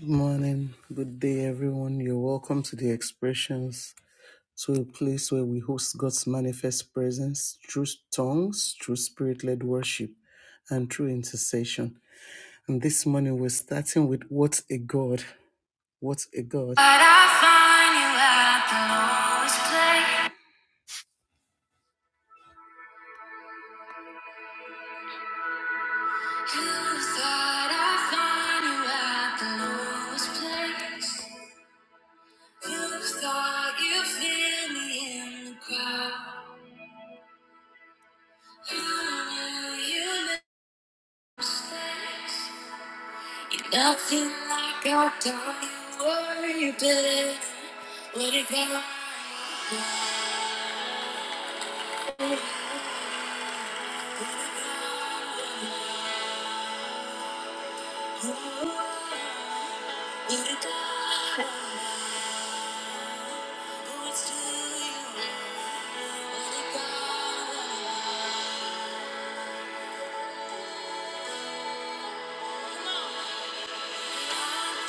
Good morning, good day, everyone. You're welcome to the expressions, to a place where we host God's manifest presence through tongues, through spirit led worship, and through intercession. And this morning, we're starting with What a God! What a God! But I find you at the lowest place. You thought I find you at the lowest place. You thought you feel me in the crowd. You knew you made mistakes. You're nothing like I've done. You were your best. Let it go. Let it go. Oh, it's to you. Let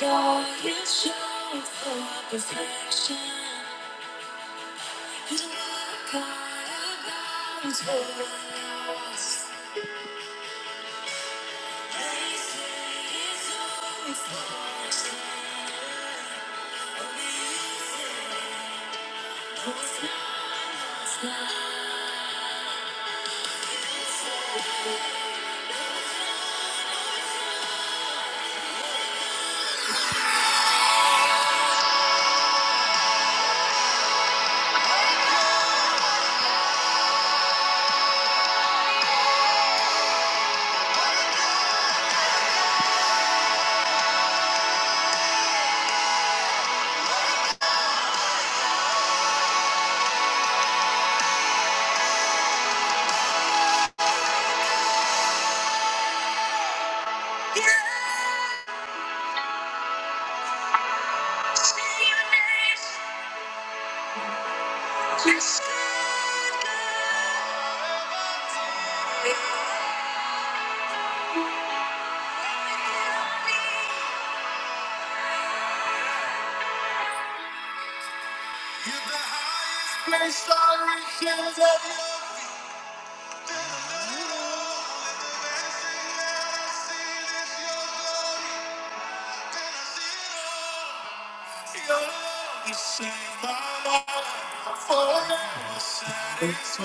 it Go, All you show for perfection. You look all about is what I lost? You're Save my life forever. Let's do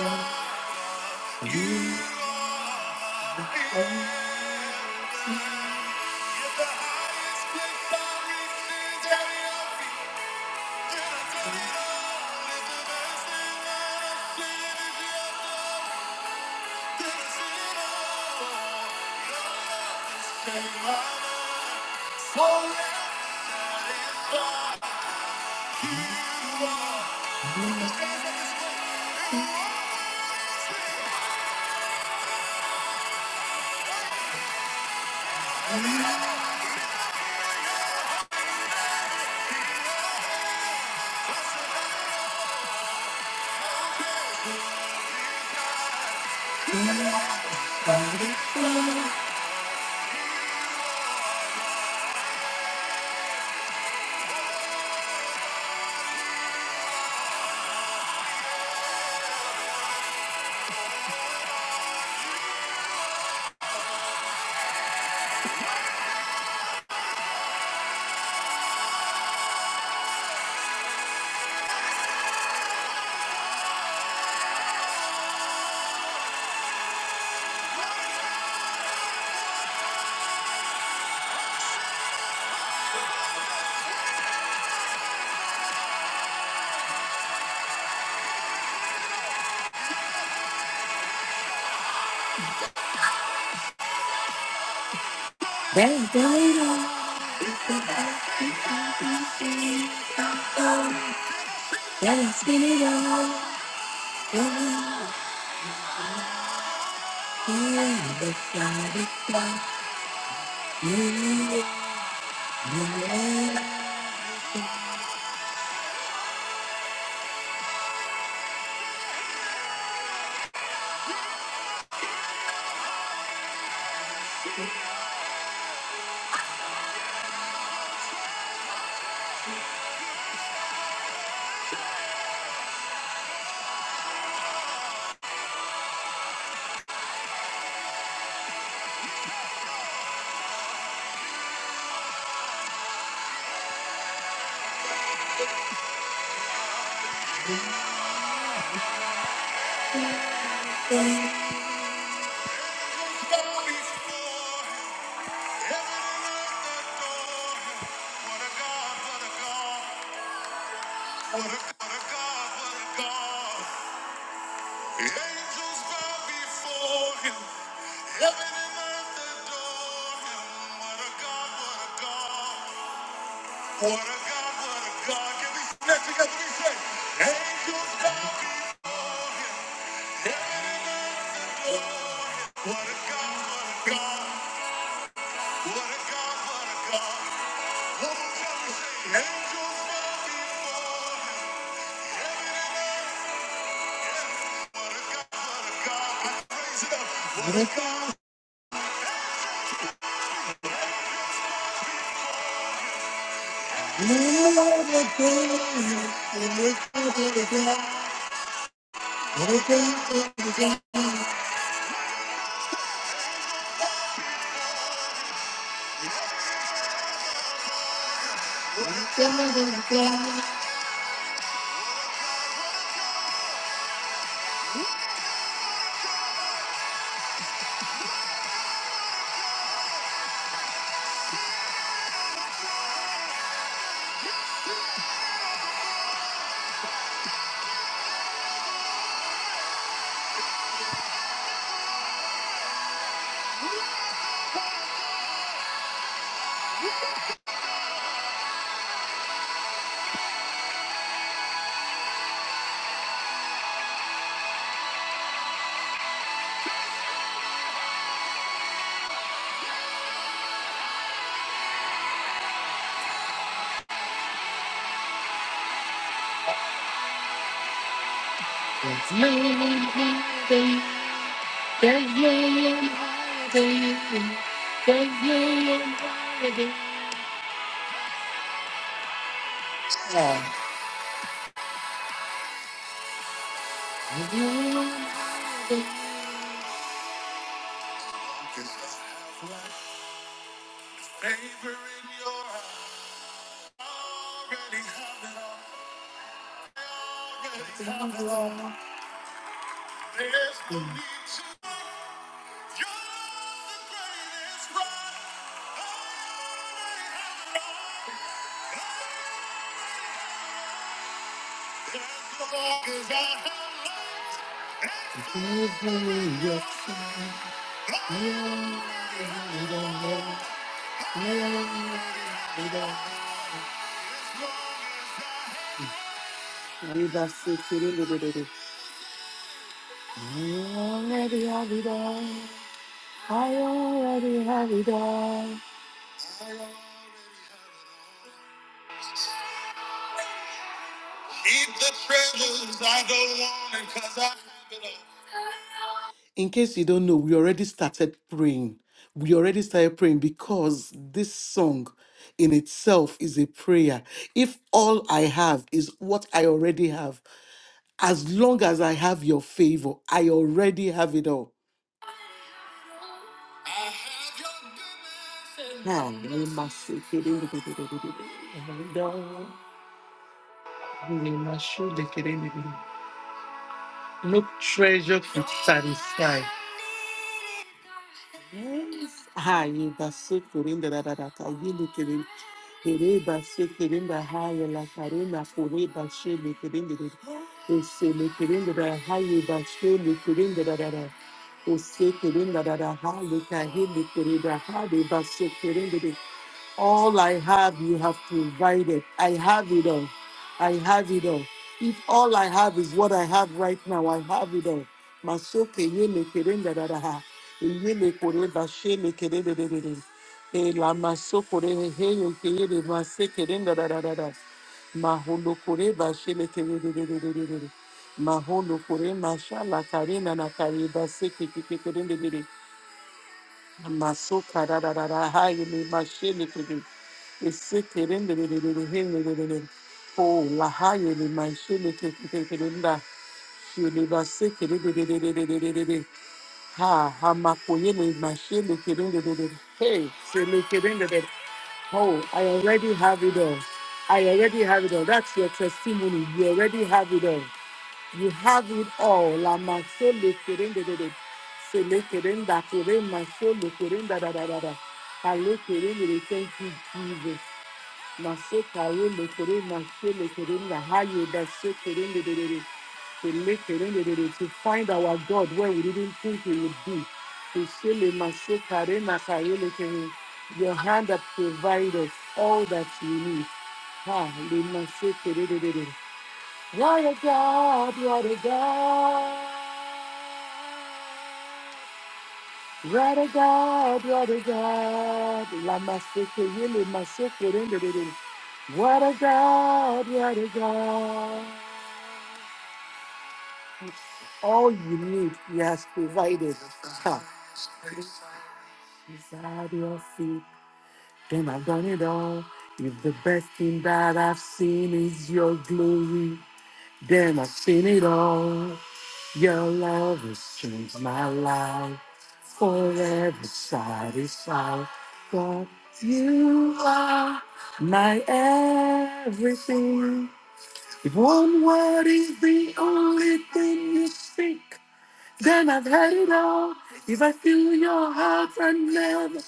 it all. Let's spin it all. Let's get the fire, the fire. You, you, you. What a God, what a God. Angels bow before him. Heaven and earth adore him. What a God, what a God. What a God, what a God. Can we connect together? We say, angels bow before him. What a God, what a God, what a God, what a God. One more time we say, angels bow before him. Sit up. What a God, what a God. I I already have it all. already have it. There's no need to. You're the greatest one. Already have it all. need you. Eat the treasures I don't want it cause I have it all. in case you don't know, we already started praying. We already started praying because this song in itself is a prayer. If all I have is what I already have, as long as I have your favor, I already have it all. I have your goodness and Ah, your you mercy. must say, "Kididididididi." No treasure could satisfy. Hayi basse kurinda da da da ka yili kirin. Kere basse da hayi la karina kore basse le da da. Ese da da hayi basse le da da da da. Ose kirin da da da hayi ka hili da hayi basse kirin da da. All I have, you have provided. I have it all. I have it all. If all I have is what I have right now, I have it all. Masoke yele kerenda daraha. Yele kore bashele kerede dedede. E la maso kore he he yo kerede mase kerenda dararara. Maholo kore bashele kerede dedede dedede. Maholo kore masha la karena na kare baseke kerende dedede. Masuka da da da da ha yili mashini kiri. Isikirin de de de de de hin de de de de. Oh la ha yili mashini kiri kiri da. Yili basikiri de de de de de de de de de. Ha ha makoyini mashini kiri de de de. Hey, sili kiri de de. Oh, I already have it all. I already have it all. That's your testimony. You already have it all. You have it all. La masole kerendedede. Sele kerenda kere masole kerenda da da da da. Kale kerendede. Thank you, Jesus. Maso kare le kere masole kerenda. Haye da se kerende de de, kerendedede. Sele kerende de de. To find our God where we didn't think He would be. To sele maso kare na kare le kere. Your hand that provides us all that you need. Ha, le maso kerende de de. What a God, what a God. What a God, what a God. La masoko yele masoko rendere. What a God, what a God. All you need, He has provided. Ha. He's at your feet, then I've done it all. If the best thing that I've seen is your glory, then I've seen it all. Your love has changed my life forever satisfied. God, you are my everything. If one word is the only thing you speak, then I've had it all. If I feel your heart and never,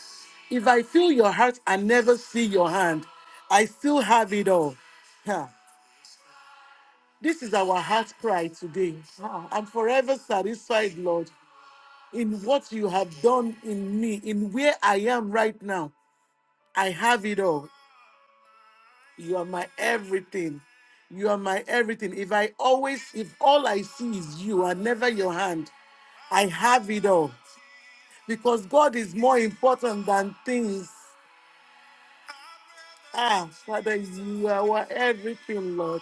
if I feel your heart and never see your hand, I still have it all. Huh. This is our heart cry today. Ah, I'm forever satisfied, Lord in what you have done in me, in where I am right now. I have it all. You are my everything. You are my everything. If I always, if all I see is you and never your hand, I have it all. Because God is more important than things. Ah, Father, you are our everything, Lord.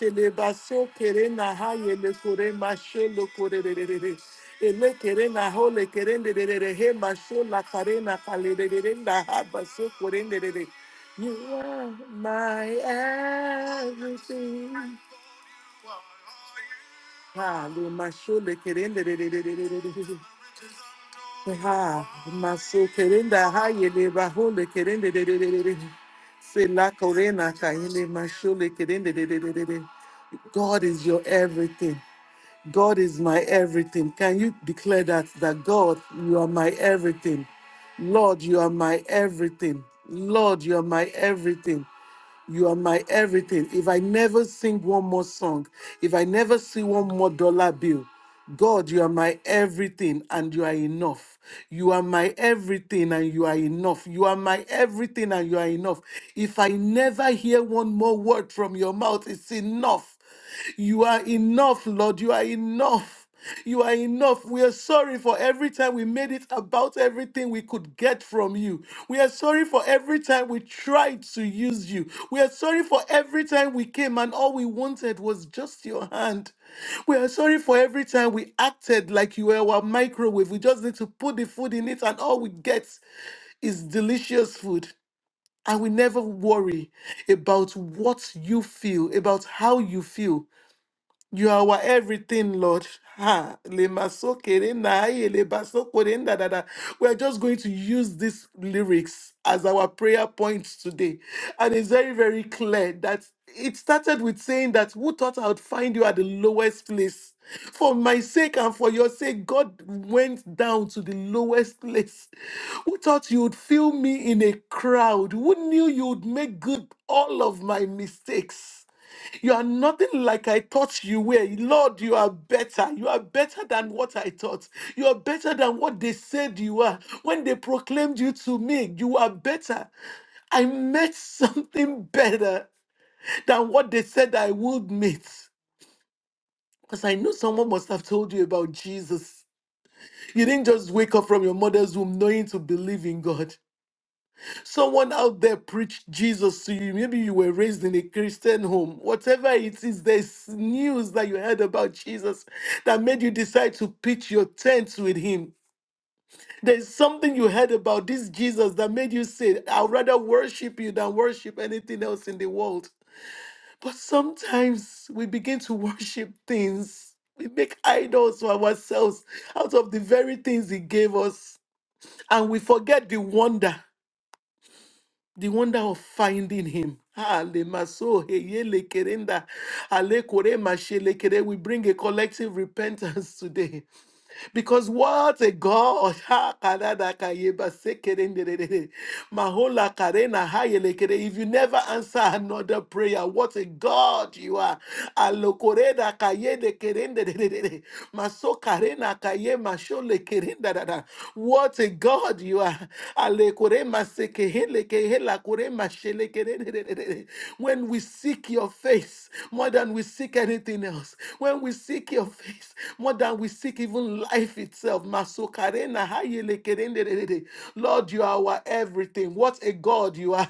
Telebaso kere na ha yele kore ma she lo kore re re re re. Ele kere na ho le kere re re re re he ma sho la kare na kale re re re na ha baso kore re re re. You are my everything. Ha le ma sho le kere re re re re re re re. Ha, maso kerenda haye le bahole kerende de de de de de. Se la corena kayele mashole kerende de de de de de. God is your everything. God is my everything. Can you declare that? That God, you are my everything. Lord, you are my everything. Lord, you are my everything. You are my everything. If I never sing one more song, if I never see one more dollar bill, God, you are my everything and you are enough. You are my everything and you are enough. You are my everything and you are enough. If I never hear one more word from your mouth, it's enough. You are enough, Lord. You are enough. You are enough. We are sorry for every time we made it about everything we could get from you. We are sorry for every time we tried to use you. We are sorry for every time we came and all we wanted was just your hand. We are sorry for every time we acted like you were our microwave. We just need to put the food in it and all we get is delicious food. And we never worry about what you feel, about how you feel. You are our everything, Lord. Ha, lemasokerenda, aye, lebasokorenda, da, da. We are just going to use these lyrics as our prayer points today. And it's very, very clear that it started with saying that who thought I would find you at the lowest place? For my sake and for your sake, God went down to the lowest place. Who thought you would fill me in a crowd? Who knew you would make good all of my mistakes? You are nothing like I thought you were. Lord, you are better. You are better than what I thought. You are better than what they said you are. When they proclaimed you to me, you are better. I met something better than what they said I would meet. Because I know someone must have told you about Jesus. You didn't just wake up from your mother's womb knowing to believe in God. someone out there preached Jesus to you. Maybe you were raised in a Christian home. Whatever it is, there's news that you heard about Jesus that made you decide to pitch your tents with him. There's something you heard about this Jesus that made you say, I'd rather worship you than worship anything else in the world. But sometimes we begin to worship things. We make idols for ourselves out of the very things he gave us. And we forget the wonder. the wonder of finding him. Ah, le maso, heye le kerenda, ale kore mashe le kere. We bring a collective repentance today because what a God! Ha, karada ka yeba se kerende re re re. Mahola karena haye le kere. If you never answer another prayer, what a God you are! Alo koreda ka ye de kerende re re re re. Maso karena ka ye masho le kerenda da da. What a God! you! are you are. Alekorema sekeheleke helakorema shelekererererere. When we seek your face more than we seek anything else, when we seek your face more than we seek even life itself, Masokarena hayelekerererere. Lord, you are our everything. What a God you are.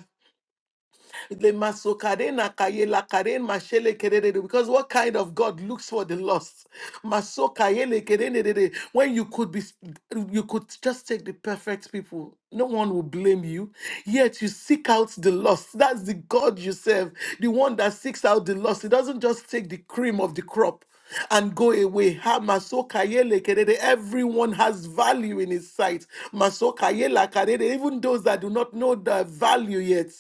Le masokarena kaye la karen mashele kerere. Because what kind of God looks for the lost? Masokayele kerere. When you could be, you could just take the perfect people. No one will blame you. Yet you seek out the lost. That's the God you serve, the one that seeks out the lost. It doesn't just take the cream of the crop and go away. Ha masokayele kerere. Everyone has value in his sight. Masokayela karere. Even those that do not know the value yet.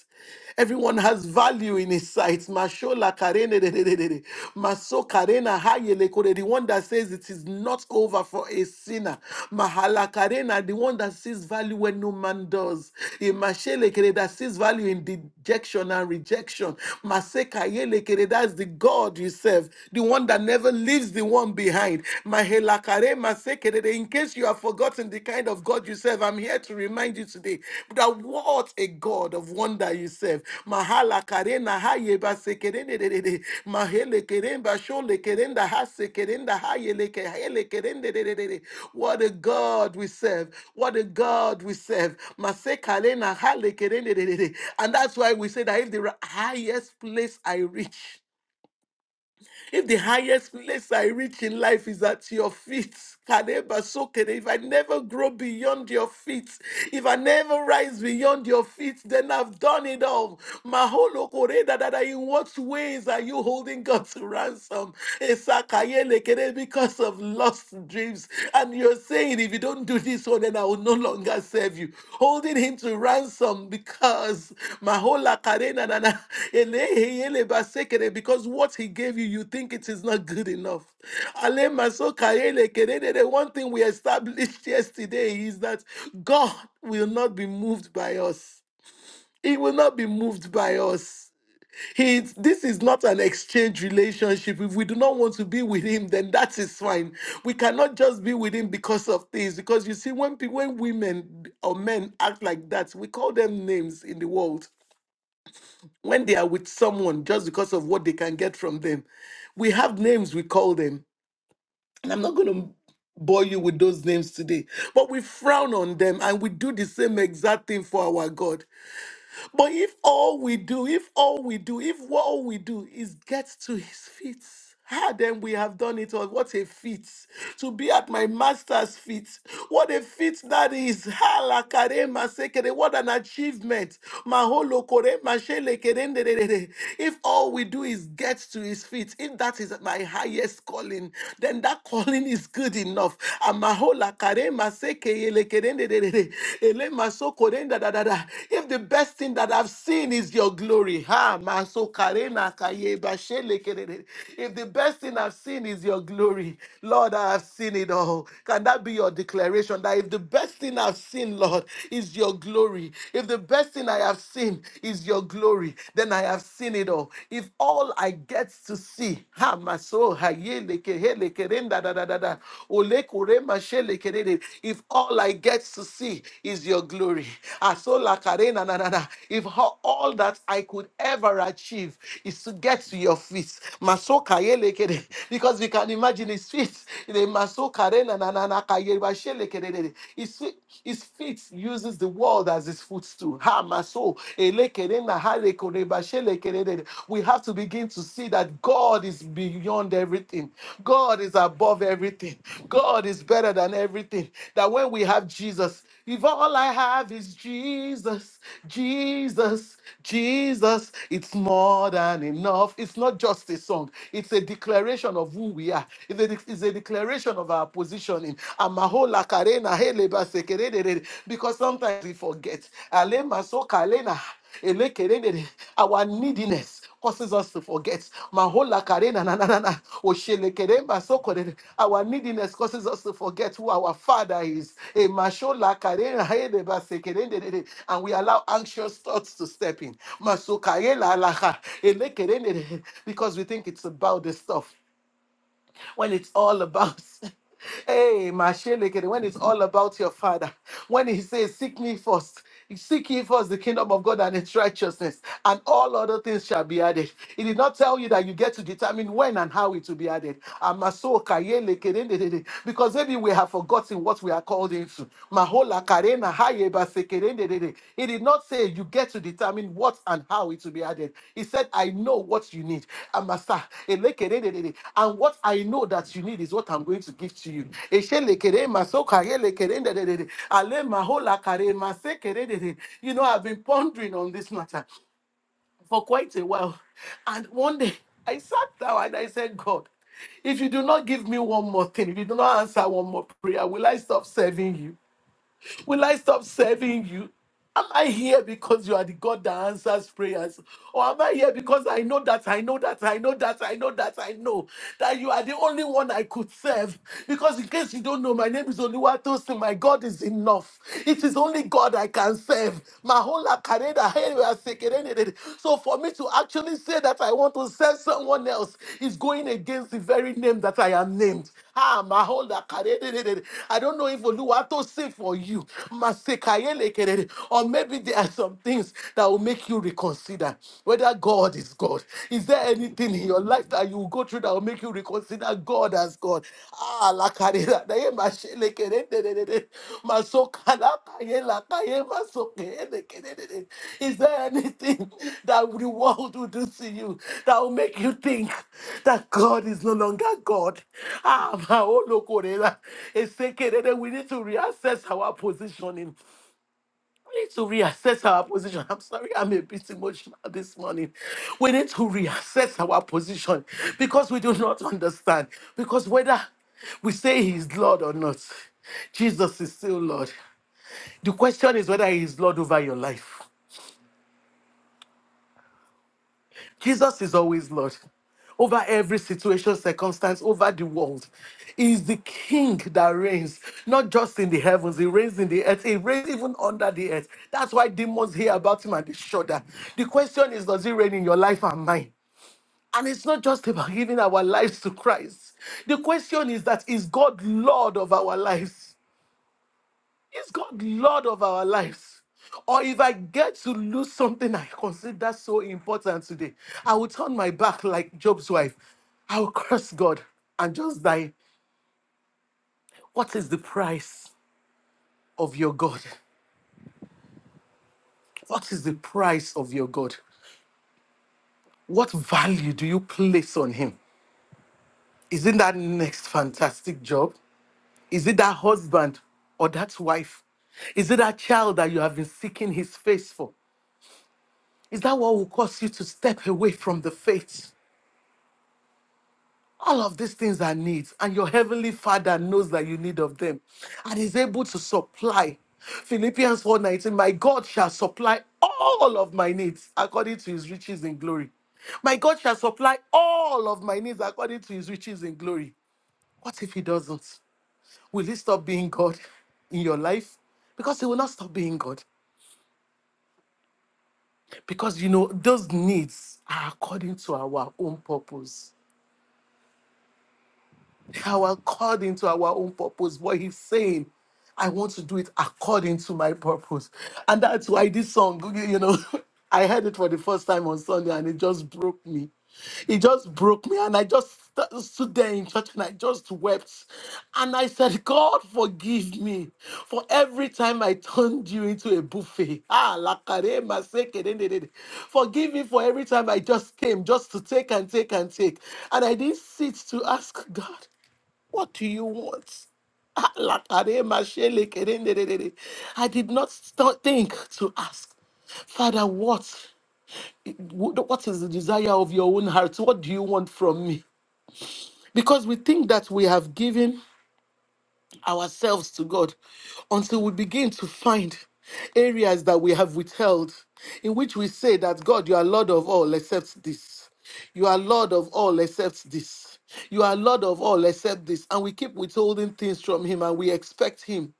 Everyone has value in his sight. Mashola karene de de de de de. Maso karena hayele kore. The one that says it is not over for a sinner. Mahala karena, the one that sees value when no man does. Imashele kere, that sees value in dejection and rejection. Mase kayele kere, that's the God you serve, the one that never leaves the one behind. Mahela kare, maseke de de. In case case you have forgotten the kind of God you serve, I'm here to remind you today that what a God of wonder you serve. Mahala karena hayeba sekerendedede, mahele keremba shole kerenda hase kerenda hayele ke- hayele kerendededede. What a God we serve. What a God we serve. Mase kalena hale kerendededede. And that's why we say that if the highest place I reach, if the highest place I reach in life is at your feet, Kadeba Sokere, if I never grow beyond your feet, if I never rise beyond your feet, then I've done it all. Maholo Koreda, that. in what ways are you holding God to ransom? Esakayelekere, Because of lost dreams. And you're saying, saying, If you don't do this one, then I will no longer serve you. Holding him to ransom because Mahola Karena Nana, Elehe Yele Basekere, because what he gave you, you think it is not good enough. Ale Maso Karele Kerede, The one thing we established yesterday is that God will not be moved by us. He will not be moved by us. It's, this is not an exchange relationship. If we do not want to be with him, then that is fine. We cannot just be with him because of things. Because you see, when people, when women or men act like that, we call them names in the world. When they are with someone just because of what they can get from them, we have names we call them. And I'm not going to bore you with those names today, but we frown on them and we do the same exact thing for our God. But if all we do, if all we do, if what all we do is get to his feet, ah, then we have done it all. What a feat to be at my master's feet. What a feat that is. Ah, la kare ma What an achievement. Ma kore ma shele If all we do is get to his feet, if that is my highest calling, then that calling is good enough. Ah, mahola kare ele maseke ele kedende de de de. Ele maso korenda da da da. If the best thing that I've seen is your glory, ha, masokarena kayebashelekerere. if the best thing I've seen is your glory, Lord, I have seen it all. Can that be your declaration? That if the best thing I've seen, Lord, is your glory, if the best thing I have seen is your glory, then I have seen it all. If all I get to see, ha maso hayele kehele kerenda da da da da. Ole kurema shele kerere. If all I get to see is your glory, asola karena na na na. If all, all that I could ever achieve is to get to your feet, maso kayele kere. Because we can imagine his feet. The maso karena na na na kayeba shele kerere. His feet, his feet uses the world as his footstool. Ha maso we have to begin to see that God is beyond everything. God is above everything. God is better than everything. That when we have Jesus, if all I have is Jesus, Jesus, Jesus, it's more than enough. It's not just a song, it's a declaration of who we are. It's a, de- it's a declaration of our positioning. Amahola karena hele basekerere. Because sometimes we forget. Ale maso kalena. Elekerere. Our neediness causes us to forget. Mahola karena na na na na. Oshelekeremba sokorere. Our neediness causes us to forget who our Father is. Emashola karena hedeba sekerendere. And we allow anxious thoughts to step in. Masokayela alaha. Elekerendere. Because we think it's about the stuff when it's all about hey mashelekere when it's all about your father when he says seek me first seek ye first the kingdom of god and its righteousness and all other things shall be added he did not tell you that you get to determine when and how it will be added Amaso kayelekere ndedede. because maybe we have forgotten what we are called into Ahola karena haye basekerendedede. He did not say you get to determine what and how it will be added. He said, I know what you need. Amasa, elekerendedede. And what I know that you need is what I'm going to give to you. Eshelekere masoka yelekerendedede. Ale mahola kare masekerendedede. You know, I've been pondering on this matter for quite a while. And one day I sat down and I said, God, if you do not give me one more thing, if you do not answer one more prayer, will I stop serving you? Will I stop serving you? Am I here because you are the God that answers prayers? Or am I here because I know that, I know that, I know that, I know that, I know that you are the only one I could serve? Because in case you don't know, my name is Oluwatosin. My God is enough. It is only God I can serve. Mahola kareda hewa sekerendere. So for for me to actually say that I want to send someone else is going against the very name that I am named. Ah, my whole la- kadededede. I don't know if Oluwato say for you, Masekayelekedede. or maybe there are some things that will make you reconsider whether God is God. Is there anything in your life that you will go through that will make you reconsider God? as? us, God. Ah, la carrera, de machine, kerende, de de de. masoka, la calle, la calle, masoke, de kerende. de. Is there anything that the world will do to you that will make you think that God is no longer God? Ah, ma, oh, lo, korela. Ese, kerende, we need to reassess our positioning need to reassess our position. I'm sorry, I'm a bit emotional this morning. We need to reassess our position because we do not understand. Because whether we say He is Lord or not, Jesus is still Lord. The question is whether He is Lord over your life. Jesus is always Lord over every situation, circumstance, over the world. He is the King that reigns, not just in the heavens, He reigns in the earth, He reigns even under the earth. That's why demons hear about Him and they shudder. The question is, does He reign in your life and mine? And it's not just about giving our lives to Christ. The question is that is God Lord of our lives? Is God Lord of our lives? Or if I get to lose something I consider so important today, I will turn my back like Job's wife. I will curse God and just die. What is the price of your God? What is the price of your God? What value do you place on him? Is it that next fantastic job? Is it that husband or that wife? Is it that child that you have been seeking his face for? Is that what will cause you to step away from the faith? All of these things are needs, and your heavenly Father knows that you need of them, and is able to supply. Philippians 4:19, my God shall supply all of my needs according to his riches in glory. My God shall supply all of my needs according to his riches in glory. What if he doesn't? Will he stop being God in your life? Because he will not stop being God. Because you know, those needs are according to our own purpose How are according to our own purpose. But he's saying, I want to do it according to my purpose. And that's why this song, you you know, I heard it for the first time on Sunday and it just broke me. It just broke me. And I just st- stood there in church and I just wept. And I said, God, forgive me for every time I turned you into a buffet. Ah, lakare maseke dendedede. Forgive me for every time I just came just to take and take and take. And I didn't sit to ask God. What do you want? Alakarema shele kerendedede. I did not st- think to ask, Father, what, what is the desire of your own heart? What do you want from me? Because we think that we have given ourselves to God until we begin to find areas that we have withheld, in which we say that God, you are Lord of all except this. You are Lord of all except this. You are Lord of all except this. And we keep withholding things from Him and we expect Him.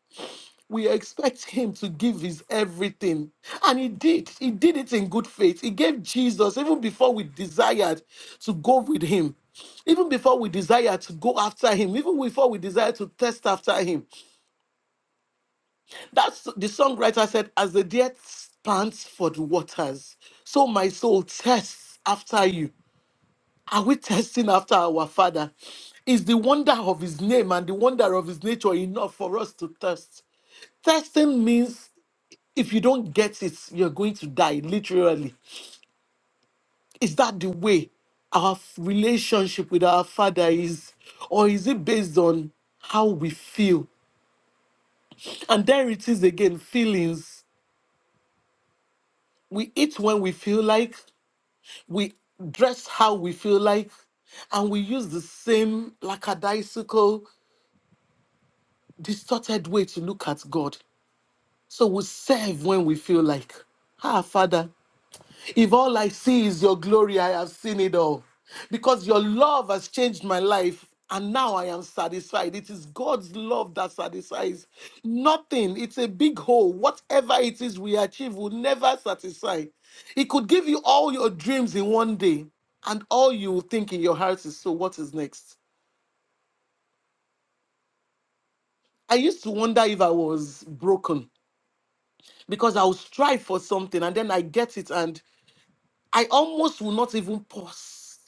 We expect him to give his everything. And he did. He did it in good faith. He gave Jesus even before we desired to go with him even before we desire to go after him, even before we desire to test after him, that's the songwriter said, As the deer pants for the waters, so my soul tests after you. Are we testing after our Father? Is the wonder of his name and the wonder of his nature enough for us to thirst? Testing means if you don't get it, you're going to die, literally. Is that the way our f- relationship with our Father is? Or is it based on how we feel? And there it is again feelings. We eat when we feel like, we dress how we feel like, and we use the same lackadaisical, distorted way to look at God. So we serve when we feel like. Ah, Father, if all I see is your glory, I have seen it all. Because your love has changed my life, and now I am satisfied. It is God's love that satisfies. Nothing, it's a big hole. Whatever it is we achieve will never satisfy. It could give you all your dreams in one day, and all you will think in your heart is, So, what is next? I used to wonder if I was broken because I would strive for something and then I get it, and I almost will not even pause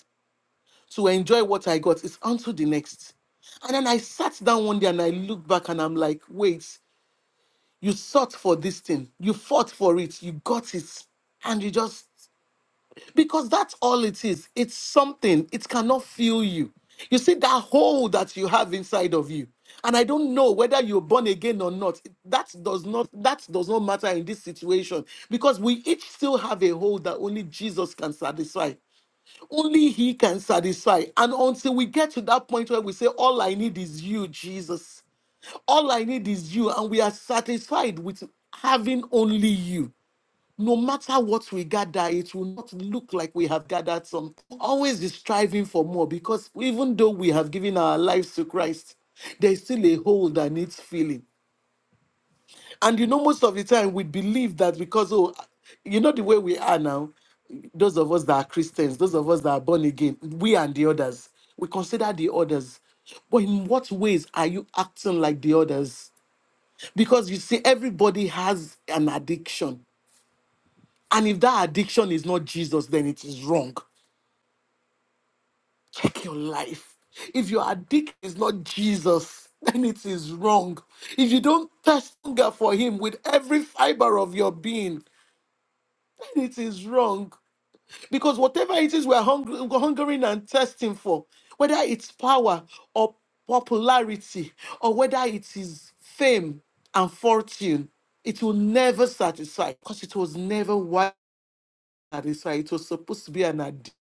to enjoy what I got. It's unto the next. And then I sat down one day and I looked back and I'm like, wait, you sought for this thing, you fought for it, you got it, and you just because that's all it is. It's something, it cannot fill you. You see that hole that you have inside of you. And I don't know whether you're born again or not. That does not that does not matter in this situation because we each still have a hole that only Jesus can satisfy. Only He can satisfy. And until we get to that point where we say, All I need is you, Jesus. All I need is you. And we are satisfied with having only you. No matter what we gather, it will not look like we have gathered some. Always be striving for more because even though we have given our lives to Christ, there's still a hole that needs filling. And you know, most of the time we believe that because, oh, you know, the way we are now, those of us that are Christians, those of us that are born again, we and the others, we consider the others. But in what ways are you acting like the others? Because you see, everybody has an addiction. And if that addiction is not Jesus, then it is wrong. Check your life. If your addict is not Jesus, then it is wrong. If you don't thirst hunger for Him with every fiber of your being, then it is wrong. Because whatever it is we're hungry, hungering and thirsting for, whether it's power or popularity, or whether it is fame and fortune, it will never satisfy because it was never why satisfy. It was supposed to be an addition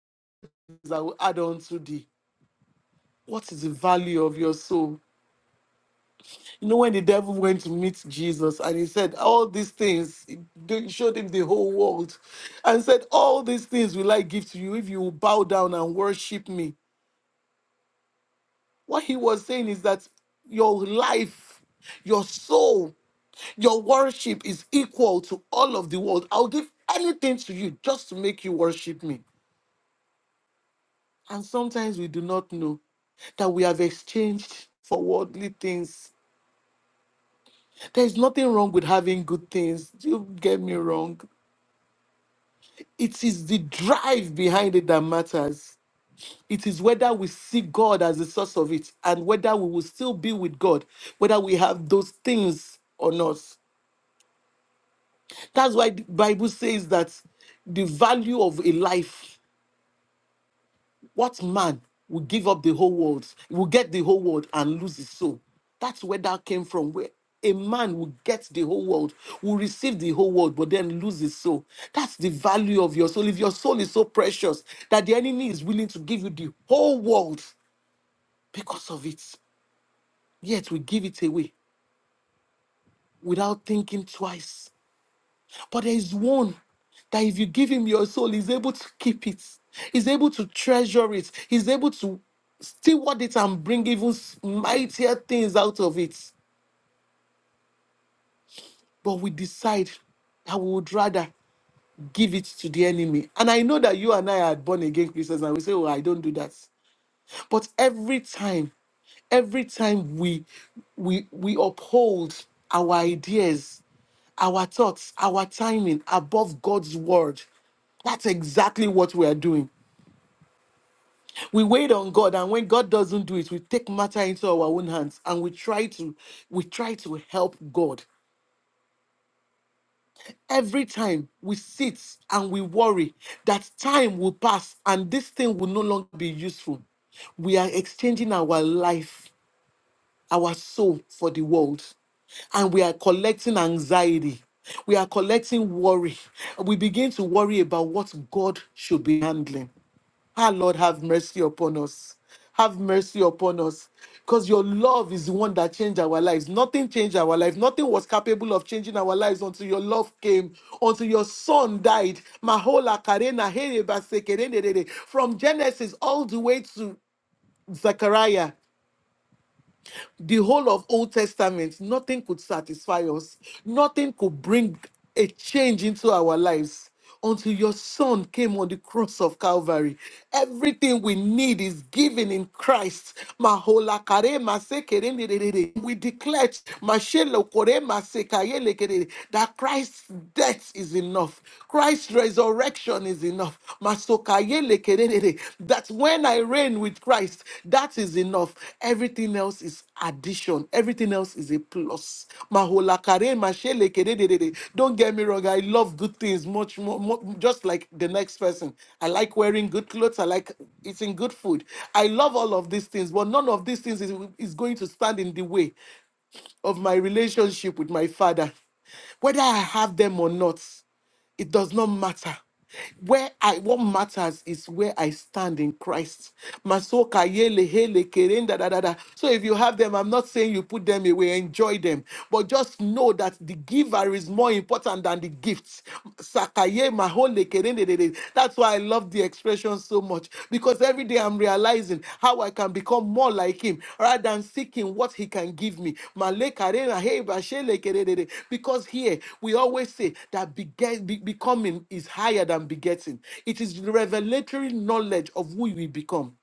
that will add on to the what is the value of your soul? You know, when the devil went to meet Jesus and he said, All these things, he d- showed him the whole world and said, All these things will I give to you if you will bow down and worship me. What he was saying is that your life, your soul, your worship is equal to all of the world. I'll give anything to you just to make you worship me. And sometimes we do not know that we have exchanged for worldly things. There is nothing wrong with having good things. Don't get me wrong. It is the drive behind it that matters. It is whether we see God as the source of it and whether we will still be with God, whether we have those things or not. That's why the Bible says that the value of a life What man will give up the whole world, will get the whole world and lose his soul? That's where that came from. Where a man will get the whole world, will receive the whole world, but then lose his soul. That's the value of your soul. If your soul is so precious that the enemy is willing to give you the whole world because of it, yet we give it away without thinking twice. But there is one that if you give him your soul, he's able to keep it, he's able to treasure it, he's able to steward it and bring even s- mightier things out of it. But we decide that we would rather give it to the enemy. And I know that you and I are born again Christians and we say, Oh, I don't do that. But every time, every time we we we uphold our ideas our thoughts, our timing above God's word. That's exactly what we are doing. We wait on God, and when God doesn't do it, we take matter into our own hands and we try to we try to help God. Every time we sit and we worry that time will pass and this thing will no longer be useful, we are exchanging our life our soul for the world and we are collecting anxiety. We are collecting worry. We begin to worry about what God should be handling. Our Lord, have mercy upon us. Have mercy upon us. Because your love is the one that changed our lives. Nothing changed our lives. Nothing was capable of changing our lives until your love came, until your son died. Mahola Karena Here Basekerendere. From Genesis all the way to Zechariah the whole of Old Testament, nothing could satisfy us. Nothing could bring a change into our lives until your son came on the cross of Calvary. Everything we need is given in Christ. Mahola kare masekere nderere. We declare mashelo kore masekayele kerere, that Christ's death is enough. Christ's resurrection salvation is enough. Masokayele kerere. That when I reign with Christ, that is enough. Everything else is addition. Everything else is a plus. Maholakare mashele kerere. Don't get me wrong. I love good things much more, more, just like the next person. I like wearing good clothes. I like eating good food. I love all of these things, but none of these things is, is going to stand in the way of my relationship with my father, whether I have them or not, it does not matter. Where I what matters is where I stand in Christ. Masoka yele hele kerenda da da da. So if you have them, I'm not saying you put them away, enjoy them, but just know that the giver is more important than the gifts. Sakaye mahole kerende de de. That's why I love the expression so much because every day I'm realizing how I can become more like him rather than seeking what he can give me. Male karena heba shele kererere. Because here we always say that beget, be- becoming is higher than begetting, it is the revelatory knowledge of who we become.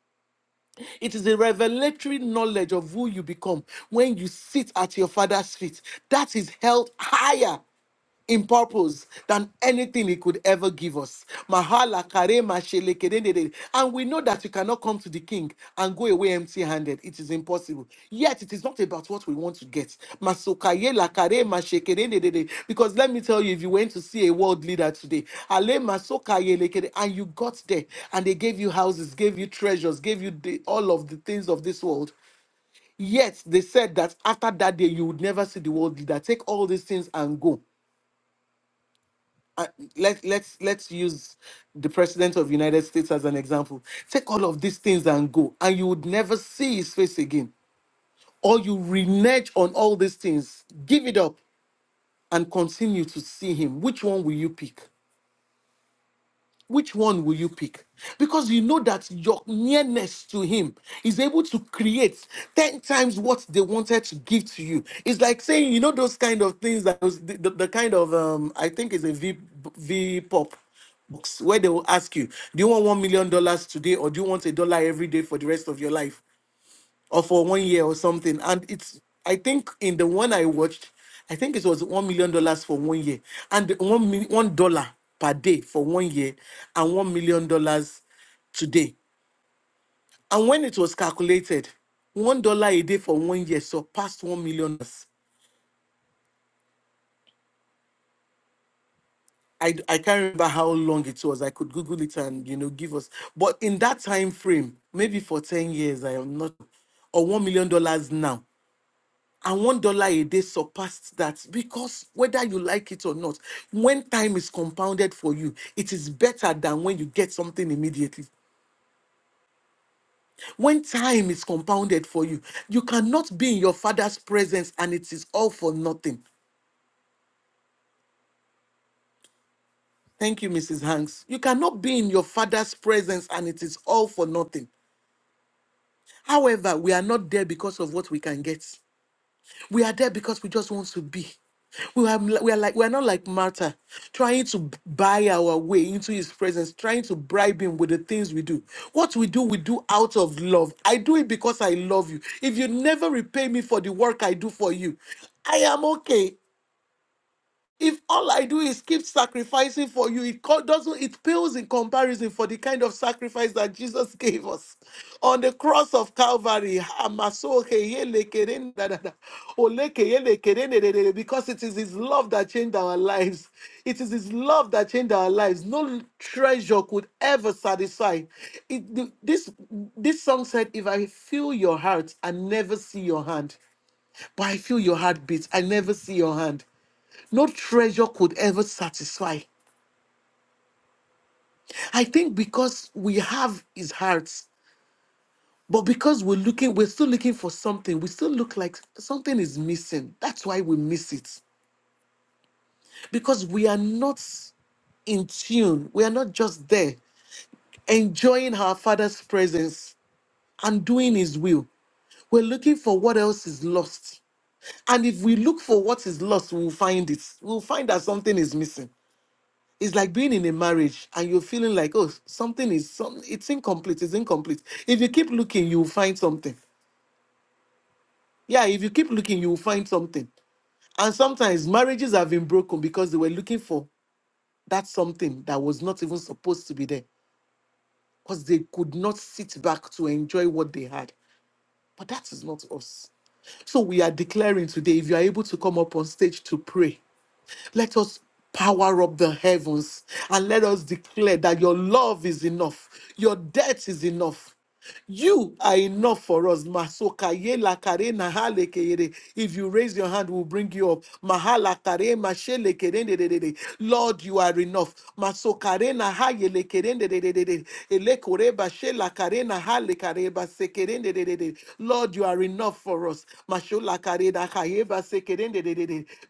It is a revelatory knowledge of who you become when you sit at your father's feet. That is held higher in purpose than anything he could ever give us. Mahala karema shelekedendede. And we know that we cannot come to the king and go away empty handed. It is impossible. Yet it is not about what we want to get. Masokaye la karema shekedendedede. Because let me tell you, if you went to see a world leader today, ale masokaye lekede, and you got there and they gave you houses, gave you treasures, gave you the, all of the things of this world. Yet they said that after that day, you would never see the world leader. Take all these things and go uh, let let's let's use the president of United States as an example. Take all of these things and go, and you would never see his face again. Or you renege on all these things, give it up, and continue to see him. Which one will you pick? which one will you pick? Because you know that your nearness to him is able to create 10 times what they wanted to give to you. It's like saying, you know, those kind of things that was the, the, the kind of, um, I think it's a V, v pop box where they will ask you, do you want $1 million dollars today or do you want a dollar every day for the rest of your life? or for one year or something. And it's I think in the one I watched, I think it was one million dollars for one year, and one mil- one dollar per day for one year, and one million dollars today. And when it was calculated, one dollar a day for one year surpassed one million. dollars. I d- I can't remember how long it was. I could Google it and you know give us. But in that time frame, maybe for ten years, I am not or one million dollars now. and one dollar a day surpassed that because whether you like it or not when time is compounded for you it is better than when you get something immediately when time is compounded for you you cannot be in your father's presence and it is all for nothing thank you mrs hanks you cannot be in your father's presence and it is all for nothing however we are not there because of what we can get We are there because we just want to be. We are, we are like we are not like Martha, trying to b- buy our way into His presence, trying to bribe Him with the things we do. What we do, we do out of love. I do it because I love you. If you never repay me for the work I do for you, I am okay. If all I do is keep sacrificing for you, it co- doesn't it pales in comparison for the kind of sacrifice that Jesus gave us on the cross of Calvary. Amasoke yele keren da da da. Oleke yele keren de de de de. Because it is His love that changed our lives. It is His love that changed our lives. No treasure could ever satisfy. It, this this song said, "If I feel your heart and never see your hand." But I feel your heartbeat. I never see your hand. No treasure could ever satisfy. I think because we have his heart, but because we're looking, we're still looking for something. We still look like something is missing. That's why we miss it. Because we are not in tune. We are not just there enjoying our Father's presence and doing His will. We're looking for what else is lost. And if we look for what is lost, we'll find it. We'll find that something is missing. it's like being in a marriage and you're feeling like oh something is some it's incomplete it's incomplete if you keep looking you'll find something yeah if you keep looking you'll find something and sometimes marriages have been broken because they were looking for that something that was not even supposed to be there because they could not sit back to enjoy what they had but that is not us so we are declaring today if you are able to come up on stage to pray Let us power up the heavens and let us declare that your love is enough, your death is enough. You are enough for us. Masoka ye la kare na ha le ke yere. If you raise your hand, we'll bring you up. Mahala kare ma she le ke de de de de de. Lord, you are enough. Masoka re na ha ye le ke de de de de de de. Ele kore ba she la kare na ha le kare ba se ke de de de de de. Lord, you are enough for us. Mashola kare da ka ye ba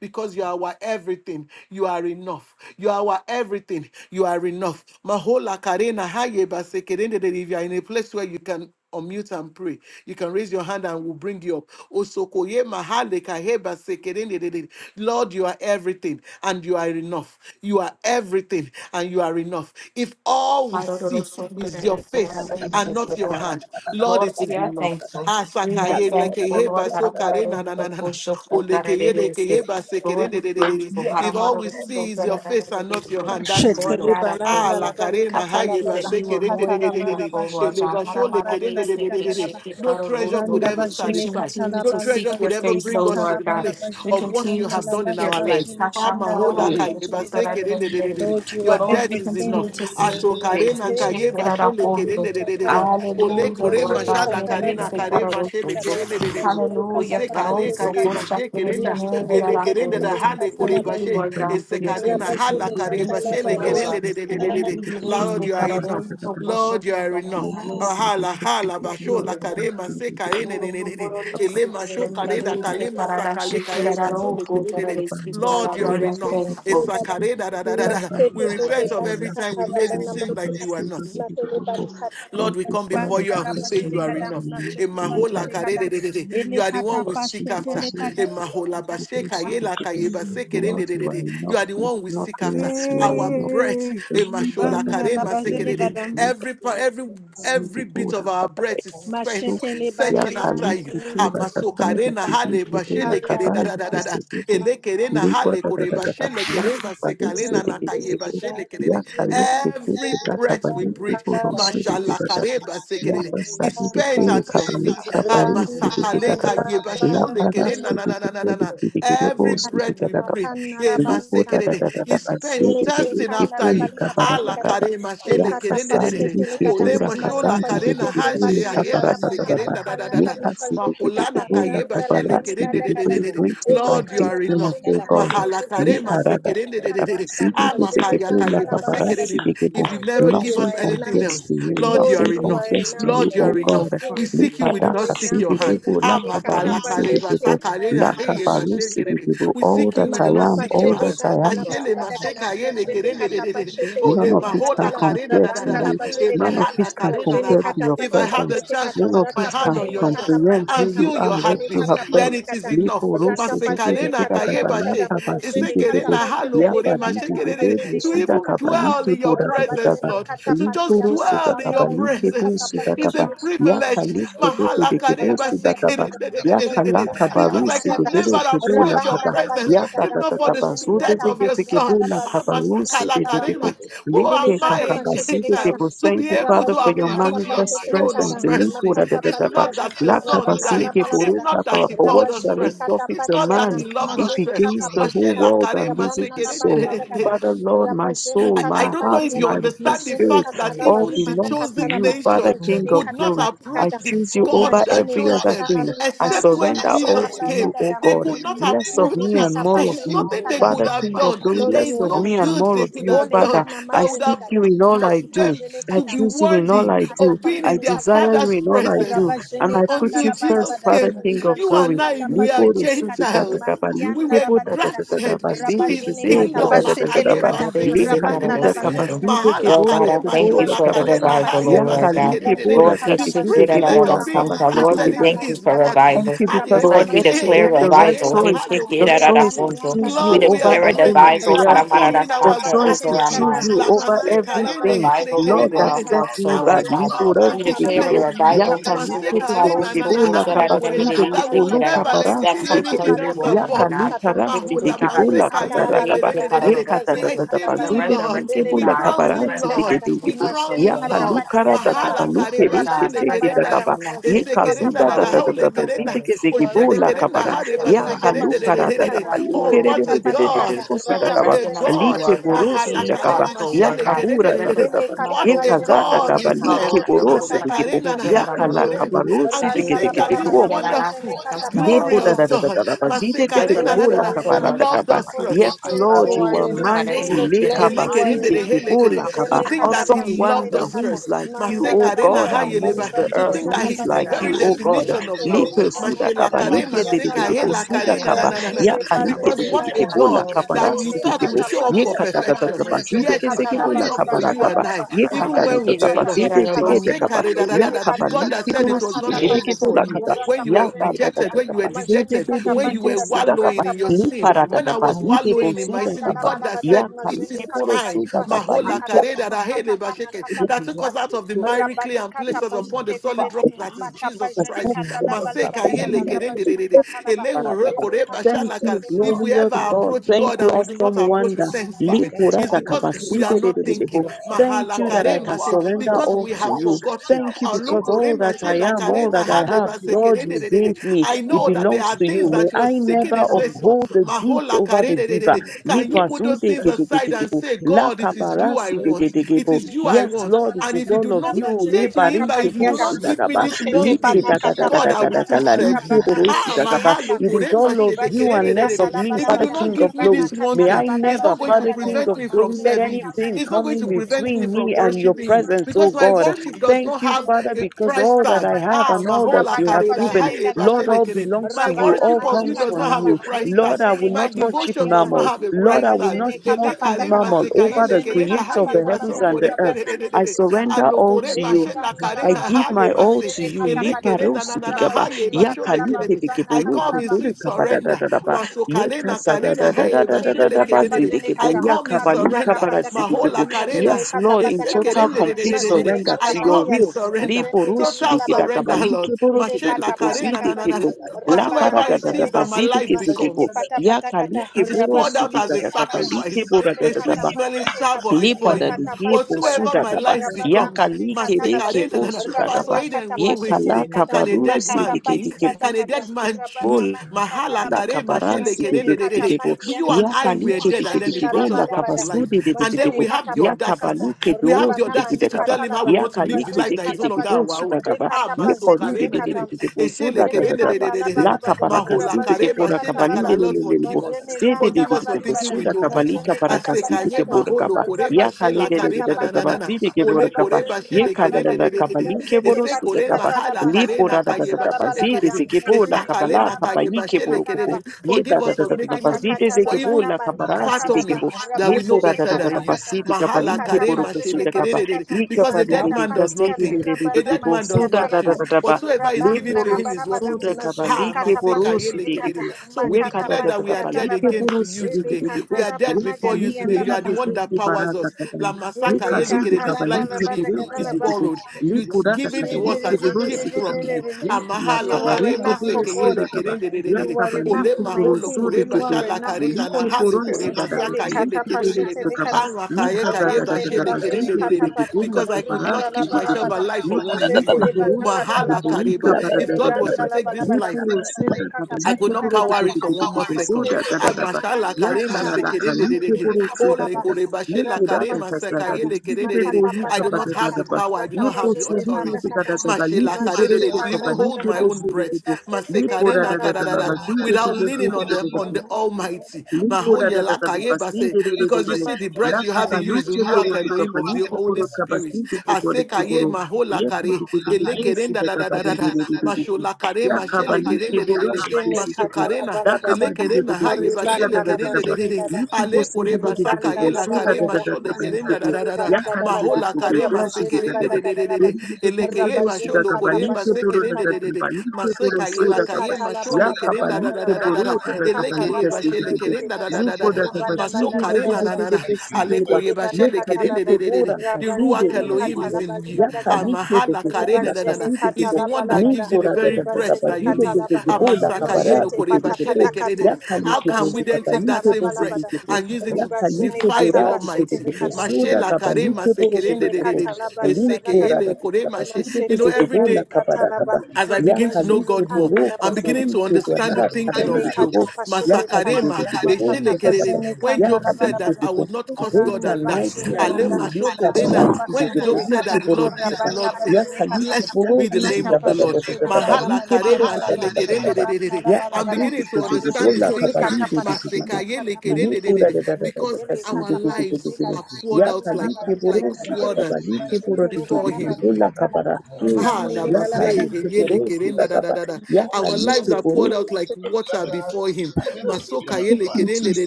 because you are our everything. You are enough. You are our everything. You are enough. Mahola karena haye basekerendedede. If you are in a place where you can unmute and pray. You can raise your hand and we'll bring you up. Osokoye mahale kaheba sekerendedede. Lord, you are everything and you are enough. You are everything and you are enough. If all we Lord, see is your face Thank and not your hand, Lord, it we is are enough. thankful. We are Asakaye thankful, Olekeye Lord. basokare na na na na na. Olekeye lekeye basekere de Lord, de de de. grateful. If all we see is your face and not your hand, that is Lord Mashetele enough. God, I Ah, balanda thank la la you. bali I karena kata thank la haye you that you bajene are basekere de more kata de than de la de de enough, bara de. oh Lord bajene Ele kanda basho la God. bari lekere de de bali de de kata de la de. ba No treasure could randa ever We bajene satisfy. kata continue la No to bali treasure seek your could ever bajene face, bring oh kata us to la Lord the God. bara place We of bajene what continue you kanda to have la done seek in bali your our lives. face. bajene Ah, kanda la mahola bali kaye bajene kata basekere de de de de de. Lord you Your are Lord, we death is everything continue enough. and to you seek are your enough face. Asokarena We Heli shake kaye it at kata our bashe home. lekere Lord. de bajene de de kata ba de Hallelujah, de kore Lord majene God. mashala kata Here Thank kare is na the bali kare banana Karol mashe le Soto. kata kere ne de de de. majene kata Hallelujah, Ose Karol kale bajene kare Soto. kata Shake mashe it in the kerenda name. at ele Mashetele our home. kerende da Lord. banana hale kata kore Thank you, ba bashe Lord God, for ese your kare na consistency. hala Rabazene We kare Thank katala you bashe for le your barian kerende love. de de de de de Thank de. you, Here is Lord, the you are enough. Karol Soto. Lord, Shake you it are at enough. our Ah, home. Hala hala Thank basho la you. kare mashe kare ne Oh, ne ne so ne ne. glorious, Ele great masho and kare da marvelous, kale masa Karara kale kare Shikirara, bashe oh, le kere God, de for de de. Lord, Karara, you are we are enough. thankful. Esa tebada kare da da da da da. We masete tete repent of pati every time we begotten with Father's grace, it is katala made it bana seem masete like you kata are not. matele bali katala Lord, we you, bibas come before Father, you bana and la we because say basere you are we kata are enough. new, masete new Emahola pasete kata Father. karerererere. You ele are the kata one we us with seek the pasete after. le people kata who Emahola basheka yela kayeba Lord, you are sekererererere. You enough. are the Thank one we you, seek after. yes, you are Our enough. breath. Eh, Thank you, Father, emashola libana la karema you are basere sekerere. enough. kata in Every pa- every every Sidi bit Buda of our Bakare breath is Su spent masete le bana searching after Yakali masete you. Kutu Bakasana Amasokarena Dikidi hale Kibu bashele kere da Nakaba da da da da. Yikisibu Elekere Ya hale kore bashele Dadadadadapla kere Kabalu masekalena Sidi na Gidi kaye Gibu kerere. Yakali Kisi Every Kuda breath we Kabalu breathe breathe. Kibu kata Rosu Dikibadabu Mashallah-kareba Yapa It's Sadi la spent Diki bada at your Kabalu feet. Ah, Kabayu Sidi rana masakaleka Gidakaba la yeba La shole Para na basere na Sidi na na na Kuku na na. Dikidi Every Gibu kata a breath we Sidi breathe makana la eh, Lipo bada da da masekere, da da da is da spent sili Elete thirsting liriki kanda after la pili you. bali kabara papati da Ala kaba. kare e Yaka de de de sali de. pashete le liki testimony Ole bura to what mata mashola kasali na pashete liriki te hase pili pati ya yeba kabara tala da da you da sekere da. da da da da da. kata Lika have sili pashete liriki Makolana kata Thank bula kayeba randa la kabara shele bali sili de de de de liriki de de. greeted ele by Lord, you kata are faithfulness enough. O pashete kata God. Mahala pashete le kare Lipa kata da da de da de de da da de da de. sili bamno jele liriki bula kanda la kayeba kabara sekere sili if liriki you never Lord give you Nothing are us anything enough compares else, to you, Lord, you Lord are nothing you enough. are compares to enough you, Lord, you O are Holy God. enough. We Spirit seek you, you Lipa we do da are not kasi seek enough your liriki hand. bula Ele kata kabari sili liriki pashete Amakalakarebasakalena, kata Lakabarusi, we heyebashekerere. give you We all seek you, that we do I not am, seek your all Matapashede hand. that I Kandala am. Badi Ashele Badagana maseka yele Majene kerende de de de. Katapashete None Ole of Bari it can mahola Katala karenda compare da da to da Barabanda da. La you. E Bajede None Gada of it mahala can karenda you. Majene da compare da. to your If I Katapati have the presence. I have no identity or value without your care. Every I have no identity without you. Pajete chance to Kata None of put my it Rata hand can on Pajene your chest comprehend Katapati who and Yata you feel are, your what Majene you heartbeat, have then done. Katapati it is Kata enough. Lipo Rata rosi dike Pajene Masekarena dike da Katapati kabala Kata kayebashe. kabati Majene dike bo Esekerena halo Katapashete Le kore liapa You Balagada dike are mashekerere. dike my bo Majene To suda even Katapati identity. kabali Kata dwell in tipo your Oh, da kabata presence, ba Rabajene Lord. To Katapati lipo just it's Yata rosu La I dwell da in know your kabali Barabajene tipo presence that you suda are is Katapashete a kaba Le cheated, Kata you ya are privilege. kali deserved tipo the dike end. bo suda kaba ya kala Mahalakademasekerendededededede. Why I back kabaru Because I si could find and dike never decide dike bo la approach why your the Rabanda kaba la presence bazene ya ta kada if ta not ta for ta the riba cross ba s- is zene su low death kata and of dike your pati dike yata bo son. la la they baramani kabaru si yanda serve la the bam. dike Amasakalakadema. good of the Who am Lite I, Melekata a pashete flesh. kakakaside de lekata. Gentile, bo. to Thank be you, able Father, to for Realize it, Lord God, as it appears that you the Lord and and oh God, you have Rabashene your kata approach your manifest pashete throne of presence. lekata. mercy? Nikura da Makata da If da ba. not patiata. that your son Rabanda la died, Lakabaside if balabada. buruka not that ba. he For what called us shall Rabashene it first, kata profit if a not that patiata. man he loved if us he Majene first. gains kata the whole Mashela patikata. world and Karema loses Rabanda his la soul? balabada kada. found Sekerendededede. Father, Lord, my Rabashene I, soul, I kata my don't know heart, if you my patiata. us understand the Majene spirit, fact kata that They raba all wish. even the limana belongs to kata chosen you, raba. Father, nation Oh, King my Ribajene of could kata not glory. I approach patikata. the God. choose f- you God over that Majene every chose other kata them, thing. I la except when surrender all Jesus to balabada you, came. O kada. They God. could not Less of Majene approach me him. and kata There more of is pashete me. nothing they lekata. could Father, have King of done. glory, Lord, There less is you of are no me enough. and good more they of could you, have Ole Father. done kana I that would majene seek have kada, you in all I caused mati pa do. them jene I to kata, be choose you in all worthy I makata do. of pa being I in their kata desire laba, you Father's in all I do. raba presence And jene I But put you, kanda until you laba but first, Jesus labada, Father came. King riba of You and glory. I, kata pa we Lipo are shetele rusudu kata, Gentiles. katakaba, mati We yanda were likebo laba libada, grafted dadadadadaba, into raba zidi his Lord kata kizedu God, pa kingdom. we speak to shetele you. dadadadadaba, Makayeva kata, Harabe simpara rabanda likaduda laba sekerendededede. rosunto. kata, kabazide Mahala Lord kebolo God, kare I randa thank you liba kubora mashola for the kare kabasa, kata revival, nahaye oh yaka Lord patiata, God. basekere Ibajene nedere. likebora Lord, we kata The shake katikide it pashete at le at- privilege at our of kebola kata being Santa. mata Lord, grafted we kabaside pata into thank you pati his for kata body. Thank revival. you because Hare rabana I Lord, we get to majene base declare make the kata right nekere revival. pashete We le choice. shake nahano kata it The at kore at our choice mashe. rabani to Santa. anda choose la We you bali Lord, we bade over are declare a kata every grateful. revival material We haramara thing. come rabajene da in kata The our Santa, choice pashete to over le our gratitude. choose kata mind. you over We Lamase ramanda declare la kare a everything. bajene nehele revival kata li kere Lord, over that bada our nedere. kata sets hearts, oh me And back. we Lord majete God. pati come Libura to We yata la ba declare declare a sidikebo. to you revival Yaka we shake rabajene Mase it kata at kare our na na pashete lukedekebo. le na La kata Santa, kore, we that rabanda we la kapasidekebo. shake would it bala at Luka our- never bada that esteem comes jete parasidekebo. anything from pana you, else oh kata Lord Yaka above pati God. you. luka kata The Mahula rasidekebo. Ele mase La kanda kaye la bala kaparakaba. lekere bada nedere. Yeka riba da da We zene da da kata esteem ba. you, Lord. ele resurrection Zidekebo. We La kata God, crown you, Lord. kata resurrection We kaparasidekebo. of crown mashene you, children, Yaka kata um, Lord. luka ra the da talaba kapa Mahala luke resurrection kareba re God, rabanda shele la Keseki bala da kerenda. bada resurrection of his mazene Ese Yeah. kata sisters, Yekazuda kerenda da our da da da own da hole da da sisters, kerenda. God. zidike yes O you are shele enough zegebola kerenda resurrection kabara. of the hareba ele Ya se Lord kata God, kerenda his de de kalupara de da de sister, da de. kata our Oh, own alukere what de makata a de de sisters, de pati de God. God. de bosu da What kaba. a resurrection of the God. Alike Lord God, borosu Mahala clean da kaba. hearts, karema the Ya Lord shele God, kerenda de da de da de. da ele ba. resurrection of kata the What Ye a Lord God, kazata God his kata we kaba sister, our serve. like own mazene sisters, borosu kata Mase de God. His gebo. karena na sister, Ya hano kala kata you. korema. And kabarosi to de randa de la think de that bala de this our mazene wonderful, kata own Depo da glorious da da da God, da sisters, da ba God Mase zite ke se karena ke na Lord bo you na resurrection la na, are of ka the ba enough la Lord. ka Like ka loved ba. you us speak Holy Yes, it first. to Spirit, our Lord, you old are you are people, enough. Father, they Maseka, King mighty. need of Le it. And ka I glory, ba you are elekerende zite de enough. pray ke bo helekere. la that ka you To ba. think God, Elekata that we Awesome he loved wonder, pray us who pashetelekata. is first. like you, that Mandala Maseka O you rena God, speak balabada. it to us. hayeleba. amongst the To Ribazini earth? Lord, think we Who that kata he is is speak the it like out patakata. very of you, O those God? people, definition of Father, love. Lipe Mashetele we speak. suda kaba, banakata Lord, Mashelakare, we pati lipe are de de de the maseka, de yatalaba. bo truth. suda helakare, na, na, Lord, kaba. we na, na, are na, na. Ya Randele ka grateful. like We de Because bazele de de what speak it a kada. ke out. bo la God Lord, ka we ba ra are that you si Ele de grateful. thought ke would bo. We kata show up speak Ye it out of these people. for ka pajene da da kata da I'm perfection, da ba grateful, zite majene oh yet ke is se Lord kata ke bo God, laba showing la for up ka ba for ribana ra you everything ka that gada ba. and I, laba you Ye ka are. even riba da da when we da jene It's da were ba kata taken pati zite out lost. de of kata ke all. de ka ba. Masekare, da, da, Ya da, shetete da, da. ka The ba pati God that kata like de said ro it was si de not makata ke de pata over ke bo for la kata ka you ba. rata when you Ya were pajene parada parada kata rejected, de when you were Nawa majene de dejected, de de kata when de you pati bo were su kata da ka pa wallowing rata in your Ni pajene sin, kata when I paradadadapa, pata zididididibusudakapa, liparadadapa, was wallowing ele in my my sin, ganda the didibusudakapa, laba God that laba da ya said, ka ni de This majene is kata time, pati God, kalipurusudakapa, I pasetele Mahola kata Kareda thank you makata Rahele pana Basheke, kata today. that pati took I us kata out feel of the good miry of clay rabani that and kata placed us feeling. upon the pajete te te solid Father, te rock te I that is mata love you. Jesus pajene Christ. kanda laba Maseka libada Thank Yele gada you lipa- raba Kerende jene Dedede, kata laba Elehu Barabara. ele Rekore for the on kata the Thank Bashalaka. you, pajene family If kata of we glorious ever pati I God. approach Thank kata God you, love and we do you. awesome not approach wonder. with Father, thanksgiving, it's Likurata I because thank you, we Father, are kabaside de not de de de bo. thinking. Lord, Thank Mahala you for that Kare I your can Mashe, word surrender Because all we to have you. forgotten. Thank you because all Alokore that I Mashe am, all Lakare that I Nahale have, Baseke Lord, you gave Dedede. me. I It know that there belongs are to you. things May that you are I seeking never his face for. uphold the gift Mahola over kare the de giver. can you put those Lipasude things ke de ke aside de ke and bo. say, God, it is you I Lakabarasi de de want. de ke It bo. is you I Yes, want. Lord, it And is if you all do of not you. say Rabajene to him Libarin that ke if you bo do katapatiata not give me sudagaba. this mashete one Like thing, pana da da da da God, da I katapati will kata still serve you. Like rabana Ah, majete my yanda halo, it kore, is ma all of shede, you kere, ribajene and de, de, less de, de. of me, If you Father do katalabalabada not King of give me ribana glory. this one May thing, I it's never, not going katalabalabajene to Father gada King prevent of me from glory, ele let serving you. anything It's not come going katapashete in to kata prevent me between from me ribana and your worshiping you presence, oh because my God. worship does Thank not you, have Father, a because price all that I tag. have Ah, and Makatapatapasa, ma all that hola, you have kare, da, given, haye, ba Lord, rabatapajedegadalaba, shele, all kere. belongs My to you, all worship of you comes does from not have rabanamanipatalaba, a you. price tag. Lord, I will My not my worship devotion ribajenekatapatiata, does not mammal. have a Lord, price I will tag. not worship Elekare rabajenekatapatakata, mammal masekaye over the lekere na creator of haye the heavens majenekatapatapata, baso and the kore ne earth. ne ne ne ne I ne. surrender rabanamanikataba, all Alokore to you. mashe lakare I na give elegandalabalabada, hale my all base. to you. Elekere na majenekatapatikata, Liparos na na na digaba haye basho rabajenekatalaba, lekere ne. I come in ribanakatalaba, sweet ba da da surrender. da ba. Masokale Yeka na kare sada da na da da haye da da bashe da Liparusitikaba, lekere ne ne. yakaliketikebuluku turikabadadadadaba, I elekatapajenekata, yekasadadadadadadadabazidikebu, come in surrender. matipatapatakata, yakabalikabarasidikibu. Mahola kare na Yes, Lord, in majenekatapatakata, total esekere de de complete de de de ne. surrender I to your come in majenekatapatiata, will. surrender. Liporus Total majenegandalaba. dikida surrender, kabali Lord. keboro Ele Mashe kata zidekebu pata Karena na na kata. na na. zidekebu. La Rabana Whatsoever para da da it da mazete is ba that kata. my life Masete zidekebu. becomes. pata pata kata. Yakalike It is boros poured Rabana out as a digada mazete kata. kabali sacrifice, kebora Ele da a da da kata sweet ba smelling pazete kata. savour lipa before da you. Makata dike pati po pata su Whatsoever da my kata. gaba life Rabana ya becomes, mani kali kata kere kepo laba. ke Masekare na na po na. su da gaba Pastor Rabana Eden kata will ye always pasete kala le say, kata. Can a kabaru dead si Makata man dike pati think? dike pata Can a kata. dead man Rabana choose? mani kata Mahala laba. La kare mashele kabaransi de kere Mazene de de de de de kata de. gebo pati You yata. and ya I were kalike Mazene dead, de de and de then he ganda gebo brought laba us la back labada, to da. kabasu life. de de de And de then Mazene gebo we have kata the ya pata kata. audacity. kabaluke de We have the osu Rabana de audacity mani gide to gaba kata tell him how laba. we ya want to live the kalike Ribazene life de that ki is no kata de longer gebo our pata. su da own. gaba Ah, Ekata ye pazete poru de masokare na de na de na. lekata de de gebo su da Eshele da Ele kere da de da de da de kanda de laba de la de. laba da Mahola kabarakasi raba de kare gebo jene la kata mashele kabali kara laba de de Father, Lord, de de gebo forgive us. majene se de de ganda Forgive de de us laba for gebo thinking su we da know kabali best. majene I kata kabarakasi pata de kata gebo da maholo gaba kore raba ya kale jene mashela de de de kare kata de na de na pata na gaba na kata na. si de gebo da Ole raba kore gaba jene ye bashele kata kere kale de laba de la de de de de. kabali gebo majete Ese su pati kore da kata mahala laba kare Lipo na da da da kaye da rabanda da laba bashele laba kere bazidi da de. zikibu la Esa majene Oh. kata kabala na laba kaye kabayi lima na bashele kiburu kere de. kubu. Ye da Forgive da us da for da jete da da making pata us, bazidi kata for laba zikibu even na la mani kabara kata sidi laba fathoming kibu. that raba Ye we po know da jene da better da da kata da than you. pata bazidi Mahala kabali ekata kare kiburu kusu pazete mashele da kaba. pata kererere. kata Ye Because a kabali de dead Yep. makata di man does pati not kasidi di kata de think, de raba de a na de dead bu man mani su does da kata not da da choose. da da ba. Whatsoever is given Rabanda to Liburu him is what he su Labanabadam da takes. Nazene Ha kabali maseka kiburu su yele Katapashetele di Kata kerere. kibu. So we Ye ka Makata da declare da that da Pati we da are ba li dead again kiburu to su you di di Ele today. di We are Katalaba Ye dead before you li Nagandi and today. kiburu You are the Dalaba su one that di bara powers da us. da da. La Ye masaka Ele kazu yele de kerere. This Katalaba kabali life we Labada kiburu live su is di di Gadalaba borrowed. It's Lipura given to kakadari us as a kiburu gift from sudikaba. you. Yekala Amahala You kabari are karema enough kiburu for God. sekeyele surakaba. kerendededede. You are Yakabali enough, Olema my kiburu holo King. You kureba sudikibu. are shala enough, karena na Liki Holy hale puru Spirit. kureba sikada saka Ele kabili yele kiburu kerendedede. Katapashetele sudikaba. Kata Anwa kaye Lika kaye gada ba gada Randele gada bazene zidi kerendededede. katapata, kibikibu la Because I could kabara randa not la keep myself kibikibu. balabada, alive for one Lika liki second. zetele bana puru Mahala sudikibu. katalaba, Lika kareba. bara If mazene gada God was gada. ganda to la take this And you know balabada, life, Lipuru mazene sudakaba. I could Liki katapati not puru how I power katalaba, it will for not one more power kukudikibu it. second. suda mazetele gada Ah, gada. bana mashallah, maniga karema, Yakala galaba, la kali sekerendededede. ribazene kiburu Ole, katalaba, sudakaba. koreba, shela, Lipura karema, ratapazete kakasada. kata, sekayele, Liki kibibu kerededede. makata I lika pata do not bara pata have the kata, gada power. I do not have Lipo the ratapazete sudiki pata authority. tika kata, taka taka Mashela, liki mazete karedede, pirutu To pata kapa even pata hold liki my po kata, own sudiki breath. po ribazetele lipo da Masekarena, da da katalaba, da da kadadada, da Without leaning on the ziri on the Almighty. Limpura da da Mahoyela, da da kayeba, basti se- de de de de Because you mazete de see, pata the because la breath you you see have the in you is breath the you cataluche have in Ruach poro tu Elohim of the capaluche Holy poro your Spirit capasti de de poro aseka tu ye poro mahola ye de kare de de de de si elekerenda de da da capa da da de de da de de de de mashola kare ya mashele capaluche kerende de de poro de de de Jene si de de katala masokarena da bala capa bada, de de de elekerena de de haye so da da ribanda bashele da la da kerende da de de bashiri de bada, ni tu ale posi de kore de de de de basaka ribanda de ye la la so bala da kare da da bada, da da mashole capaluche da de da nefeteri da da ya bala bada capa de de bada, mahola de de kare de so de rabajene da is da masekerende bada da de de de de de gadalaba, de de de de de elekeye de si rabajene da basholo kore katapa capaluche poro shetele da masekerende da de kata, de de capaluche poro maseka ye so la da Ele capa kaye katala ya mashole bala bala da da gadala capaluche da ba. da da poro da da da Katala elekeye capaluche bana de de de mazete karenda da kata. da da da Lipo da. da da ba Libana si Maso bana de de de karena gadala de na ba. de na de na. ba si de de Aleko Zete ba. yebashe libana Yo le ka de katala kerele ke de ba. de de bo de. ra ka The si Ruach de de Rabazene de de Elohim is de. katala ba in you. Ya libada ka gada. li ke de Amahala de bo la karena da ka da da. Ribazene si de de Is bo. the katala one bala that gives bada. you Lipo the ra da very da da da breath ba Ribazene that si you de live. de katala de ba. de bo la ka Amasaka ba ra yelo Mazete ki de de pata de korebashe bo. pata lekere de kata. Ya de. ka li How ke bo can we zu ka Rabazene then ta take li that katala ke bo same bala su breath de bada. de de. and use it Ya to ka li Ribazene ke defy bo kata the ra ki de de pashete Almighty? de le bo kata. su Mashe da la ka ba kare li ke bo ro de masekere de de Jene de de de bo. de. katalaba riba Eseke Lipo nagada. ra da yele da kore da ba si mashe. de You de Machete know de de every leba bo ni la day ka ba ra ka katalaba. ba. as I Ya Riba begin ka to know li jene ke God bo more, kanla ro laba ko I'm so labada. beginning li to ke bo understand na the ra ka ra thinking li de of de Job. bo. Elekata pashete Ya kali rekata Masakarema, dede dede boi makata da da da da. Eshelekerere. pazene When Ya kanda Job la kali said bala that bala dede I boi, would not curse great God rande and and die. mighty bazene are anda you, Alema new nachini shokorena. kabarasi When dede pashete Job said rekata that the dede. Lord gives, the rabana Lord Ya takes. bazene kali kata Blessed keburo be the si mata name da of da the da Lord. pashete da da da da. rebana Mahala Ya kali mani keburo kata si la da ba da da da da da. rabana shelekererererere. la Ya bala I'm bala kali beginning to keburo si da understand his ishete thinking. rekata pata da makata pati kata Masekayelekererererere. da da da Because da our elekata pashete lives da. are kata poured Ya out manda la kali like, bali like kata keburo si kata da da water da da da da da. Ya pashete before kali keburo rebana si da da him. Mahatma mani da kata la da da Gandhi. da ba Ah, da. Ya rande le bala bala Lamasei, kali Hegele, keburo si da Kerenda, da, da da, da, da. da da Our lives da are da da. poured out like Thank water before Him. you kukuja Masoka, na Thank Yele, tofali. you, Kerele, Ni de,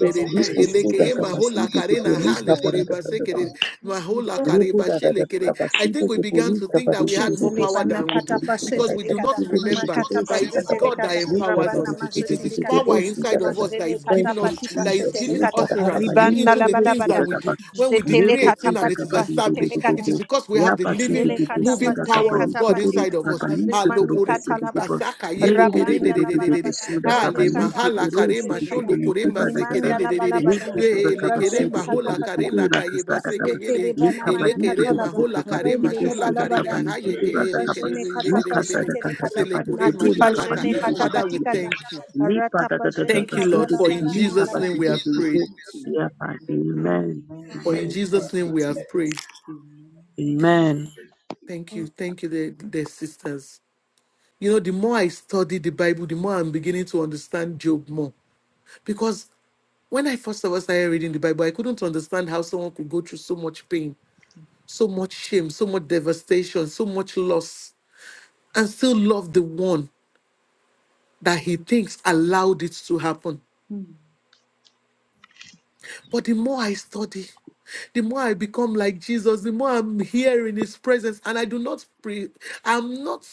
de, de. We Eleke, pursue the capacity Mahola, to Karena, Hale, Koreba, Se, believe. Mahola, Lepo Kareba, da da da Shele, da da Kere. I basi de think we de began boli to think kaba de that we de de had de more de Shetele power si bana de than de we kata do boli pa kaba because we shetele da da do not kada de de de de de remember makata de pa that si it da is da da shetele God that kada le empowers kaba rabana de us. ma de de It de is de His de de kada bo power si da inside da of da us that majele is kata thank giving pa you us, ti pa that is Jesus shetele le giving kata kaba kaba utterance le ribana into la kaba the le things si balabada that da we da da do. When we le jetele bo decree a kata si thing pa da and it ti is kaba pa de de de shetele established, de de it is de because we ya have the basi de living, Ele de de si moving da katapazene kaba power le of God kaba le inside of katapatikata us. kaba le kaba le rimani bo Halokore- si de de katalaba bo basaka le yele le le le le kerende rabanda de la de de de de de de de. si balabada da ele kaba Hale le kaba mahala le kare si katapashetele de de masho kata de le lokore kaba da mbase da da nimanda kerende la de de de. Amen. balabada Wele kere ribajene mahola kare la katapatakata kaye base keye zetele de. Ele banamana kere katalaba mahola kare rende le masho la kare balabada la kaye keye de kere ribajene de de de de de de. katapashetele kata Sele kore mashalaka. natipajene Father, we katapatikata thank you. ratapajene Thank you, Lord, for in katalabala Jesus' nalaba name we have prayed. Amen. For in Amen. Thank Jesus' name you, we have Jesus. prayed. Amen. Amen. Thank you. Thank you, the, the sisters. You know, the more I study the Bible, the more I'm beginning to understand Job more. Because when I first ever started reading the Bible, I couldn't understand how someone could go through so much pain, so much shame, so much devastation, so much loss, and still love the one that he thinks allowed it to happen. Mm, But the more I study, the more I become like Jesus, the more I'm here in his presence, and I do not pre I'm not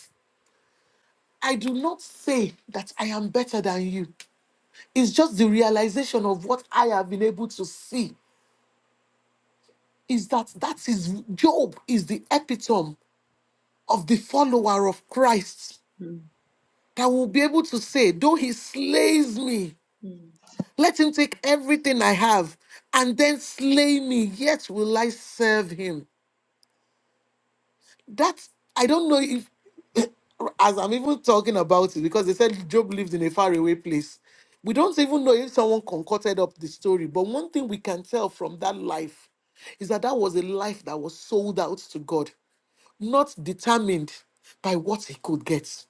I do not say that I am better than you. It's just the realization of what I have been able to see is that that is Job is the epitome of the follower of Christ mm, that will be able to say, though he slays me, mm, let him take everything I have and then slay me, yet will I serve him. That I don't know if as I'm even talking about it, because they said Job lived in a faraway place. We don't even know if someone concocted up the story, but one thing we can tell from that life is that that was a life that was sold out to God, not determined by what he could get.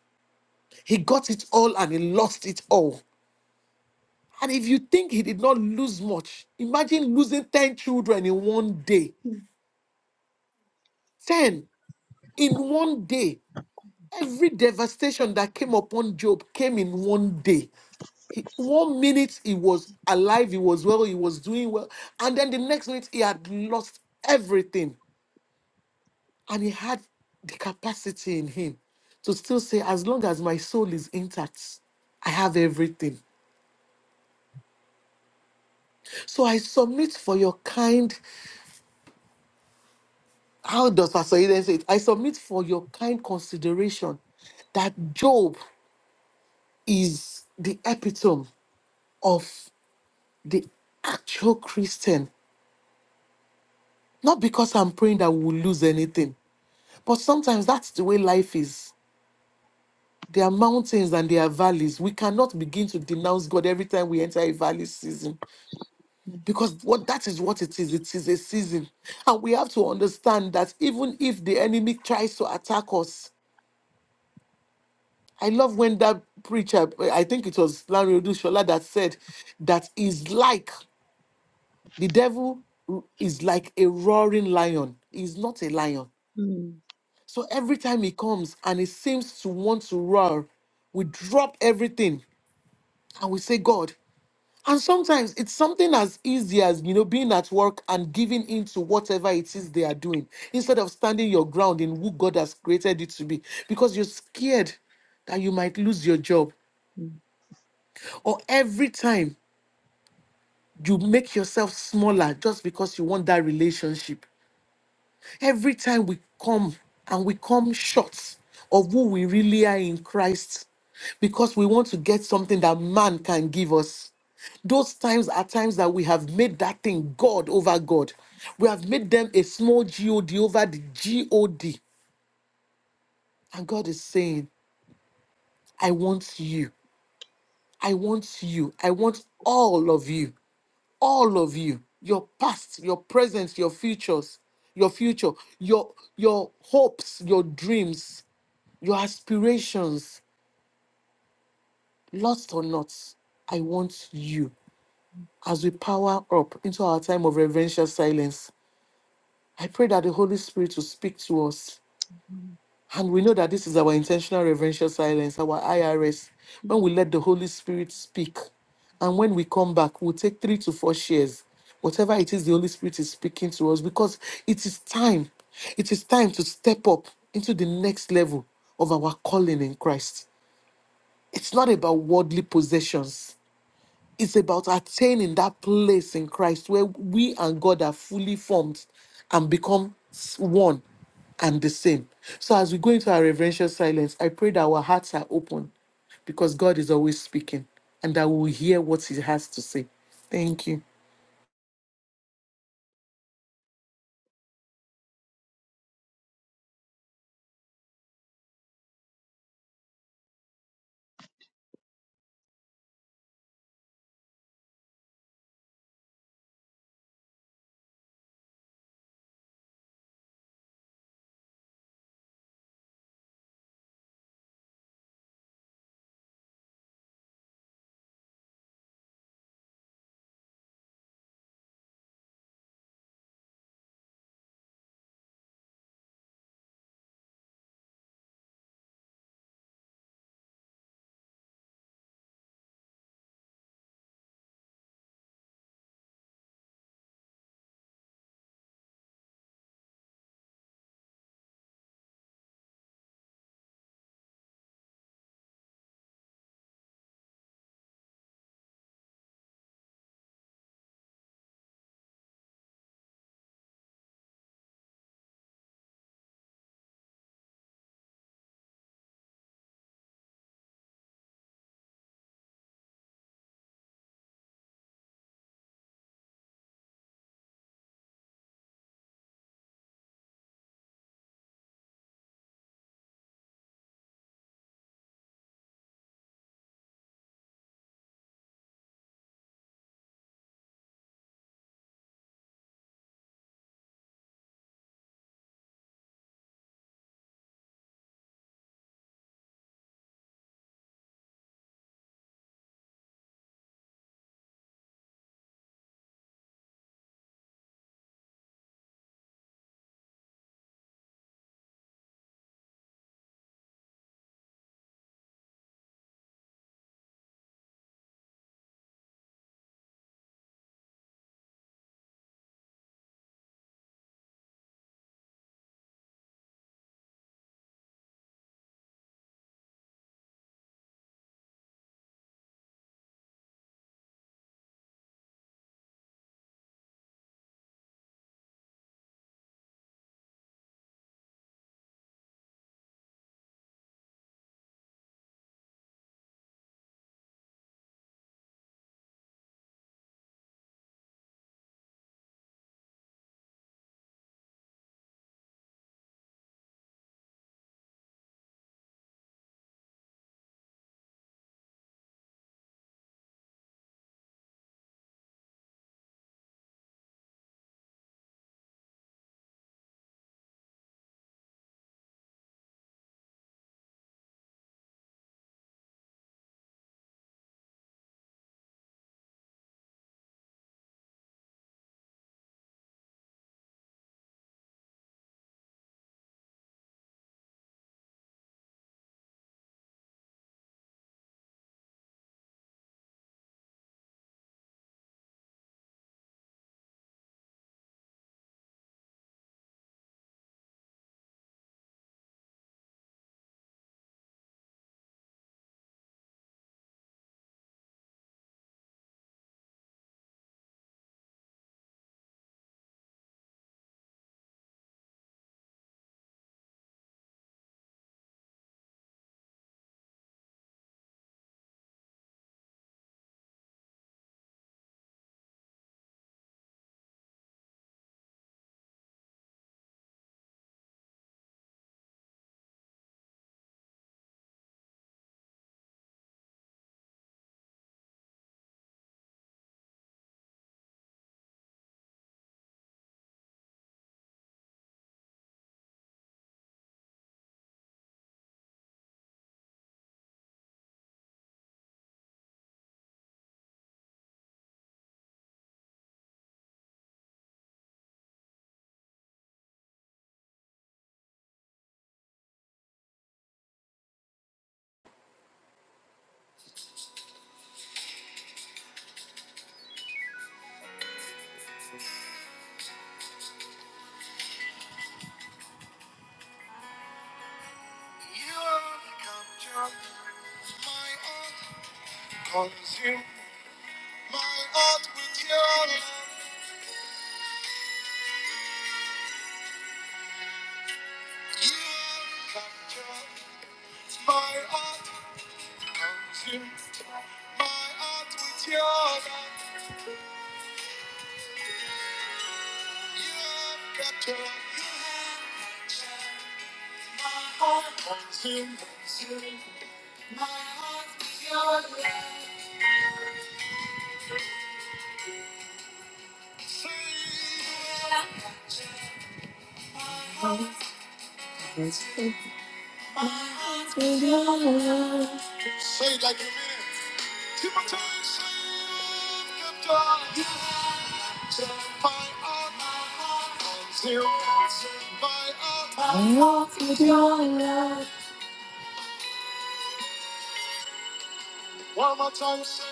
He got it all and he lost it all. And if you think he did not lose much, imagine losing 10 children in one day. 10 in one day Every devastation that came upon Job came in one day. He- one minute he was alive, he was well, he was doing well. And then the next minute he had lost everything. And he had the capacity in him to still say, as long as my soul is intact, I have everything. So I submit for your kind, how does Pastor Eden say it? I submit for your kind consideration that Job is the epitome of the actual Christian, not because I'm praying that we'll lose anything, but sometimes that's the way life is. There are mountains and there are valleys. We cannot begin to denounce God every time we enter a valley season because what that is what it is. It is a season. And we have to understand that even if the enemy tries to attack us, I love when that preacher, I think it was Larry Odushola, that said that is like the devil is like a roaring lion. He's not a lion. mm, So every time he comes and he seems to want to roar, we drop everything and we say, God. And sometimes it's something as easy as, you know, being at work and giving in to whatever it is they are doing instead of standing your ground in who God has created you to be because you're scared that you might lose your job. mm, Or every time you make yourself smaller just because you want that relationship Every time we come and we come short of who we really are in Christ, because we want to get something that man can give us. Those times are times that we have made that thing God over God. We have made them a small God over the God. And God is saying, I want you. I want you. I want all of you. all of you your past your present your futures your future your your hopes your dreams your aspirations lost or not i want you as we power up into our time of reverential silence i pray that the holy spirit will speak to us mm. And we know that this is our intentional reverential silence, our IRS, when we let the Holy Spirit speak. And when we come back, we'll take three to four shares, whatever it is the Holy Spirit is speaking to us, because it is time. It is time to step up into the next level of our calling in Christ. It's not about worldly possessions. It's about attaining that place in Christ where we and God are fully formed and become s- one and the same. So as we go into our reverential silence, I pray that our hearts are open because God is always speaking and that we will hear what He has to say. Thank you. You have captured my heart, consume my heart with your love. You have captured my heart My heart with yours, you have captured. My heart consumed. My heart with your love. Say, say it like you mean it. Two more times. Say, you have captured. My heart, my heart consumed. My heart. Mm. One more time. Say,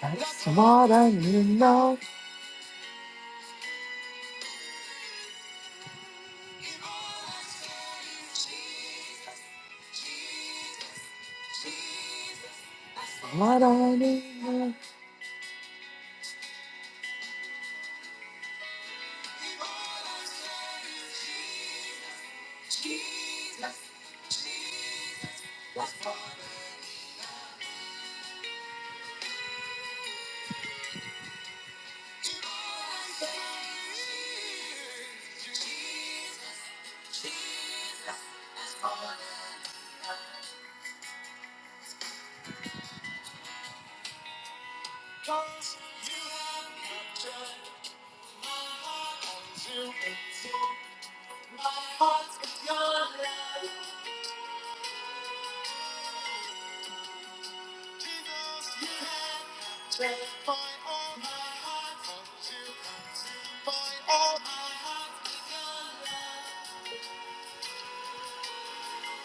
that's what I need now. What?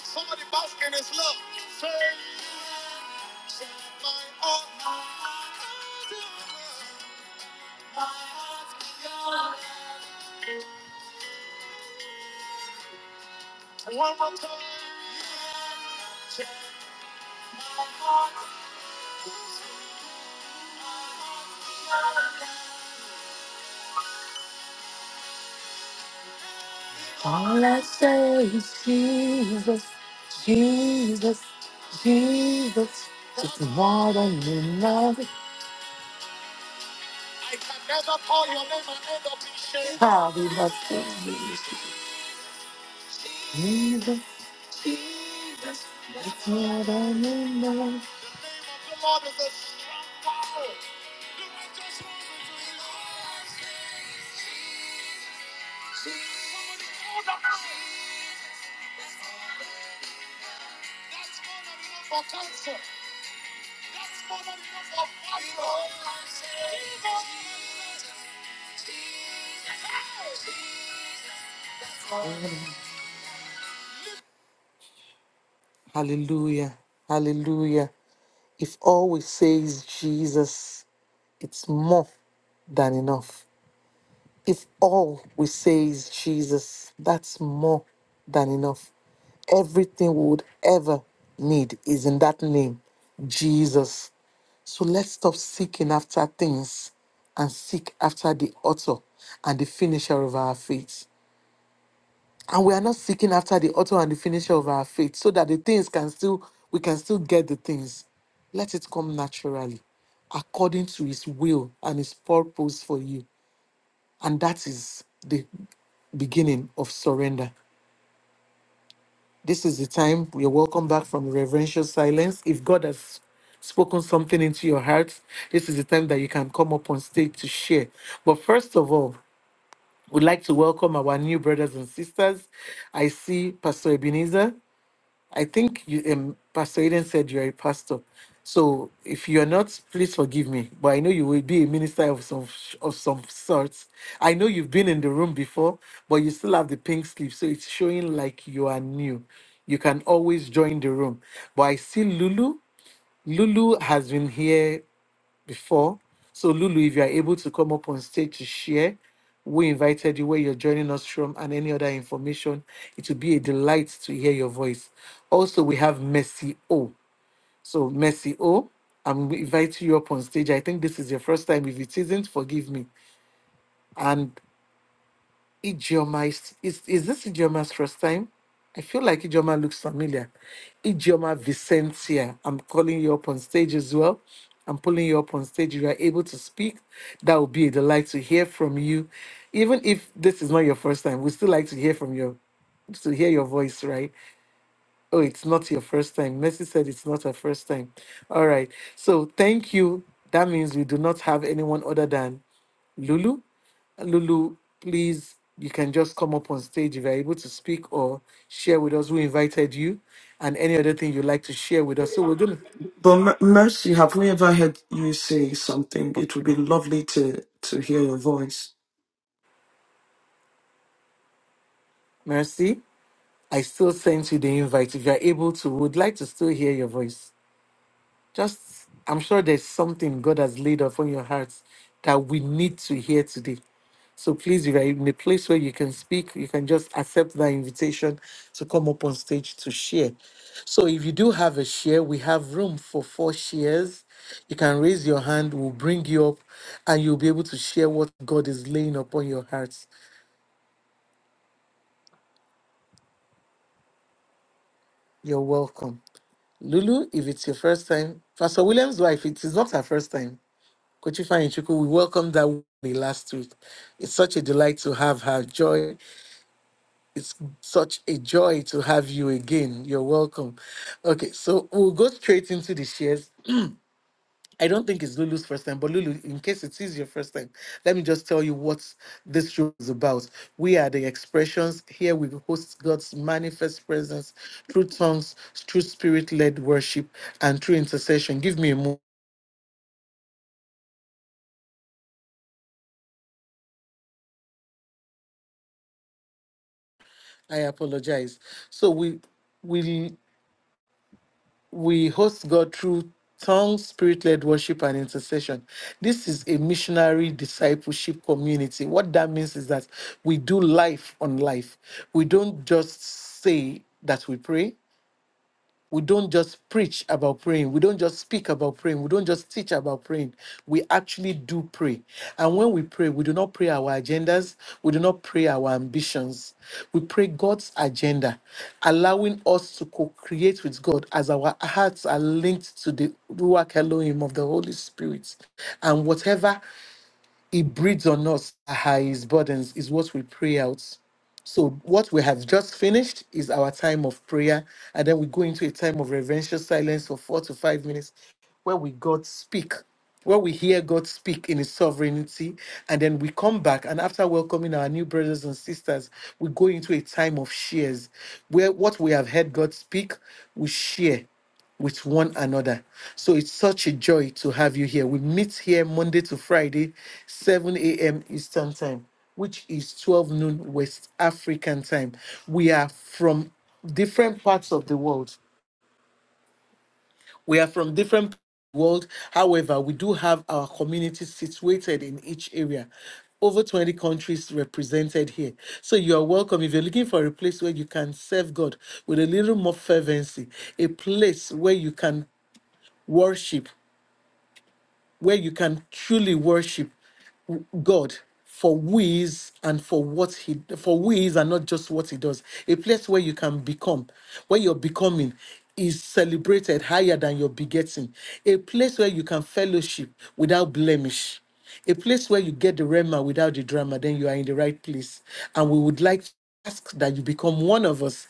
Somebody bask in his love. Say, My all my heart, my heart my heart All I say is Jesus, Jesus, Jesus. It's more than enough. I can never call your name and end up in shame. How we must say Jesus, it's more than enough. The Lord is a strong power. The more than enough for cancer. Hallelujah. Hallelujah. If all we say is Jesus, it's more than enough. If all we say is Jesus, that's more than enough. Everything we would ever need is in that name, Jesus. So let's stop seeking after things and seek after the author and the finisher of our faith. And we are not seeking after the author and the finisher of our faith so that the things can still, we can still get the things. Let it come naturally according to his will and his purpose for you. And that is the beginning of surrender. This is the time you're welcome back from reverential silence. If God has spoken something into your heart, this is the time that you can come up on stage to share. But first of all, we'd like to welcome our new brothers and sisters. I see Pastor Ebenezer. I think you, um, Pastor Eden said you're a pastor. So if you're not, please forgive me. But I know you will be a minister of some of some sorts. I know you've been in the room before, but you still have the pink slip, so it's showing like you are new. You can always join the room. But I see Lulu. Lulu has been here before. So, Lulu, if you are able to come up on stage to share, we invited you where you're joining us from and any other information. It will be a delight to hear your voice. Also, we have Mercy O. So, Mercy O, I'm inviting you up on stage. I think this is your first time. If it isn't, forgive me. And Ijeoma is, is is this Idioma's first time? I feel like Ijeoma looks familiar. Ijeoma Vicentia, I'm calling you up on stage as well. I'm pulling you up on stage. If you are able to speak, that would be a delight to hear from you. Even if this is not your first time, we still like to hear from your to hear your voice, right? Oh, it's not your first time. Mercy said it's not her first time. All right. So thank you. That means we do not have anyone other than Lulu. Lulu, please, you can just come up on stage if you're able to speak or share with us who invited you and any other thing you'd like to share with us. So we're going to, But Mer- Mercy, have we ever heard you say something? It would be lovely to to hear your voice. Mercy, I still sent you the invite. If you're able to, would like to still hear your voice. Just, I'm sure there's something God has laid upon your hearts that we need to hear today. So please, if you're in a place where you can speak, you can just accept that invitation to come up on stage to share. So if you do have a share, we have room for four shares. You can raise your hand, we'll bring you up, and you'll be able to share what God is laying upon your hearts. You're welcome. Lulu, if it's your first time, Pastor William's wife, it is not her first time. Kochifa Ichuku, we welcomed her the last week. It's such a delight to have her joy. It's such a joy to have you again. You're welcome. Okay, so we'll go straight into the shares. I don't think it's Lulu's first time, but Lulu, in case it is your first time, let me just tell you what this show is about. We are the expressions. Here we host God's manifest presence through tongues, through spirit led worship, and through intercession. Give me a moment. I apologize. So we we we host God through tongue, spirit led worship, and intercession. This is a missionary discipleship community. What that means is that we do life on life. We don't just say that we pray, we don't just preach about praying. We don't just speak about praying. We don't just teach about praying. We actually do pray. And when we pray, we do not pray our agendas. We do not pray our ambitions. We pray God's agenda, allowing us to co create with God as our hearts are linked to the Ruach Elohim of the Holy Spirit. And whatever he breathes on us, ah, his burdens is what we pray out. So, what we have just finished is our time of prayer, and then we go into a time of reverential silence for four to five minutes where we God speak, where we hear God speak in His sovereignty, and then we come back and after welcoming our new brothers and sisters, we go into a time of shares where what we have heard God speak, we share with one another. So it's such a joy to have you here. We meet here Monday to Friday, 7 a.m. Eastern Time, which is 12 noon West African Time. We are from different parts of the world we are from different world. However, we do have our communities situated in each area. Over 20 countries represented here. So you are welcome. If you're looking for a place where you can serve God with a little more fervency, a place where you can worship, where you can truly worship, God for who he is and for what he for who he is and not just what he does. A place where you can become, where you're becoming is celebrated higher than your begetting. A place where you can fellowship without blemish. A place where you get the rema without the drama, then you are in the right place. And we would like to ask that you become one of us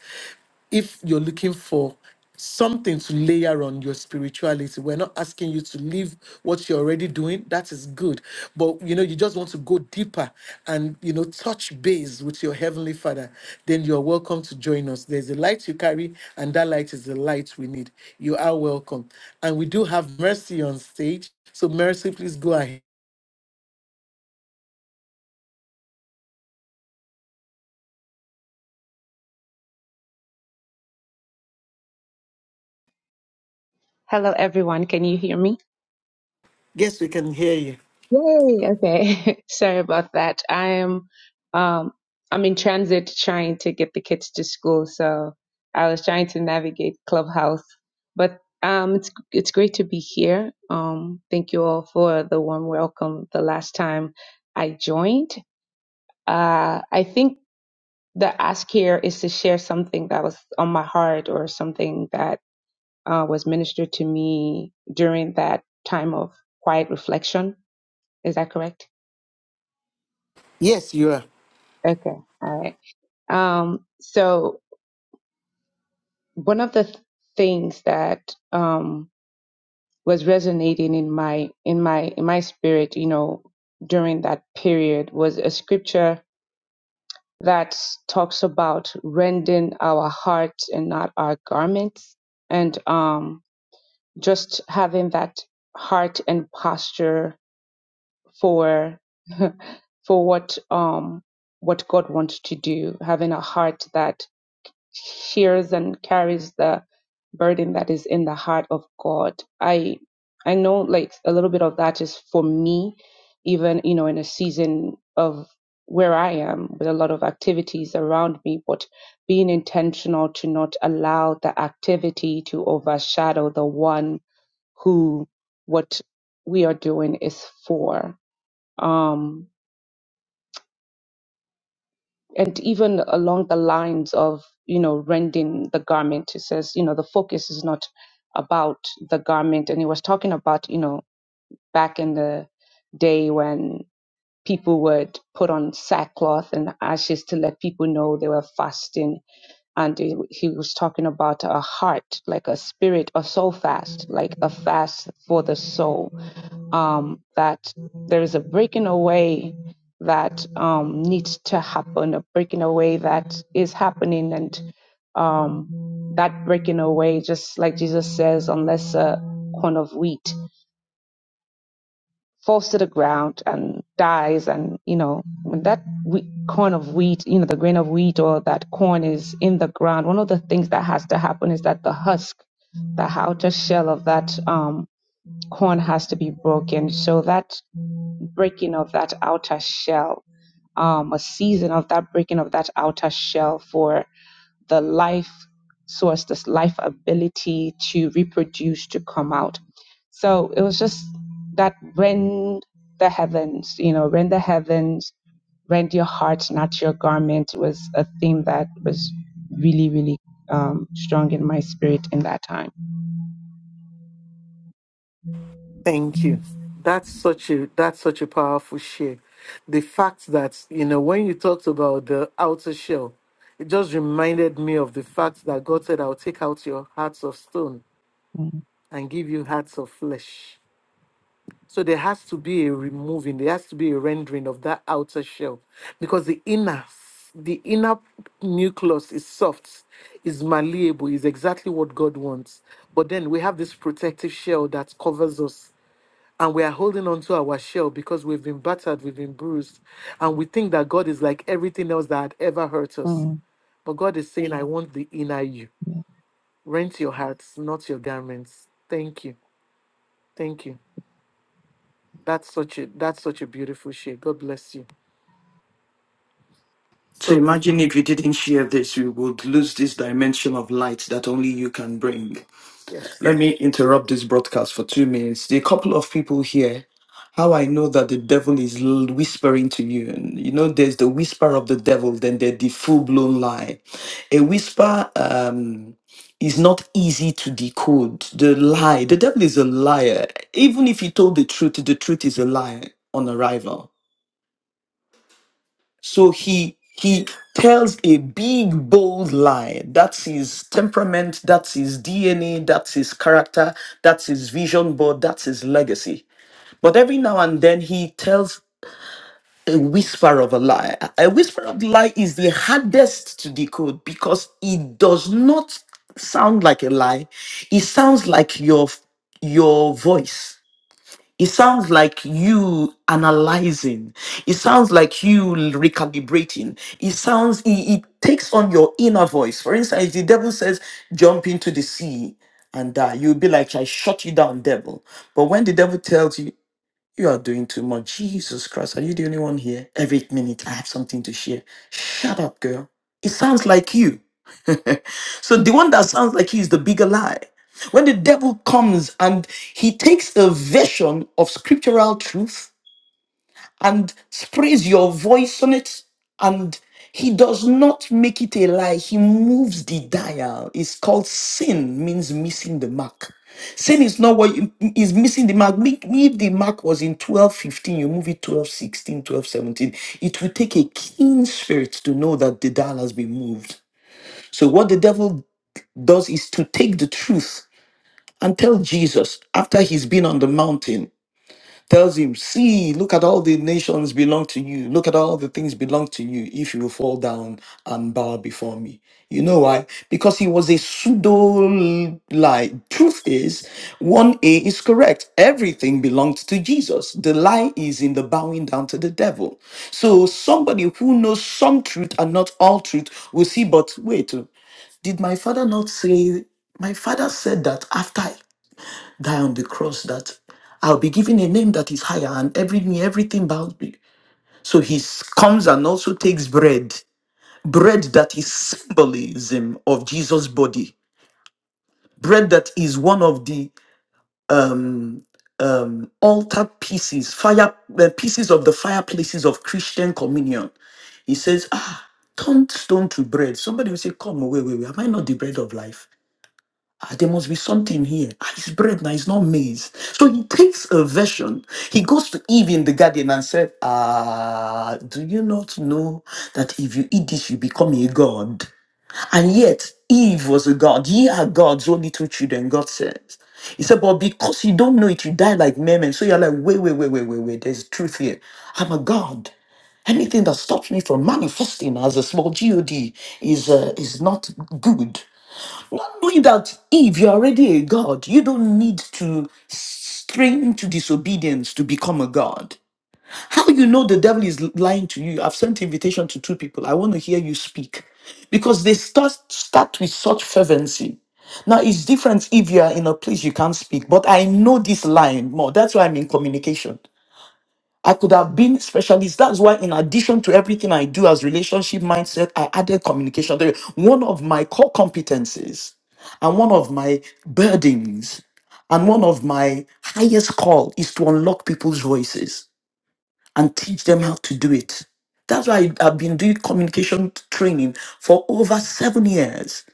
if you're looking for something to layer on your spirituality. We're not asking you to leave what you're already doing. That is good. But you know, you just want to go deeper and you know, touch base with your heavenly father, then you're welcome to join us. There's a light you carry, and that light is the light we need. You are welcome. And we do have mercy on stage. So mercy, please go ahead. Hello, everyone. Can you hear me? Yes, we can hear you. Yay! Okay. Sorry about that. I am, um, I'm in transit trying to get the kids to school, so I was trying to navigate Clubhouse. But um, it's it's great to be here. Um, thank you all for the warm welcome. The last time I joined, uh, I think the ask here is to share something that was on my heart or something that uh, was ministered to me during that time of quiet reflection Is that correct? Yes, you are. Okay. All right. Um, so one of the th- things that um, was resonating in my in my in my spirit, you know, during that period was a scripture that talks about rending our hearts and not our garments, and um, just having that heart and posture for for what um what God wants to do, having a heart that hears and carries the burden that is in the heart of God. I I know like a little bit of that is for me, even you know in a season of where I am with a lot of activities around me, but being intentional to not allow the activity to overshadow the one who what we are doing is for. Um, and even along the lines of you know rending the garment it says you know the focus is not about the garment and it was talking about you know back in the day when people would put on sackcloth and ashes to let people know they were fasting and he he was talking about a heart like a spirit a soul fast like a fast for the soul um, that there is a breaking away that um, needs to happen, a breaking away that is happening, and um, that breaking away, just like Jesus says, unless a corn of wheat falls to the ground and dies, and you know when that wheat, corn of wheat, you know the grain of wheat or that corn is in the ground, one of the things that has to happen is that the husk, the outer shell of that um, corn has to be broken, so that breaking of that outer shell, um, a season of that breaking of that outer shell for the life source, this life ability to reproduce, to come out. So it was just that when the heavens, you know, when the heavens rend your heart, not your garment, was a theme that was really, really um, strong in my spirit in that time. Thank you. That's such a that's such a powerful share. The fact that you know when you talked about the outer shell, it just reminded me of the fact that God said, "I'll take out your hearts of stone Mm, and give you hearts of flesh." So there has to be a removing, there has to be a rendering of that outer shell, because the inner the inner nucleus is soft, is malleable, is exactly what God wants. But then we have this protective shell that covers us and we are holding on to our shell because we've been battered, we've been bruised, and we think that God is like everything else that had ever hurt us. mm, But God is saying, I want the inner you. Rent your hearts, not your garments. Thank you. Thank you. That's such a that's such a beautiful shape. God bless you. So So imagine if you didn't share this, you would lose this dimension of light that only you can bring. yes. Let me interrupt this broadcast for two minutes. There are a couple of people here. How I know that the devil is l- whispering to you. And you know, there's the whisper of the devil, then there's the full blown lie. A whisper um, is not easy to decode. The lie, the devil is a liar. Even if he told the truth, the truth is a lie on arrival. So he he tells a big bold lie. That's his temperament, that's his DNA, that's his character, that's his vision board, that's his legacy. But every now and then he tells a whisper of a lie. A whisper of the lie is the hardest to decode because it does not sound like a lie. It sounds like your your voice it sounds like you analyzing. It sounds like you recalibrating. It sounds, it, it takes on your inner voice. For instance, if the devil says, jump into the sea and die, you'll be like, I shut you down, devil. But when the devil tells you, you are doing too much, Jesus Christ, are you the only one here? Every minute, I have something to share. Shut up, girl. It sounds like you. so the one that sounds like he's the bigger lie. When the devil comes and he takes a version of scriptural truth and sprays your voice on it, and he does not make it a lie, he moves the dial. It's called sin, means missing the mark. Sin is not what you- is missing the mark. Me- me, If the mark was in 12 15. you move it 12 16, 12 17. It will take a keen spirit to know that the dial has been moved. So what the devil does is to take the truth and tell Jesus after he's been on the mountain, tells him, See, look at all the nations belong to you. Look at all the things belong to you if you will fall down and bow before me. You know why? Because he was a pseudo lie. Truth is, 1a is correct. Everything belongs to Jesus. The lie is in the bowing down to the devil. So somebody who knows some truth and not all truth will see, but wait. Did my father not say, my father said that after I die on the cross, that I'll be given a name that is higher and every knee, everything bows me. So he s- comes and also takes bread, bread that is symbolism of Jesus' body, bread that is one of the um, um, altar pieces, fire uh, pieces of the fireplaces of Christian communion. He says, ah, turn stone to bread. Somebody will say, come, wait, wait, wait, am I not the bread of life? Ah, there must be something here. Ah, it's bread now, it's not maize. So he takes a version. He goes to Eve in the garden and said, Ah, do you not know that if you eat this, you become a god? And yet, Eve was a god. Ye are gods, O little children, God says. He said, But because you don't know it, you die like men. So you're like, Wait, wait, wait, wait, wait, wait. There's truth here. I'm a god. Anything that stops me from manifesting as a small god is uh, is not good. Not knowing that if you're already a God, you don't need to strain to disobedience to become a God. How you know the devil is lying to you? I've sent invitation to two people. I want to hear you speak. Because they start start with such fervency. Now it's different if you are in a place you can't speak, but I know this line more. That's why I'm in communication. I could have been specialist. That's why, in addition to everything I do as relationship mindset, I added communication theory. One of my core competencies and one of my burdens and one of my highest call is to unlock people's voices and teach them how to do it. That's why I've been doing communication training for over seven years.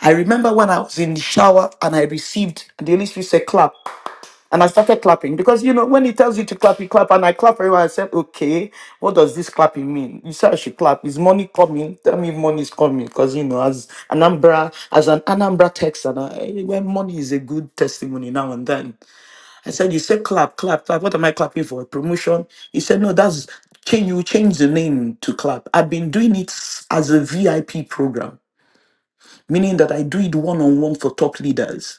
I remember when I was in the shower and I received the Holy Spirit said, "Clap." And I started clapping because you know when he tells you to clap, you clap, and I clap very well. I said, "Okay, what does this clapping mean?" You said I should clap. Is money coming? Tell me, if money is coming because you know, as an Anambra, as an Anambra Texan, I, when money is a good testimony now and then. I said, "You said clap, clap, clap. What am I clapping for? A promotion?" He said, "No, that's change. You change the name to clap. I've been doing it as a VIP program, meaning that I do it one on one for top leaders."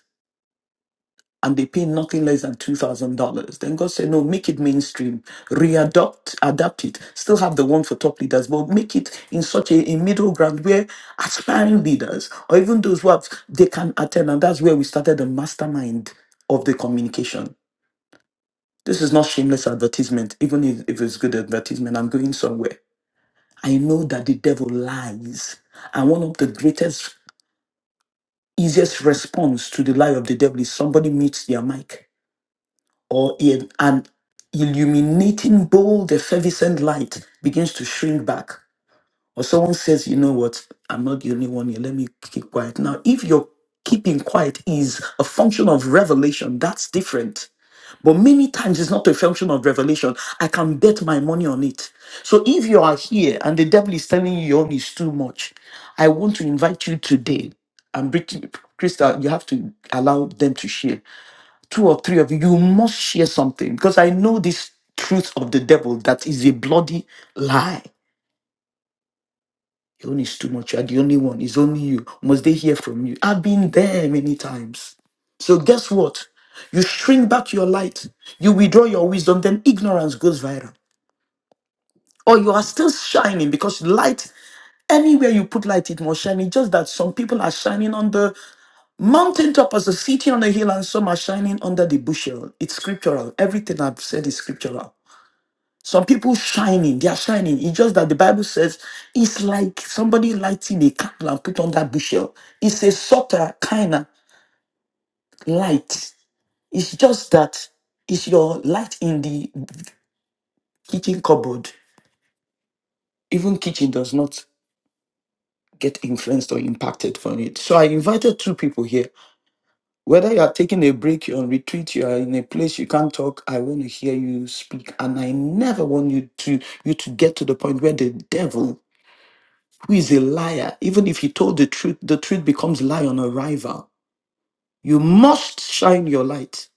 and they pay nothing less than two thousand dollars. Then God said, No, make it mainstream, readopt, adapt it. Still have the one for top leaders, but make it in such a, a middle ground where aspiring leaders or even those who have they can attend. And that's where we started the mastermind of the communication. This is not shameless advertisement, even if, if it's good advertisement, I'm going somewhere. I know that the devil lies. And one of the greatest, easiest response to the lie of the devil is somebody meets their mic or in an illuminating, bold, effervescent light begins to shrink back, or someone says, You know what, I'm not the only one here, let me keep quiet. Now, if your keeping quiet is a function of revelation, that's different. But many times it's not a function of revelation. I can bet my money on it. So if you are here and the devil is telling you your own is too much, I want to invite you today and Brit- Krista, you have to allow them to share two or three of you, you must share something because I know this truth of the devil that is a bloody lie. Your own is too much. You are the only one. It's only you. Must they hear from you? I've been there many times. So guess what? You shrink back your light. You withdraw your wisdom. Then ignorance goes viral. Or you are still shining because light, anywhere you put light, it must shine. It's just that some people are shining on the mountaintop as a city on a hill and some are shining under the bushel. It's scriptural. Everything I've said is scriptural. Some people shining, they are shining. It's just that the Bible says it's like somebody lighting a candle and put on that bushel. It's a subtle kind of light. It's just that it's your light in the kitchen cupboard. Even kitchen does not get influenced or impacted from it. So I invited two people here. Whether you are taking a break, you're on retreat, you are in a place you can't talk, I want to hear you speak. And I never want you to you to get to the point where the devil who is a liar, even if he told the truth, the truth becomes lie on arrival. You must shine your light.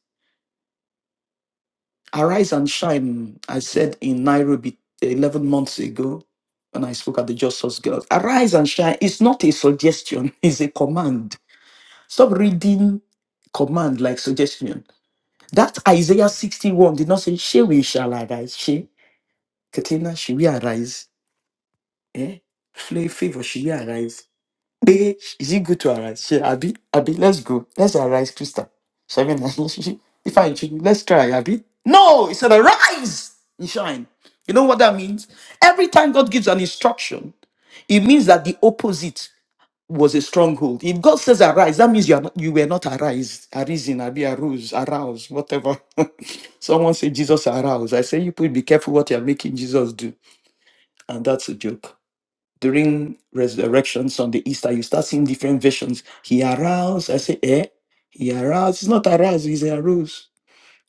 Arise and shine, I said in Nairobi 11 months ago when I spoke at the Just Source Girls. Arise and shine. It's not a suggestion, it's a command. Stop reading command like suggestion. That Isaiah 61 did not say, She we shall arise. She, Katina, she will arise. Eh? Flay favor, she will arise. Hey, is it good to arise? She, Abby, Abby, let's go. Let's arise, Krista. She, I mean, if I introduce, let's try, Abby. No, it said, arise and shine. You know what that means? Every time God gives an instruction, it means that the opposite was a stronghold. If God says arise, that means you are not, you were not arise, arisen, Abby, arose, arouse, whatever. Someone say Jesus arouse. I say you people be careful what you are making Jesus do, and that's a joke during resurrections on the Easter, you start seeing different visions. He aroused. I say, eh? He aroused. It's not aroused, he's aroused.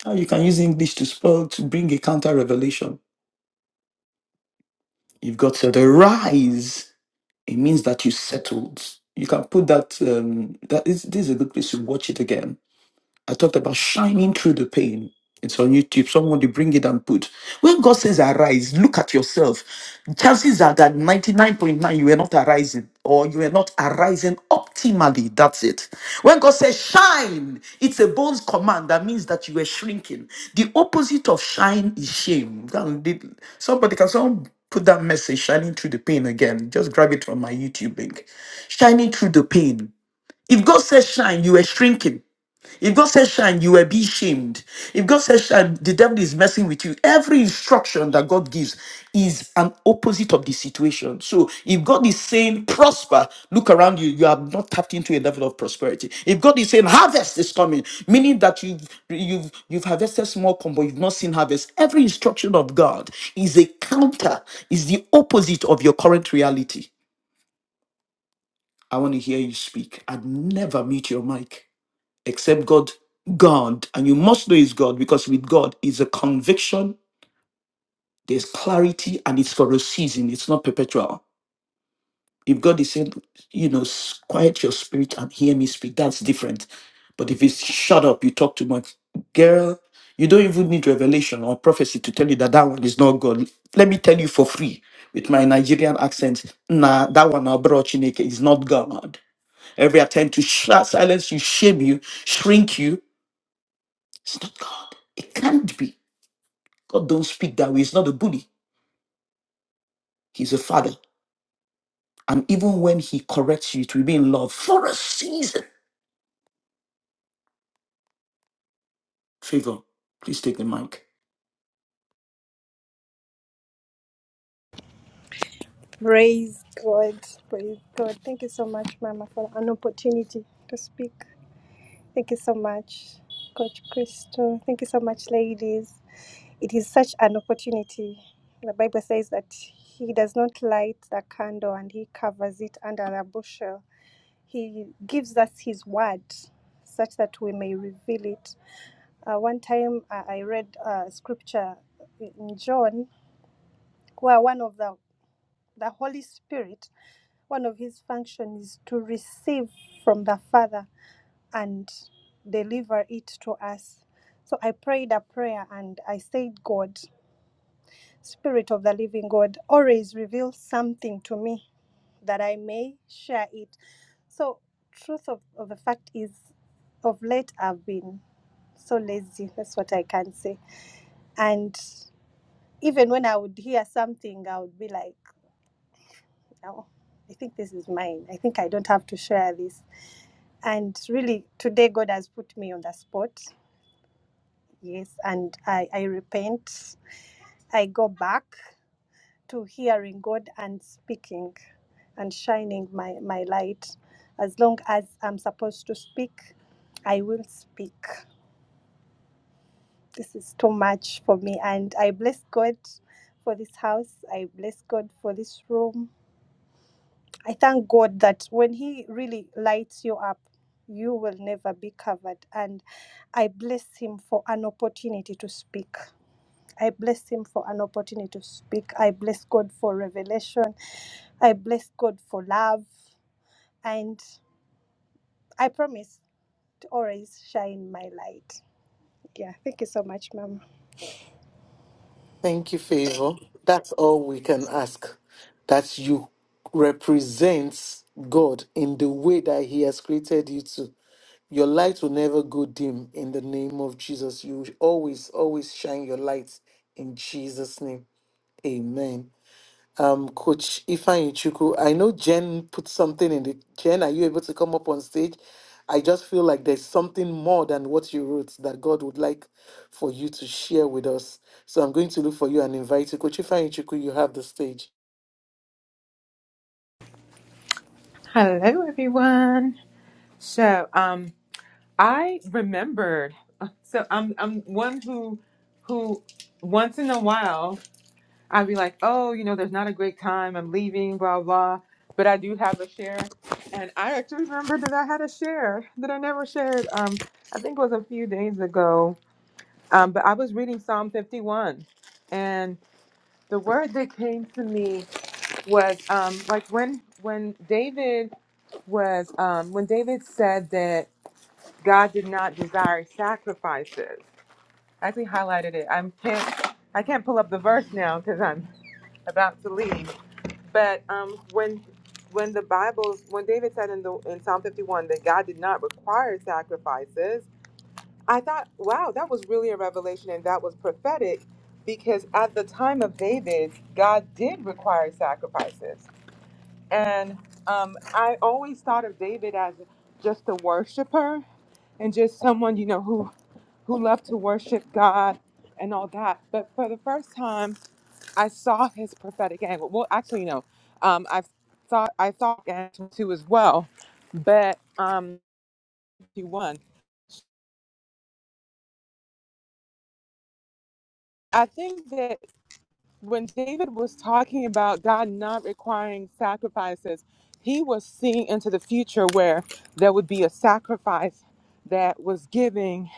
Now you can use English to spell to bring a counter revelation. You've got to the rise. It means that you settled. You can put that. Um, that is this is a good place to watch it again I talked about shining through the pain. It's on YouTube. Someone they bring it and put. When God says arise, look at yourself. Chances are that 99.9 you were not arising or you were not arising optimally. That's it. When God says shine, it's a bold command that means that you were shrinking. The opposite of shine is shame. Go and read- Somebody can someone put that message shining through the pain again. Just grab it from my YouTube link. Shining through the pain. If God says shine, you were shrinking. If God says shine, you will be shamed. If God says shine, the devil is messing with you. Every instruction that God gives is an opposite of the situation. So if God is saying prosper, look around you, you have not tapped into a level of prosperity. If God is saying harvest is coming, meaning that you've you've you've harvested small corn, but you've not seen harvest. Every instruction of God is a counter, is the opposite of your current reality. I want to hear you speak. I'd never mute your mic except God, God, and you must know it's God because with God is a conviction, there's clarity, and it's for a season. It's not perpetual. If God is saying, you know, "S- quiet your spirit and hear me speak, that's different. But if it's shut up, you talk too much, girl. You don't even need revelation or prophecy to tell you that that one is not God. Let me tell you for free with my Nigerian accent. Nah, that one Abro Chineke is not God. Every attempt to sh- silence you, shame you, shrink you, It's not God. It can't be. God don't speak that way. He's not a bully. He's a father. And even when he corrects you, it will be in love for a season. Favor, please take the mic. praise God praise God thank you so much mama for an opportunity to speak Thank you so much, Coach Christo. Thank you so much, ladies. It is such an opportunity. The Bible says that He does not light the candle and He covers it under the bushel. He gives us His word such that we may reveal it. Uh, one time uh, I read uh, scripture in John where one of the, the Holy Spirit, one of His functions is to receive from the Father and deliver it to us. So I prayed a prayer and I said, God, Spirit of the Living God, always reveal something to me that I may share it. So, truth of, of the fact is, of late I've been so lazy. That's what I can say. And even when I would hear something, I would be like, oh, I think this is mine. I think I don't have to share this. And really, today God has put me on the spot Yes, and I, I repent. I go back to hearing God and speaking and shining my, my light. As long as I'm supposed to speak, I will speak. This is too much for me. And I bless God for this house. I bless God for this room. I thank God that when He really lights you up, you will never be covered. And I bless Him for an opportunity to speak. I bless him for an opportunity to speak. I bless God for revelation. I bless God for love. And I promise to always shine my light. Yeah, thank you so much, Mama. Thank you, Favor. That's all we can ask. That you represent God in the way that He has created you to. Your light will never go dim in the name of Jesus. You will always, always shine your light in Jesus' name. Amen. Um, Coach Ifan Ichuku, I know Jen put something in the Jen, are you able to come up on stage? I just feel like there's something more than what you wrote that God would like for you to share with us. So I'm going to look for you and invite you. Coach Ifan Ichuku, you have the stage. Hello, everyone. So, um, I remembered. So, I'm I'm one who who once in a while I'd be like, oh, you know, there's not a great time. I'm leaving, blah blah. But I do have a share, and I actually remembered that I had a share that I never shared. Um, I think it was a few days ago. Um, but I was reading Psalm 51, and the word that came to me was um like when when David was um when David said that God did not desire sacrifices. I actually highlighted it. I can't I can't pull up the verse now because I'm about to leave. But um when when the Bible when David said in the in Psalm 51 that God did not require sacrifices, I thought, wow, that was really a revelation and that was prophetic because at the time of David, God did require sacrifices and um, I always thought of David as just a worshiper and just someone, you know, who who loved to worship God and all that. But for the first time, I saw his prophetic angle. Well, actually, no, um, I thought I thought angle too as well, but um, he won. I think that. when David was talking about God not requiring sacrifices, he was seeing into the future where there would be a sacrifice that was giving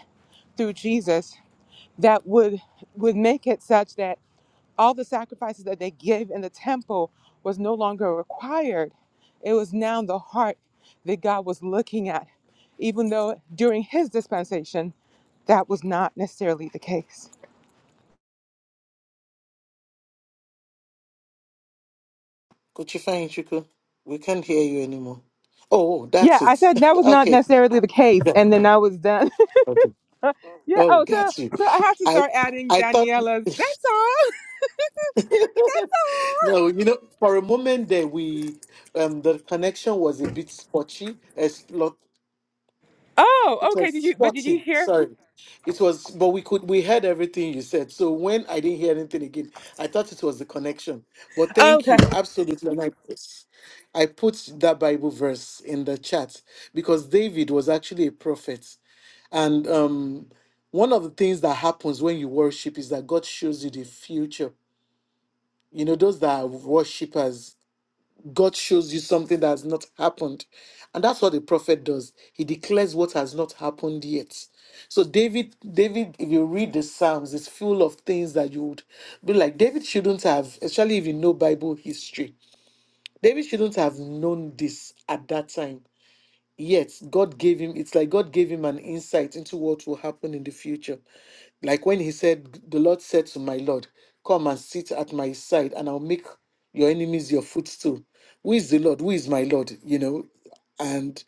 through Jesus that would would make it such that all the sacrifices that they gave in the temple was no longer required. It was now the heart that God was looking at, even though during his dispensation, that was not necessarily the case. Coach Ifan Ichuku, we can't hear you anymore. Oh, Yeah, that's I it. said that was not okay. necessarily the case, Yeah. and then I was done. yeah. Oh, Oh, got you. so so I have to I start adding I thought Daniela's. That's all. That's all. no, you know, for a moment there we um the connection was a bit spotty. It's lot Oh, it okay. was Did you? But did you spotty, hear? sorry. It was but we could we heard everything you said. So when I didn't hear anything again, I thought it was the connection. But thank Okay. you, absolutely. And I put, I put that Bible verse in the chat because David was actually a prophet. And um, one of the things that happens when you worship is that God shows you the future. You know, those that are worshippers, God shows you something that has not happened. And that's what the prophet does. He declares what has not happened yet. So David, David, if you read the Psalms, it's full of things that you would be like, David shouldn't have, especially if you know Bible history. David shouldn't have known this at that time yet God gave him, it's like God gave him an insight into what will happen in the future. Like when he said, The Lord said to my Lord, Come and sit at my side, and I'll make your enemies your footstool. Who is the Lord? Who is my Lord? You know, and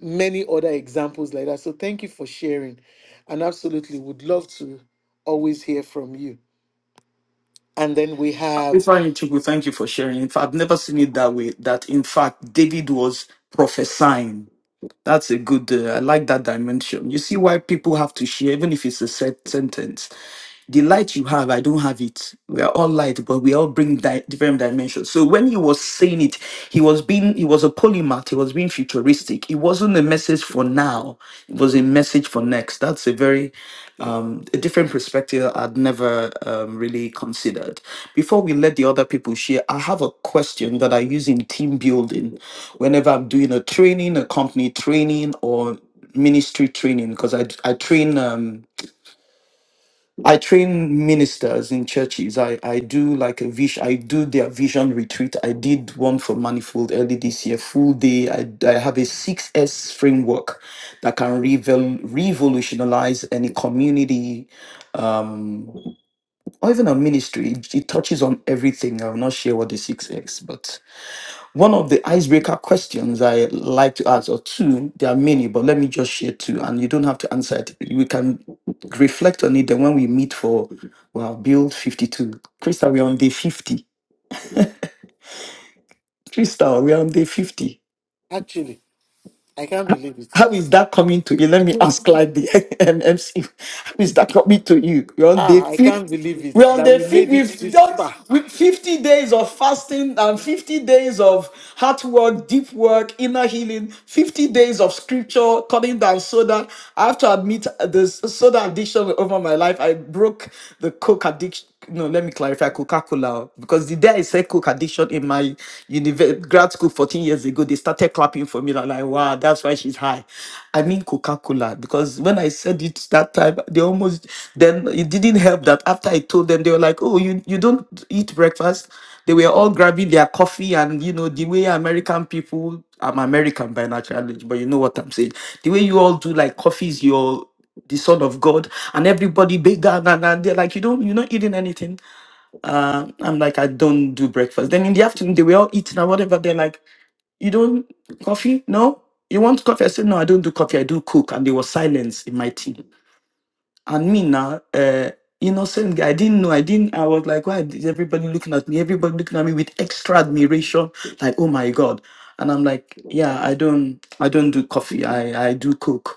many other examples like that. So thank you for sharing. And absolutely would love to always hear from you. And then we have If I Chuku, thank you for sharing. In fact, I've never seen it that way. That in fact, David was prophesying. That's a good. Uh, I like that dimension. You see why people have to share, even if it's a set sentence. the light you have, I don't have it. We are all light, but we all bring di- different dimensions. So when he was saying it, he was being, he was a polymath. He was being futuristic. It wasn't a message for now. It was a message for next. That's a very a different perspective I'd never um, really considered. Before we let the other people share, I have a question that I use in team building, whenever I'm doing a training, a company training, or ministry training because I, I train Um, I train ministers in churches. I, I do like a vision. I do their vision retreat. I did one for Manifold early this year, full day. I, I have a six S framework that can revel, revolutionize any community um, or even a ministry. It, it touches on everything. I will not share what the six S, but one of the icebreaker questions I like to ask, or two, there are many, but let me just share two, and you don't have to answer it. We can reflect on it. Then when we meet for, well, build 52. Crystal, we're on day 50. Crystal, we're on day 50. actually, I can't believe it. How is that coming to you? Let me ask Clyde the MMC. How is that coming to you? We're on day Ah, I can't fifth. believe it We're on that day we fifth. made it We've this done far. with 50 days of fasting and 50 days of hard work, deep work, inner healing, 50 days of scripture, cutting down soda. I have to admit this soda addiction over my life. I broke the coke addiction no, let me clarify Coca Cola because the day I said Coke addiction in my univer- grad school 14 years ago, they started clapping for me. I'm like, wow, that's why she's high. I mean Coca Cola because when I said it that time, they almost then it didn't help that after I told them, they were like, oh, you, you don't eat breakfast. They were all grabbing their coffee and you know, the way American people, I'm American by natural, but you know what I'm saying. The way you all do like coffee is your the son of God, and everybody big down and, and they're like, you don't, you're not eating anything. Uh, I'm like, I don't do breakfast. Then in the afternoon, they were all eating and whatever. They're like, you don't coffee? No, you want coffee? I said, no, I don't do coffee. I do cook. And there was silence in my team. And me now, uh, innocent guy, I didn't know. I didn't. I was like, why is everybody looking at me? Everybody looking at me with extra admiration, like, oh my god. And I'm like, yeah, I don't, I don't do coffee. I, I do cook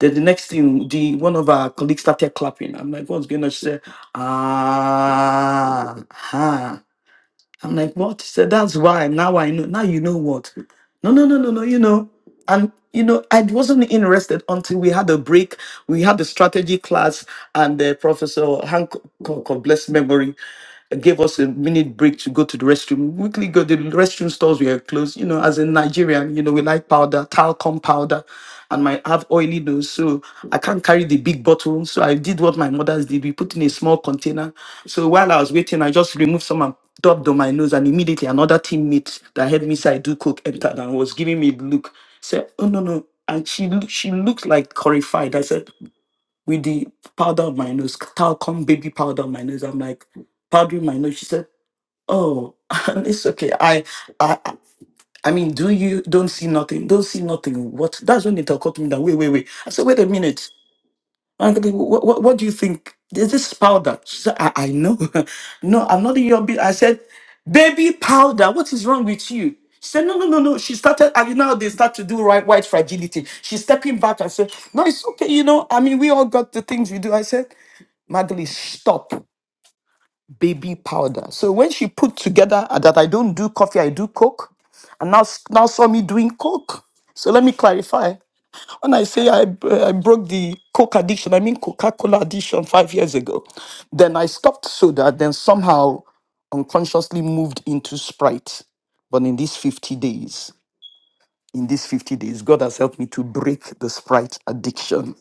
then the next thing, the one of our colleagues started clapping. I'm like, what's going on? She said, ah, ha. I'm like, what? She said, that's why. Now I know. Now you know what? No, no, no, no, no. You know, and you know, I wasn't interested until we had a break. We had a strategy class, and the professor Hank of blessed memory gave us a minute break to go to the restroom. We Quickly go the restroom stores were closed. You know, as a Nigerian, you know, we like powder, talcum powder, and my I have oily nose, so I can't carry the big bottle. So I did what my mothers did. We put in a small container. So while I was waiting, I just removed some and dubbed on my nose, and immediately another teammate that helped me say I do coke entered and was giving me a look. Said, "Oh no no." And she loo- she looked like horrified. I said, with the powder on my nose, talcum baby powder on my nose. I'm like powdering my nose. She said, "Oh, it's okay. I, I, I I mean, do you don't see nothing? Don't see nothing? What? That's when they talk to me. That wait, wait, wait. I said, wait a minute. What, what, what do you think? Is this powder? She said, I, I know. no, I'm not in your bed. I said, baby powder. What is wrong with you? She said, no, no, no, no. She started, and you know, they start to do right, white fragility. She's stepping back and said, no, it's okay. You know, I mean, we all got the things we do. I said, Magdalene, stop baby powder. So when she put together uh, that I don't do coffee, I do coke, and now now saw me doing coke. So let me clarify. When I say I uh, I broke the coke addiction, I mean Coca-Cola addiction five years ago. Then I stopped soda, then somehow unconsciously moved into Sprite. But in these 50 days, in these 50 days, God has helped me to break the Sprite addiction.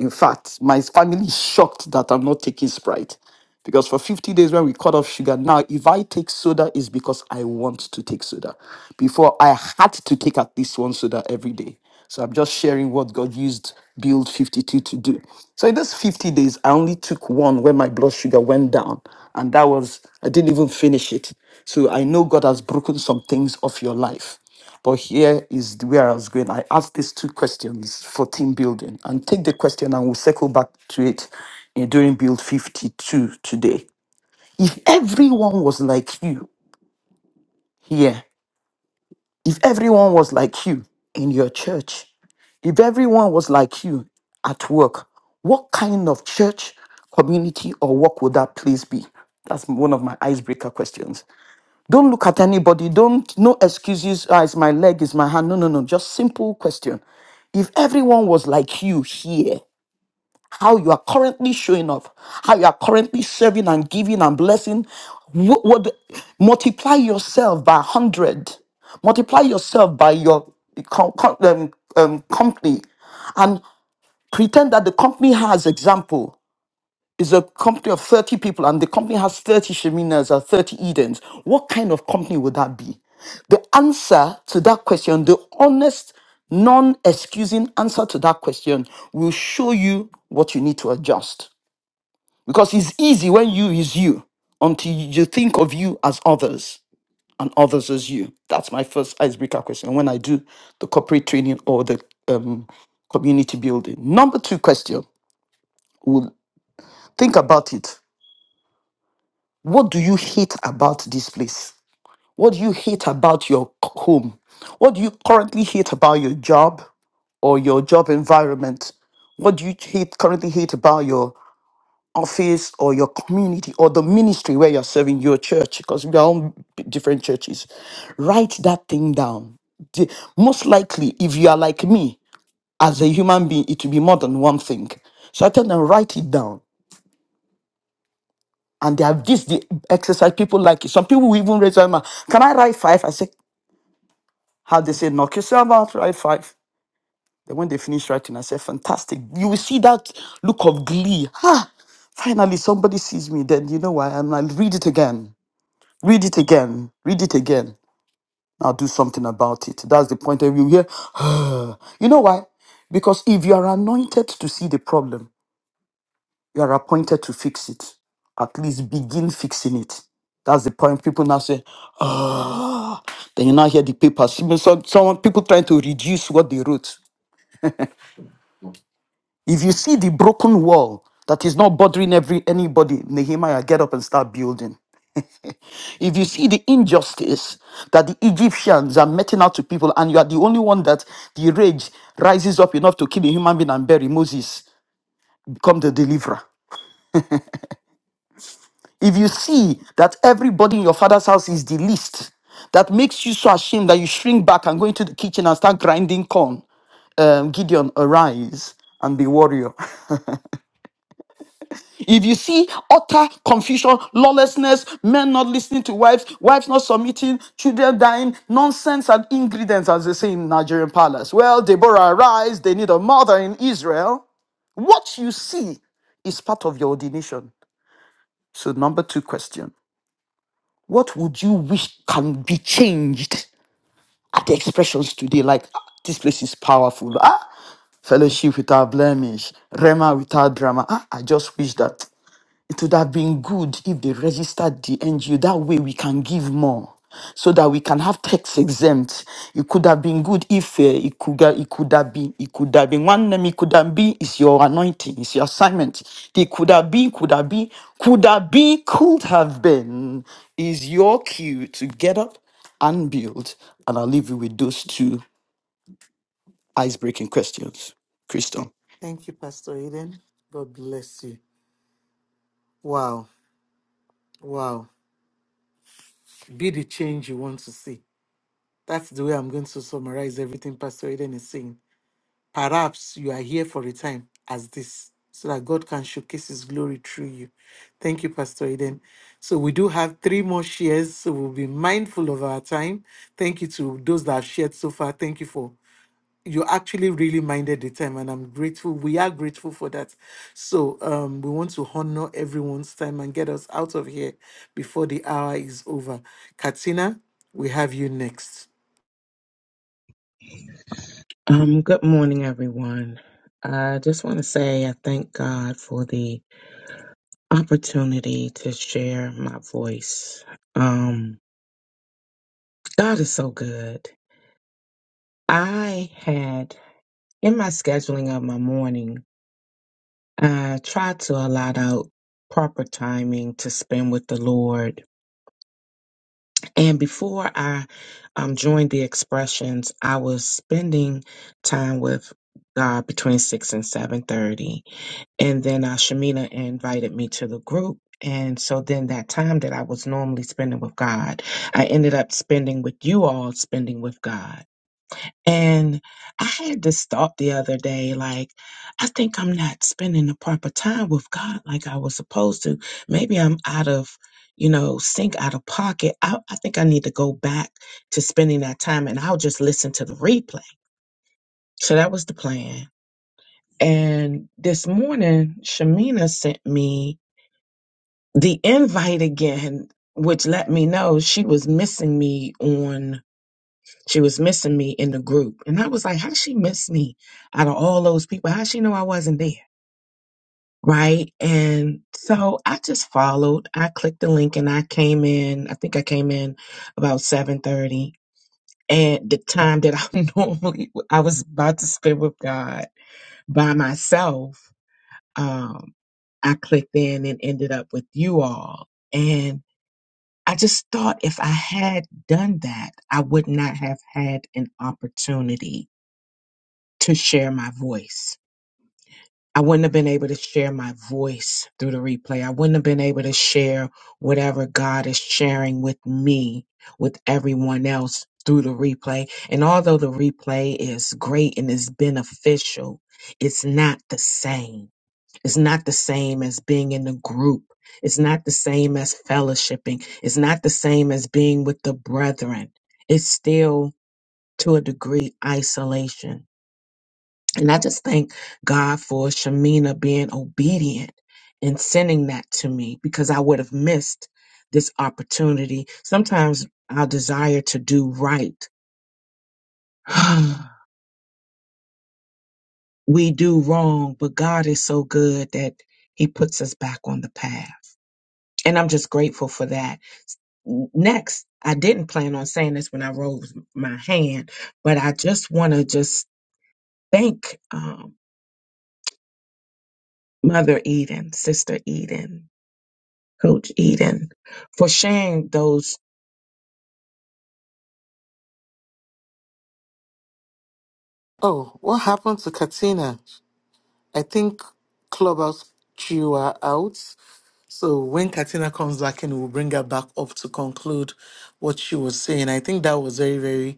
In fact, my family is shocked that I'm not taking Sprite. Because for 50 days when we cut off sugar, now if I take soda, it's because I want to take soda. Before I had to take at least one soda every day. So I'm just sharing what God used Build 52 to do. So in those 50 days, I only took one when my blood sugar went down. And that was, I didn't even finish it. So I know God has broken some things off your life. But here is where I was going. I asked these two questions for team building and take the question and we'll circle back to it in, during build 52 today. If everyone was like you here, if everyone was like you in your church, if everyone was like you at work, what kind of church, community, or work would that place be? That's one of my icebreaker questions. Don't look at anybody. Don't, no excuses. Ah, it's my leg, it's my hand. No, no, no. Just simple question. If everyone was like you here, how you are currently showing up, how you are currently serving and giving and blessing, what, what multiply yourself by 100, multiply yourself by your com, com- um, um, company, and pretend that the company has example is a company of 30 people and the company has 30 Sheminas or 30 Edens, what kind of company would that be? The answer to that question, the honest, non excusing answer to that question will show you what you need to adjust. Because it's easy when you is you until you think of you as others and others as you. That's my first icebreaker question when I do the corporate training or the um, community building. Number two question, we'll think about it What do you hate about this place? What do you hate about your c- home? What do you currently hate about your job or your job environment? What do you hate currently hate about your office or your community or the ministry where you're serving your church? Because we are all different churches. Write that thing down. The- Most likely, if you are like me as a human being, it will be more than one thing. So I tell them, write it down and they have this the exercise people like it. Some people will even raise their hand. Can I write five? I say, how they say, knock yourself out, write five. Then when they finish writing, I say, fantastic. You will see that look of glee. Ah, finally somebody sees me. Then you know why? I'm like, read it again, read it again, read it again. Now do something about it. That's the point of view here. you hear, you know why? Because if you are anointed to see the problem, You are appointed to fix it. At least begin fixing it. That's the point. People now say, "Ah!" then you now hear the papers. Some, some some people trying to reduce what they wrote. If you see the broken wall that is not bothering every anybody, Nehemiah, get up and start building. If you see the injustice that the Egyptians are meting out to people, and you are the only one that the rage rises up enough to kill a human being and bury Moses, become the deliverer. If you see that everybody in your father's house is the least, that makes you so ashamed that you shrink back and go into the kitchen and start grinding corn. Um, Gideon, arise and be warrior. If you see utter confusion, lawlessness, men not listening to wives, wives not submitting, children dying, nonsense and ingredients, as they say in Nigerian palace. Well, Deborah, arise. They need a mother in Israel. What you see is part of your ordination. So, number two question What would you wish can be changed at the expressions today? Like, "Ah, this place is powerful. Ah, fellowship without blemish, Rema without drama. Ah, I just wish that it would have been good if they registered the NGO. That way we can give more so that we can have tax exempt. It could have been good if uh, it, could, ga- it could have been, it could have been, one name it could have been is your anointing, is your assignment. They could have been, could have been, could have been, could have been is your cue to get up and build. And I'll leave you with those two ice-breaking questions. Crystal. Thank you, Pastor Eden. God bless you. Wow. Wow. Be the change you want to see. That's the way I'm going to summarize everything Pastor Eden is saying. Perhaps you are here for a time as this, so that God can showcase his glory through you. Thank you, Pastor Eden. So we do have three more shares, so we'll be mindful of our time. Thank you to those that have shared so far. Thank you for you actually really minded the time and i'm grateful we are grateful for that so um we want to honor everyone's time and get us out of here before the hour is over katina we have you next Um, good morning, everyone. I just want to say I thank God for the opportunity to share my voice. Um, God is so good. I had in my scheduling of my morning, I tried to allot out proper timing to spend with the Lord. And before I um, joined the expressions, I was spending time with God between six and seven thirty And then uh, Shamina invited me to the group. And so then that time that I was normally spending with God, I ended up spending with you all, spending with God. And I had this thought the other day, like, I think I'm not spending the proper time with God like I was supposed to. Maybe I'm out of, you know, sync, out of pocket. I, I think I need to go back to spending that time and I'll just listen to the replay. So that was the plan. And this morning, Shamina sent me the invite again, which let me know she was missing me on she was missing me in the group. And I was like, how she miss me out of all those people? How she know I wasn't there? Right. And so I just followed. I clicked the link and I came in. I think I came in about seven thirty. And the time that I normally I was about to spend with God by myself. Um, I clicked in and ended up with you all. I just thought if I had done that, I would not have had an opportunity to share my voice. I wouldn't have been able to share my voice through the replay. I wouldn't have been able to share whatever God is sharing with me, with everyone else through the replay. And although the replay is great and is beneficial, it's not the same it's not the same as being in a group. It's not the same as fellowshipping. It's not the same as being with the brethren. It's still, to a degree, isolation. And I just thank God for Shamina being obedient and sending that to me because I would have missed this opportunity. Sometimes our desire to do right, we do wrong, but God is so good that He puts us back on the path. And I'm just grateful for that. next i didn't plan on saying this when i rose my hand but i just want to just thank um, mother eden sister eden coach eden for sharing those oh what happened to katina i think clubhouse chew her out so when katina comes back in we'll bring her back up to conclude what she was saying i think that was very very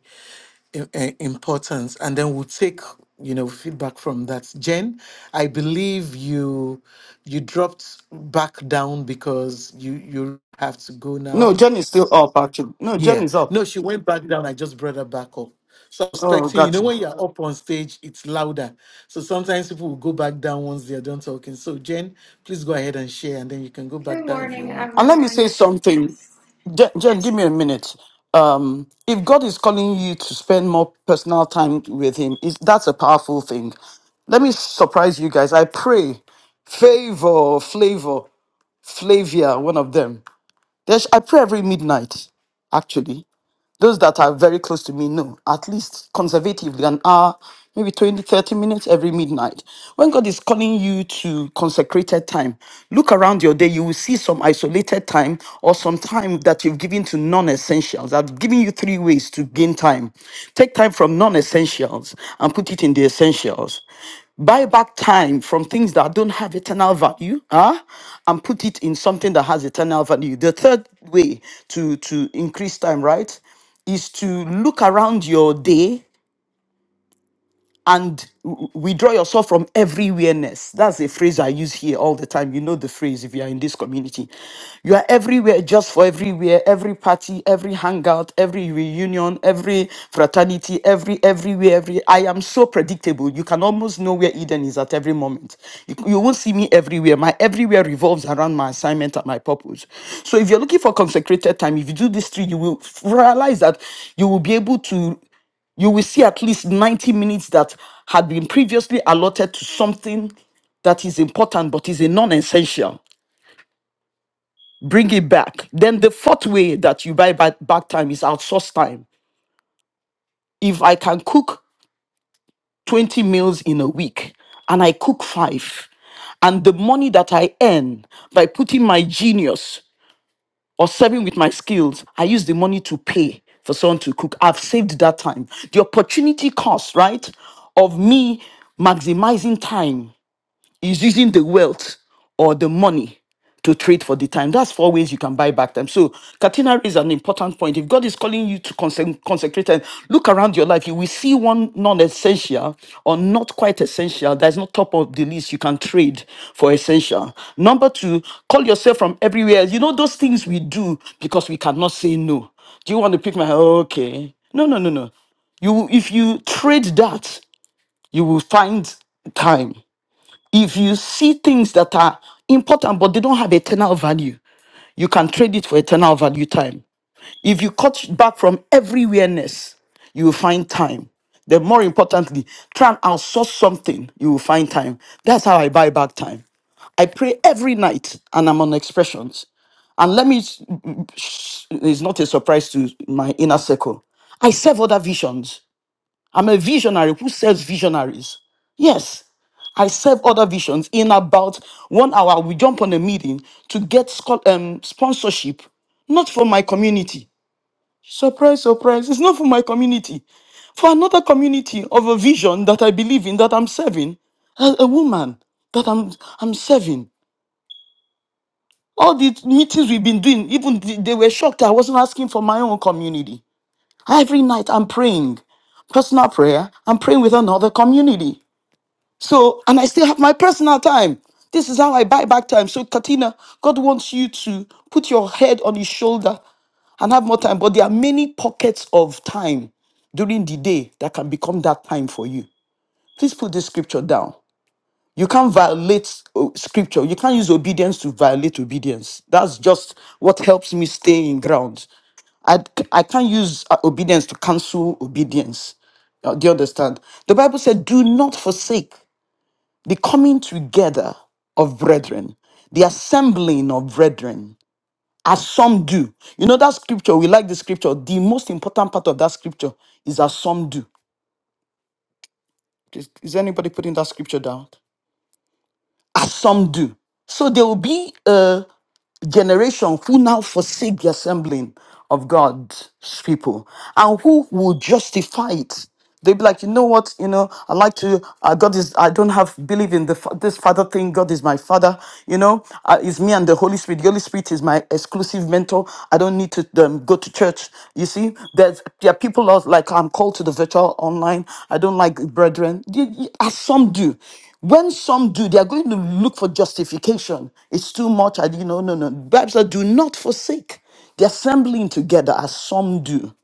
i- eh, importance and then we'll take you know feedback from that jen i believe you you dropped back down because you you have to go No, now Jen is still up, actually. No, Jen yeah is up. no she went back down i just brought her back up so I'm Oh, expecting you gotcha. know when you're up on stage it's louder so sometimes people will go back down once they're done talking so jen please go ahead and share and then you can go back Good down if you morning, want And let me say everyone. something. Yes. Jen, Jen, give me a minute. Um, if God is calling you to spend more personal time with Him, is that's a powerful thing. Let me surprise you guys. I pray, favor, flavor, Flavia, one of them. There's, I pray every midnight, actually. Those that are very close to me know, at least conservatively, an hour, maybe 20, 30 minutes every midnight. When God is calling you to consecrated time, look around your day, you will see some isolated time or some time that you've given to non essentials. I've given you three ways to gain time. Take time from non essentials and put it in the essentials buy back time from things that don't have eternal value huh? and put it in something that has eternal value the third way to to increase time right is to look around your day and w- withdraw yourself from every awareness. That's a phrase I use here all the time. You know the phrase if you are in this community. You are everywhere just for everywhere, every party, every hangout, every reunion, every fraternity, every everywhere, every I am so predictable. You can almost know where Eden is at every moment. You, you won't see me everywhere. My everywhere revolves around my assignment and my purpose. So if you're looking for consecrated time, if you do these three, you will realize that you will be able to you will see at least 90 minutes that had been previously allotted to something that is important but is a non-essential bring it back then the fourth way that you buy back, back time is outsource time if i can cook 20 meals in a week and i cook five and the money that i earn by putting my genius or serving with my skills i use the money to pay for someone to cook i've saved that time the opportunity cost right of me maximizing time is using the wealth or the money to trade for the time. That's four ways you can buy back time. So Katina raised an important point. If God is calling you to conse- consecrate and look around your life, you will see one non-essential or not quite essential that is not top of the list you can trade for essential. Number two, call yourself from everywhere. You know those things we do because we cannot say no. Do you want to pick my okay? No, no, no, no. You if you trade that, you will find time if you see things that are important but they don't have eternal value, you can trade it for eternal value time. If you cut back from every awareness, you will find time. Then, more importantly, try and outsource something, you will find time. That's how I buy back time. I pray every night and I'm on expressions. And let me, it's not a surprise to my inner circle. I serve other visions. I'm a visionary who serves visionaries. Yes, I serve other visions. In about one hour, we jump on a meeting to get scho- um, sponsorship, not for my community. Surprise, surprise. It's not for my community. For another community of a vision that I believe in, that I'm serving, a, a woman that I'm, I'm serving. All the meetings we've been doing, even th- they were shocked that I wasn't asking for my own community. Every night I'm praying personal prayer, I'm praying with another community. So, and I still have my personal time. This is how I buy back time. So, Katina, God wants you to put your head on his shoulder and have more time. But there are many pockets of time during the day that can become that time for you. Please put this scripture down. You can't violate uh, scripture. You can't use obedience to violate obedience. That's just what helps me stay in ground. I, I can't use uh, obedience to cancel obedience. Uh, Do you understand? The Bible said, do not forsake the coming together of brethren, the assembling of brethren, as some do. You know that scripture, we like the scripture. The most important part of that scripture is as some do. Is, is anybody putting that scripture down? As some do. So there will be a. generation who now forsake the assembling of God's people and who will justify it. They'd be like, you know what, you know, I like to, uh, God is, I don't have, believe in the fa- this father thing, God is my father, you know, uh, it's me and the Holy Spirit. The Holy Spirit is my exclusive mentor. I don't need to um, go to church. You see, there's, there are people out like, I'm called to the virtual online. I don't like brethren. You- you- As some do. When some do, they are going to look for justification. It's too much. I, you know, no, no. Bible says, do not forsake the assembling together as some do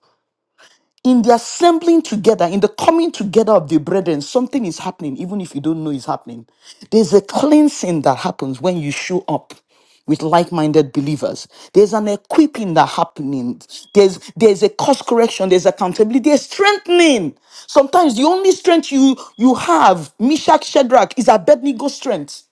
in the assembling together, in the coming together of the brethren, something is happening, even if you don't know it's happening. There's a cleansing that happens when you show up with like-minded believers. There's an equipping that happening. There's there's a course correction, there's accountability, there's strengthening. Sometimes the only strength you you have, Meshach Shadrach, is Abednego strength.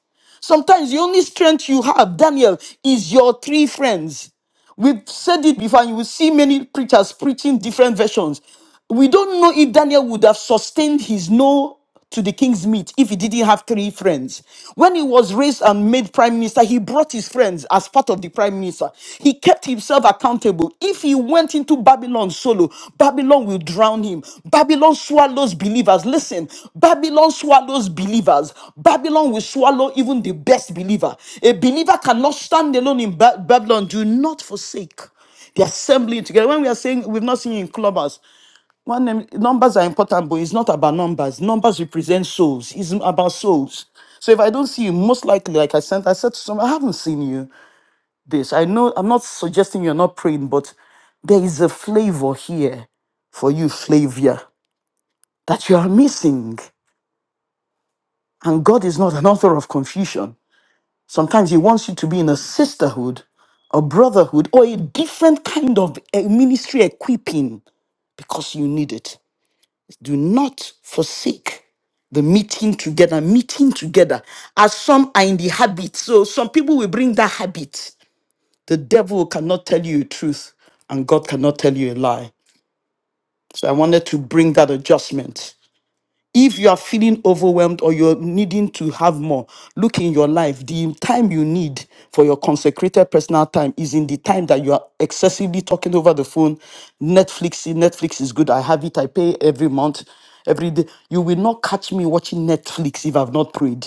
Sometimes the only strength you have, Daniel, is your three friends. We've said it before, and you will see many preachers preaching different versions. We don't know if Daniel would have sustained his no to the king's meat if he didn't have three friends. When he was raised and made prime minister, he brought his friends as part of the prime minister. He. He kept himself accountable. If he went into Babylon solo, Babylon will drown him. Babylon swallows believers. Listen, Babylon swallows believers. Babylon will swallow even the best believer. A believer cannot stand alone in Ba- Babylon. Do not forsake the assembly together. When we are saying we've not seen you in clubbers, one name- numbers are important, but it's not about numbers. Numbers represent souls. It's about souls. So if I don't see you, most likely, like I sent, I said to someone, I haven't seen you this. I know I'm not suggesting you're not praying, but there is a flavor here for you, flavor, that you are missing. And God is not an author of confusion. Sometimes He wants you to be in a sisterhood, a brotherhood, or a different kind of eh, ministry equipping because you need it. Do not forsake the meeting together, meeting together, as some are in the habit. So some people will bring that habit The devil cannot tell you the truth, and God cannot tell you a lie. So I wanted to bring that adjustment. If you are feeling overwhelmed or you're needing to have more, look in your life. The time you need for your consecrated personal time is in the time that you are excessively talking over the phone. Netflix, Netflix is good. I have it. I pay every month, every day. You will not catch me watching Netflix if I've not prayed.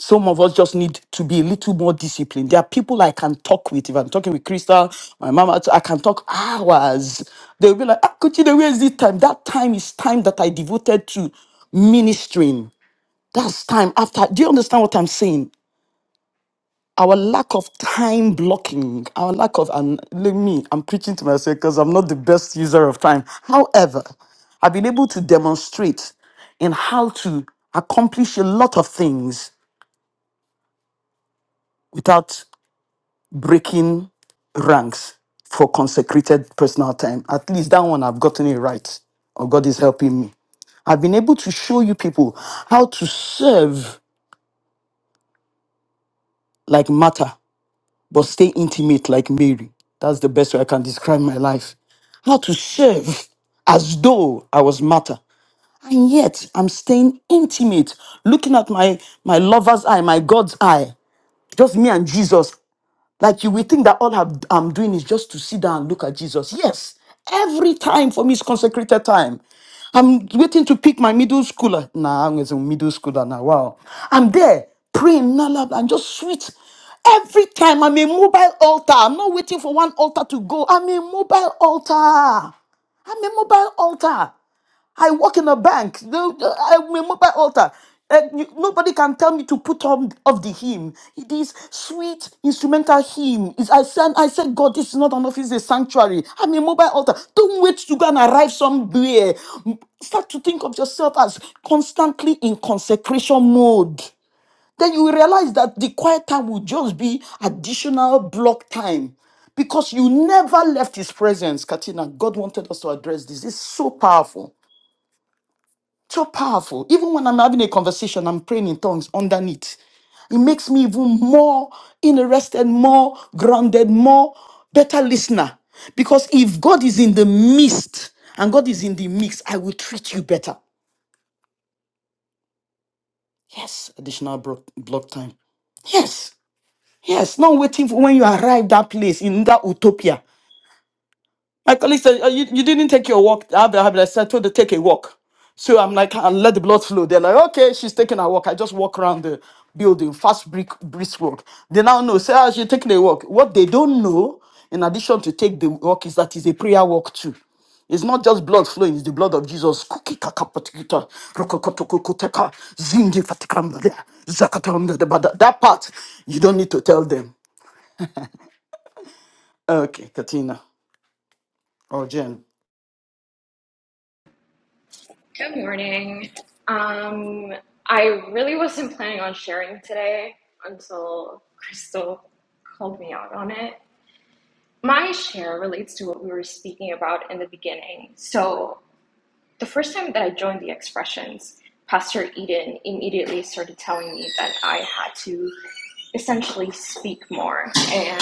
Some of us just need to be a little more disciplined. There are people I can talk with. If I'm talking with Crystal, my mama, I can talk hours. They'll be like, ah, Kuchide, where is this time? That time is time that I devoted to ministering. That's time after. Do you understand what I'm saying? Our lack of time blocking, our lack of, and let me, I'm preaching to myself because I'm not the best user of time. However, I've been able to demonstrate in how to accomplish a lot of things without breaking ranks for consecrated personal time. At least that one I've gotten it right. Or God is helping me. I've been able to show you people how to serve like Martha, but stay intimate like Mary. That's the best way I can describe my life. How to serve as though I was Martha. And yet I'm staying intimate, looking at my, my lover's eye, my God's eye, just me and Jesus Like you will think that all I'm I'm doing is just to sit down and look at Jesus. Yes, every time for me is consecrated time. I'm waiting to pick my middle schooler. Nah, I'm a middle schooler now. Wow. I'm there praying, la, la, la, and just sweet. Every time I'm a mobile altar. I'm not waiting for one altar to go. I'm a mobile altar. I'm a mobile altar. I work in a bank. No, I'm a mobile altar. Uh, you- nobody can tell me to put on of the hymn. It is sweet instrumental hymn. Is I said, I said, God, this is not an office, it's a sanctuary. I'm a mobile altar. Don't wait to go and arrive somewhere. M- Start to think of yourself as constantly in consecration mode. Then you will realize that the quiet time will just be additional block time because you never left His presence, Katina. God wanted us to address this. It's so powerful. So powerful. Even when I'm having a conversation, I'm praying in tongues underneath. It makes me even more interested, more grounded, more better listener. Because if God is in the midst and God is in the mix, I will treat you better. Yes, additional bro- block time. Yes, yes, not waiting for when you arrive that place in that utopia. My colleague said, "Oh, you, you didn't take your walk. I have a habit. I said, I told her, take a walk. So I'm like, and let the blood flow. They're like, okay, she's taking a walk. I just walk around the building, fast brisk, brisk walk. They now know, say, ah, she's taking a walk. What they don't know, in addition to take the walk, is that it's a prayer walk too. It's not just blood flowing, it's the blood of Jesus. Kuki kaka patikita, rokokotokokoteka, zingi fatikambada, zakatanda debada. That part, you don't need to tell them. Okay, Katina or Jen. Good morning. Um, I really wasn't planning on sharing today until Crystal called me out on it. My share relates to what we were speaking about in the beginning. So, the first time that I joined the expressions, Pastor Eden immediately started telling me that I had to essentially speak more. And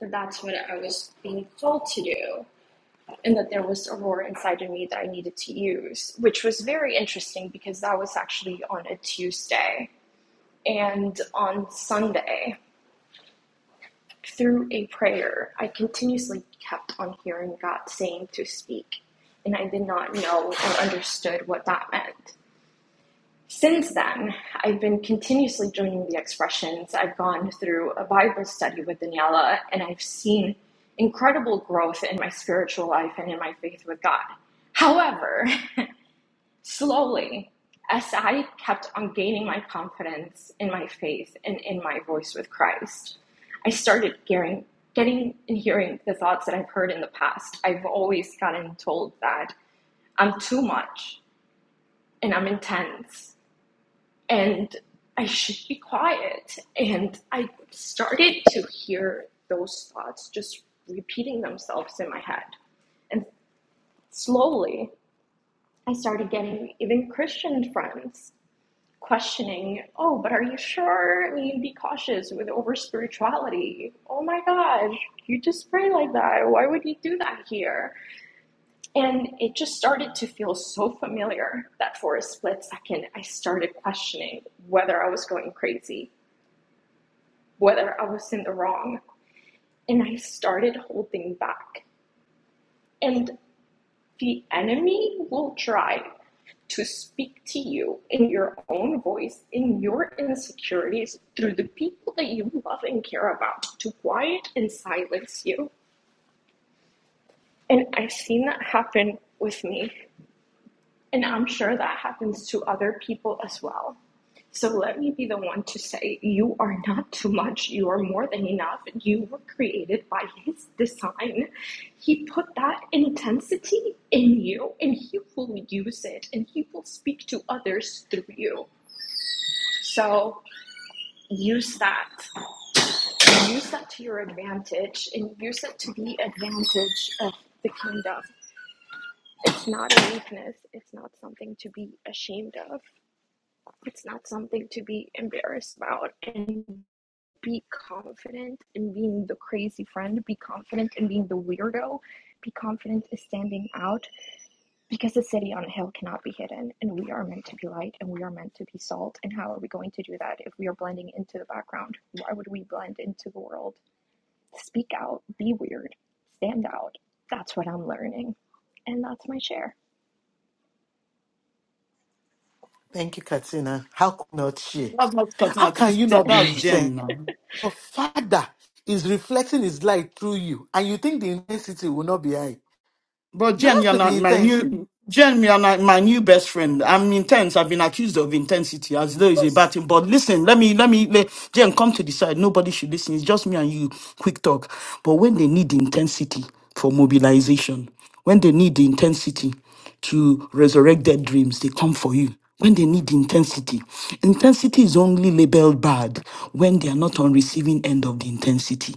that's what I was being told to do. and that there was a roar inside of me that I needed to use, which was very interesting because that was actually on a Tuesday. And on Sunday, through a prayer, I continuously kept on hearing God saying to speak, and I did not know or understood what that meant. Since then, I've been continuously joining the expressions. I've gone through a Bible study with Daniela, and I've seen incredible growth in my spiritual life and in my faith with God. However, Slowly, as I kept on gaining my confidence in my faith and in my voice with Christ, I started hearing, getting and hearing the thoughts that I've heard in the past. I've always gotten told that I'm too much and I'm intense and I should be quiet. And I started to hear those thoughts just repeating themselves in my head. And slowly, I started getting even Christian friends questioning, oh, but are you sure? I mean, be cautious with over spirituality. Oh my gosh, you just pray like that. Why would you do that here? And it just started to feel so familiar that for a split second, I started questioning whether I was going crazy, whether I was in the wrong. And I started holding back. And the enemy will try to speak to you in your own voice, in your insecurities, through the people that you love and care about, to quiet and silence you. And I've seen that happen with me, and I'm sure that happens to other people as well. So let me be the one to say, You are not too much. You are more than enough. You were created by His design. He put that intensity in you, and He will use it, and He will speak to others through you. So use that. Use that to your advantage and use it to the advantage of the kingdom. It's not a weakness. It's not something to be ashamed of. It's not something to be embarrassed about. And be confident in being the crazy friend. Be confident in being the weirdo. Be confident in standing out because the city on a hill cannot be hidden. And we are meant to be light and we are meant to be salt. And how are we going to do that if we are blending into the background? Why would we blend into the world? speak out, be weird, stand out. That's what I'm learning. And that's my share. Thank you, Katina. How could not she? That's not How Katina. can This, you that, not be that's intent? Jen now. Your father is reflecting his light through you, and you think the intensity will not be high. But You Jen, have you're to be not my intense. new Jen, you're not my new best friend. I'm intense. I've been accused of intensity as though it's a bad thing. But listen, let me let me let, Jen come to the side. Nobody should listen. It's just me and you. Quick talk. But when they need intensity for mobilization, when they need the intensity. to resurrect their dreams, they come for you when they need intensity. Intensity is only labeled bad when they are not on receiving end of the intensity.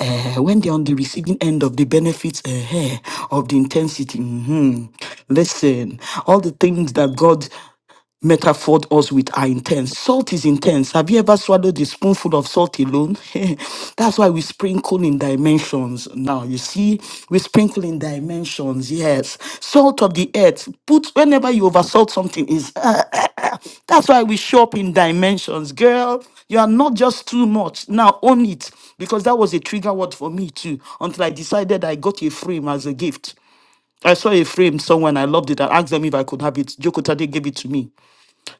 Eh, when they are on the receiving end of the benefits eh, eh, of the intensity. mhm. Listen, all the things that God metaphor us with our intents. Salt is intense. Have you ever swallowed a spoonful of salt alone? That's why we sprinkle in dimensions. Now you see, we sprinkle in dimensions. Yes, salt of the earth. Put whenever you oversalt something is. That's why we show up in dimensions, girl. You are not just too much. Now own it because that was a trigger word for me too. Until I decided I got a frame as a gift. I saw a frame somewhere and I loved it. I asked them if I could have it. Jokotade gave it to me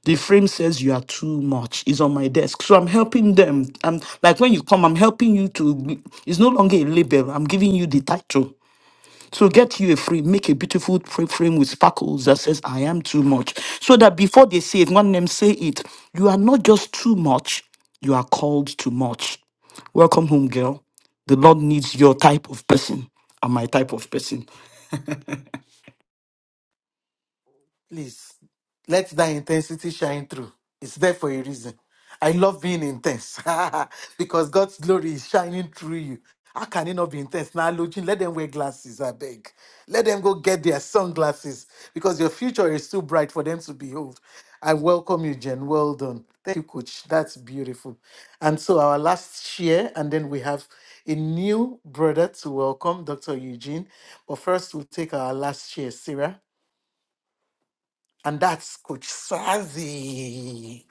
the frame says you are too much is on my desk so i'm helping them i'm like when you come i'm helping you to it's no longer a label i'm giving you the title so get you a frame make a beautiful fra- frame with sparkles that says i am too much so that before they say it one name say it you are not just too much you are called too much welcome home girl the lord needs your type of person and my type of person Please let that intensity shine through. It's there for a reason. I love being intense because God's glory is shining through you. How can it not be intense? Now, Lujin, let them wear glasses, I beg. Let them go get their sunglasses because your future is too bright for them to behold. I welcome you, Jen. Well done. Thank you, Coach. That's beautiful. And so, our last share, and then we have a new brother to welcome, Dr. Eugene. But first, we'll take our last share, Sarah. And that's Coach Sazi.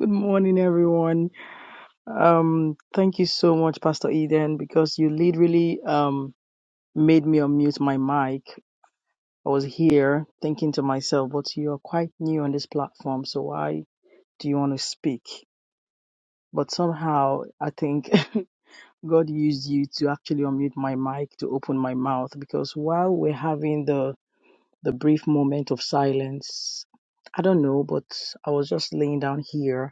Good morning, everyone. Um, thank you so much, Pastor Eden, because you literally um made me unmute my mic. I was here thinking to myself, but you're quite new on this platform, so why do you want to speak? But somehow I think God used you to actually unmute my mic to open my mouth because while we're having the the brief moment of silence, I don't know, but I was just laying down here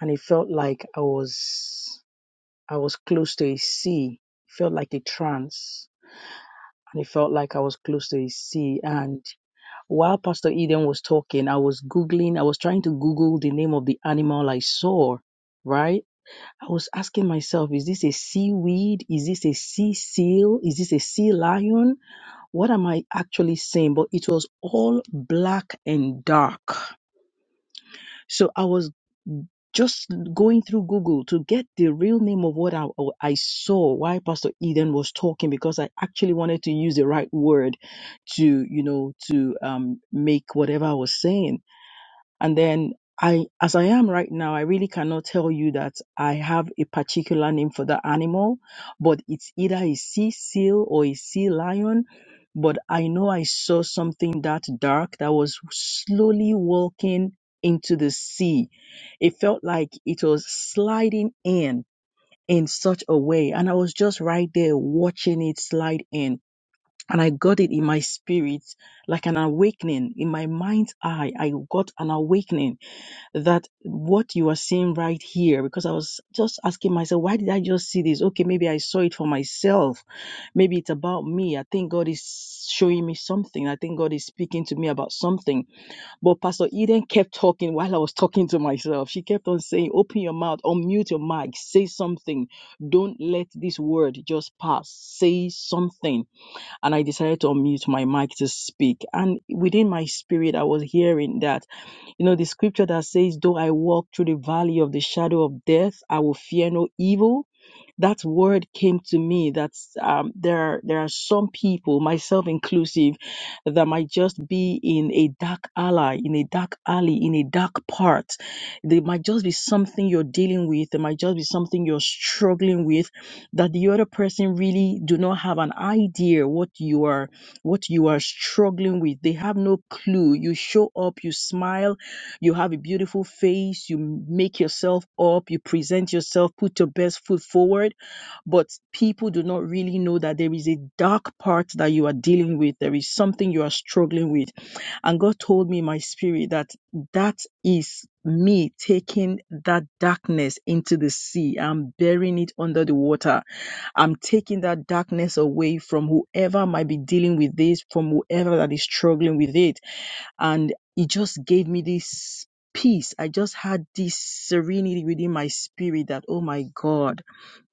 and it felt like I was I was close to a sea. It felt like a trance. And it felt like I was close to a sea. And while Pastor Eden was talking, I was Googling, I was trying to Google the name of the animal I saw, right? I was asking myself, is this a seaweed? Is this a sea seal? Is this a sea lion? What am I actually saying? But it was all black and dark. So I was just going through Google to get the real name of what I, I saw why Pastor Eden was talking because I actually wanted to use the right word to you know to um, make whatever I was saying. And then I, as I am right now, I really cannot tell you that I have a particular name for the animal, but it's either a sea seal or a sea lion. But I know I saw something that dark that was slowly walking into the sea. It felt like it was sliding in in such a way. And I was just right there watching it slide in. And I got it in my spirit, like an awakening in my mind's eye. I got an awakening that what you are seeing right here, because I was just asking myself, why did I just see this? Okay, maybe I saw it for myself. Maybe it's about me. I think God is showing me something. I think God is speaking to me about something. But Pastor Eden kept talking while I was talking to myself. She kept on saying, open your mouth, unmute your mic, say something. Don't let this word just pass. Say something. And I decided to unmute my mic to speak. And within my spirit, I was hearing that. You know, the scripture that says, Though I walk through the valley of the shadow of death, I will fear no evil. That word came to me that um, there, are, there are some people, myself inclusive, that might just be in a dark alley, in a dark alley, in a dark part. There might just be something you're dealing with. There might just be something you're struggling with that the other person really do not have an idea what you are, what you are struggling with. They have no clue. You show up, you smile, you have a beautiful face. You make yourself up. You present yourself, put your best foot forward. But people do not really know that there is a dark part that you are dealing with. There is something you are struggling with. And God told me in my spirit that that is me taking that darkness into the sea. I'm burying it under the water. I'm taking that darkness away from whoever might be dealing with this, from whoever that is struggling with it and it just gave me this peace. I just had this serenity within my spirit that, oh my God,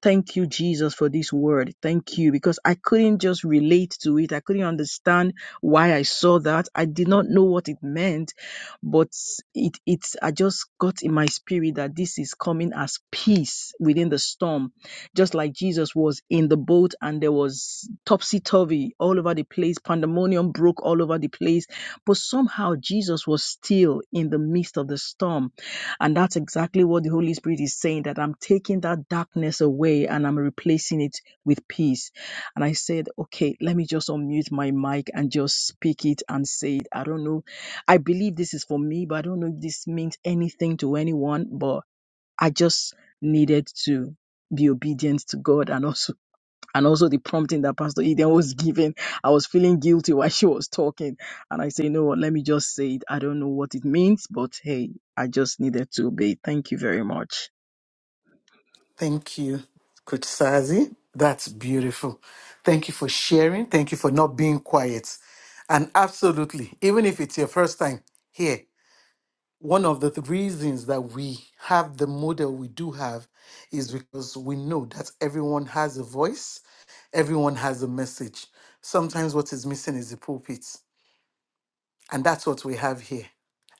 thank you, Jesus, for this word. Thank you. Because I couldn't just relate to it. I couldn't understand why I saw that. I did not know what it meant, but it, it's, I just got in my spirit that this is coming as peace within the storm just like Jesus was in the boat and there was topsy turvy all over the place, pandemonium broke all over the place. But somehow Jesus was still in the midst of the storm. And that's exactly what the Holy Spirit is saying that I'm taking that darkness away and I'm replacing it with peace. And I said, okay, let me just unmute my mic and just speak it and say it. I don't know. I believe this is for me, but I don't know if this means anything to anyone. But I just needed to be obedient to God and also and also the prompting that Pastor Eden was giving. I was feeling guilty while she was talking. And I say, you know what, let me just say it. I don't know what it means, but hey, I just needed to obey. Thank you very much. Thank you, Coach Sazi. That's beautiful. Thank you for sharing. Thank you for not being quiet. And absolutely, even if it's your first time here, one of the th- reasons that we have the model we do have is because we know that everyone has a voice, everyone has a message. Sometimes what is missing is the pulpit. And that's what we have here.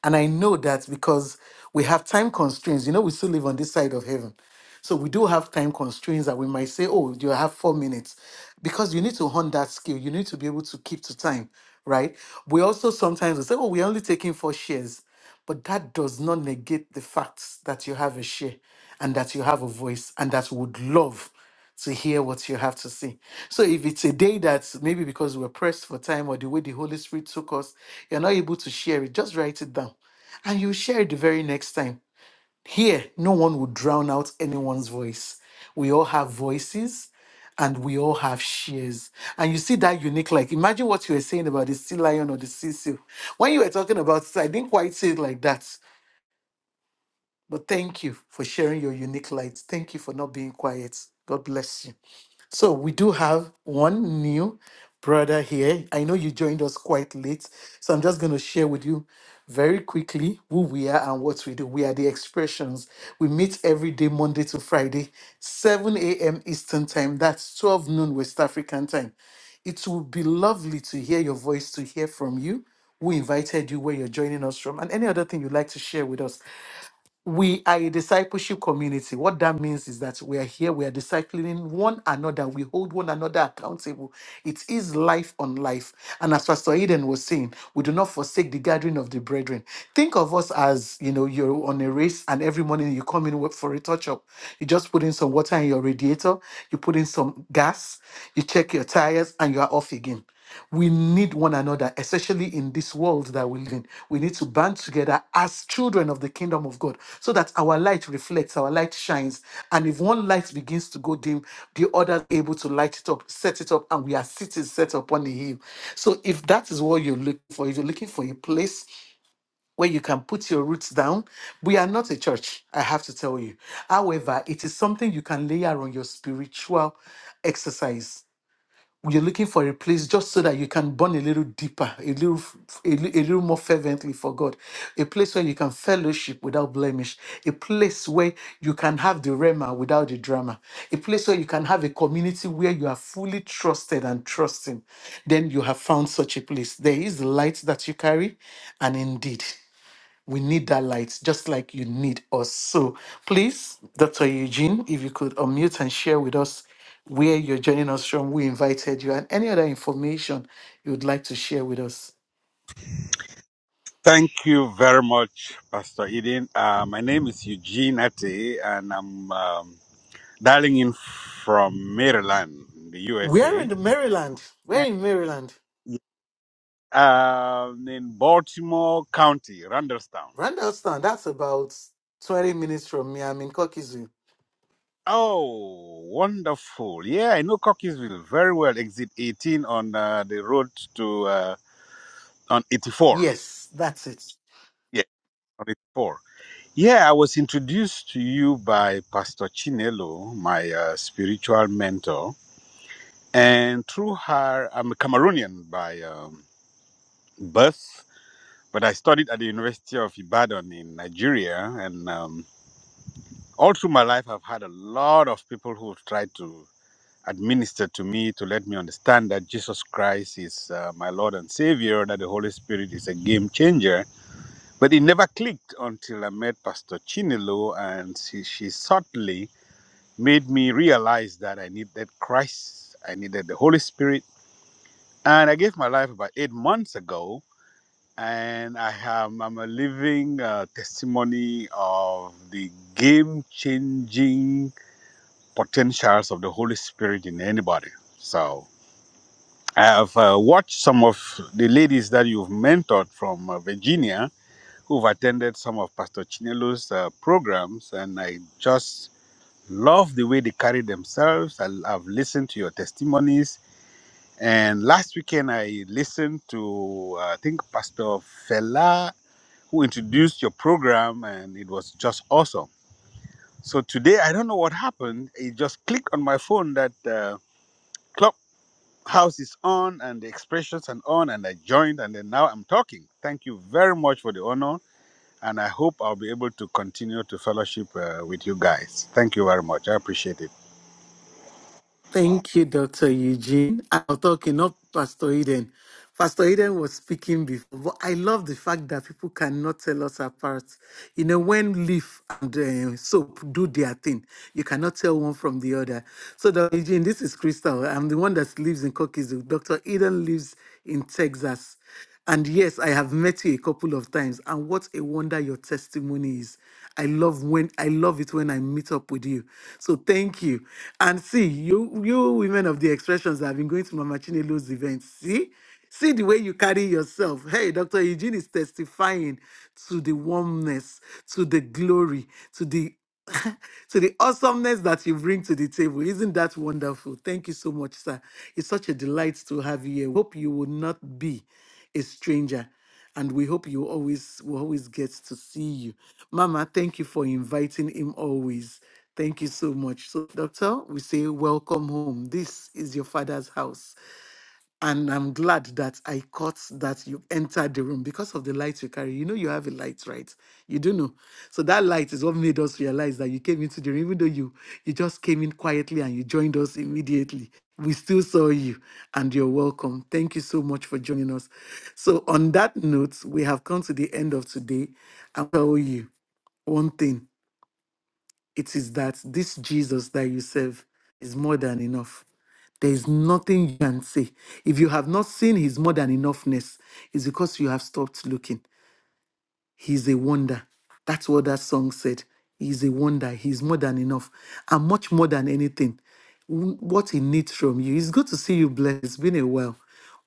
And I know that because we have time constraints. You know, we still live on this side of heaven. So we do have time constraints that we might say, oh, you have four minutes. Because you need to hone that skill. You need to be able to keep to time, right? We also sometimes will say, oh, we're only taking four shares. But that does not negate the fact that you have a share and that you have a voice and that we would love to hear what you have to say. So if it's a day that maybe because we're pressed for time or the way the Holy Spirit took us, you're not able to share it, just write it down. And you share it the very next time here, no one would drown out anyone's voice. We all have voices and we all have shares. And you see that unique, like, imagine what you were saying about the sea lion or the sea seal. When you were talking about it, I didn't quite say it like that. But thank you for sharing your unique light. Thank you for not being quiet. God bless you. So we do have one new brother here. I know you joined us quite late, so I'm just going to share with you very quickly who we are and what we do. We are the Expressions. We meet every day, Monday to Friday, 7 a.m. Eastern Time. That's 12 noon West African Time. It will be lovely to hear your voice, to hear from you, who invited you, where you're joining us from, and any other thing you'd like to share with us we are a discipleship community. What that means is that we are here, we are discipling one another, we hold one another accountable. It is life on life. And as Pastor Eden was saying, we do not forsake the gathering of the brethren. Think of us as, you know, you're on a race and every morning you come in for a touch up. You just put in some water in your radiator, you put in some gas, you check your tires, and you are off again. We need one another, especially in this world that we live in. We need to band together as children of the kingdom of God so that our light reflects, our light shines. And if one light begins to go dim, the other is able to light it up, set it up, and we are cities set upon the hill. So if that is what you're looking for, if you're looking for a place where you can put your roots down, we are not a church, I have to tell you. However, it is something you can layer on your spiritual exercise you're looking for a place just so that you can burn a little deeper, a little, f- a, li- a little more fervently for God, a place where you can fellowship without blemish, a place where you can have the rema without the drama, a place where you can have a community where you are fully trusted and trusting. Then you have found such a place. There is light that you carry, and indeed. We need that light, just like you need us. So please, Dr. Eugene, if you could unmute and share with us where you're joining us from, we invited you, and any other information you would like to share with us. Thank you very much, Pastor Eden. Uh, my name is Eugene Ate, and I'm um, dialing in from Maryland, the We're USA, in the Maryland. We're in Maryland. Um in Baltimore County, Randallstown. Randallstown, that's about 20 minutes from me. I'm in Kokizu. Oh, wonderful! Yeah, I know Cockeysville very well. Exit 18 on uh, the road to uh, on 84. Yes, that's it. Yeah, on 84. Yeah, I was introduced to you by Pastor Chinelo, my uh, spiritual mentor And through her, I'm a Cameroonian by um, birth, but I studied at the University of Ibadan in Nigeria. And um, all through my life, I've had a lot of people who've tried to administer to me to let me understand that Jesus Christ is uh, my Lord and Savior, that the Holy Spirit is a game changer. But it never clicked until I met Pastor Chinelo, and she, she subtly made me realize that I needed Christ, I needed the Holy Spirit. And I gave my life about eight months ago, and I am I'm a living uh, testimony of the game-changing potentials of the Holy Spirit in anybody. So I have uh, watched some of the ladies that you've mentored from uh, Virginia who've attended some of Pastor Chinelo's uh, programs, and I just love the way they carry themselves. I, I've listened to your testimonies And last weekend, I listened to, uh, I think, Pastor Fela, who introduced your program, and it was just awesome. So today, I don't know what happened. It just clicked on my phone that uh, Clubhouse is on and the expressions and on, and I joined, and then now I'm talking. Thank you very much for the honor, and I hope I'll be able to continue to fellowship uh, with you guys. Thank you very much. I appreciate it. Thank you, Dr. Eugene. I am talking, not Pastor Eden. Pastor Eden was speaking before, but I love the fact that people cannot tell us apart. You know, when leaf and uh, soap do their thing, you cannot tell one from the other. So, Dr. Eugene, this is Crystal. I'm the one that lives in Cookies. Dr. Eden lives in Texas. And yes, I have met you a couple of times, and what a wonder your testimony is. I love when I love it when I meet up with you. So thank you. And see, you you women of the expressions that have been going to Mama Chinelo's events. See? See the way you carry yourself. Hey, Dr. Eugene is testifying to the warmness, to the glory, to the to the awesomeness that you bring to the table. Isn't that wonderful? Thank you so much, sir. It's such a delight to have you here. We hope you will not be a stranger. And we hope you always will always get to see you. Mama, thank you for inviting him always. Thank you so much. So, Doctor, we say welcome home. This is your father's house. And I'm glad that I caught that you entered the room because of the light you carry. You know, you have a light, right? You do know. So that light is what made us realize that you came into the room, even though you you just came in quietly and you joined us immediately. We still saw you and you're welcome. Thank you so much for joining us. So, on that note, we have come to the end of today. I'll tell you one thing it is that this Jesus that you serve is more than enough there is nothing you can say. If you have not seen his more than enoughness, it's because you have stopped looking. He's a wonder. That's what that song said. He's a wonder. He's more than enough. And much more than anything, w- what he needs from you. It's good to see you blessed. It's been a while.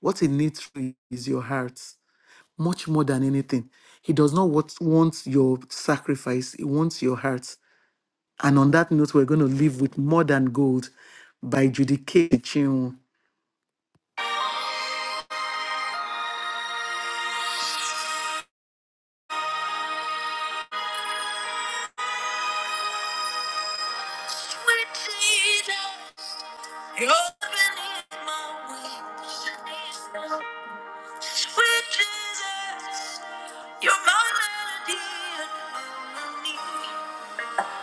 What he needs from you is your heart, much more than anything. He does not want, want your sacrifice, he wants your heart. And on that note, we're going to leave with More Than Gold by Judy K. Chinwo. with Jesus, you're beneath my wings. Sweet Jesus, you're my melody and harmony.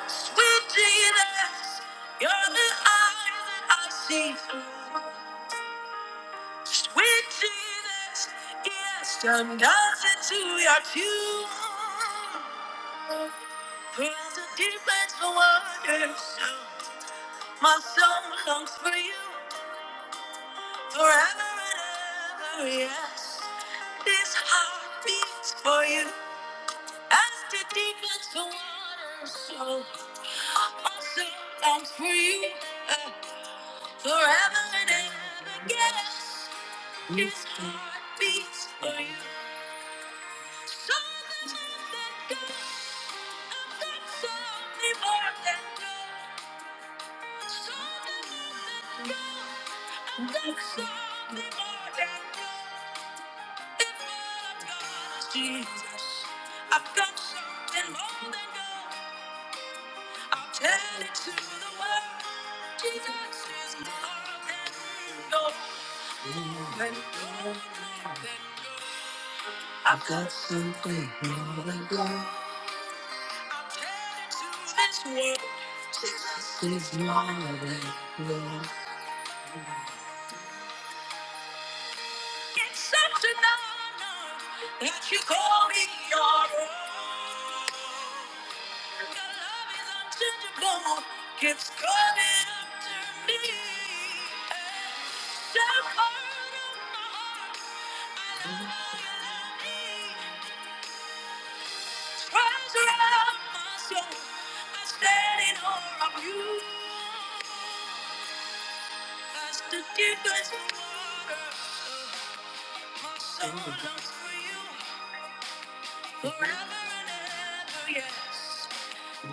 Sweet Jesus, you're the eyes that I see through. Sweet Jesus, yes, I'm dancing to your tune. There's the deep and so My soul longs for you. Forever and ever, yes. This heart beats for you. As the deep as the water, so also comes for you. Uh, forever and ever, yes. This heart beats for you. So much that goes, I've got so many more than gold. So much that goes, I've got so many more than gold. Jesus, I've got something more than gold. I'll tell it to the world. Jesus is more than gold, than gold, than gold. I've got something more than gold. I'll tell it to this world. Jesus is more than It's such an honor that you call me your own. Your love is unchangeable, keeps coming after me. Shout out of my heart, I love how you love me. The treasure of my soul, I stand in awe of you. As the deepest water, my soul longs for you. Forever and ever, yes.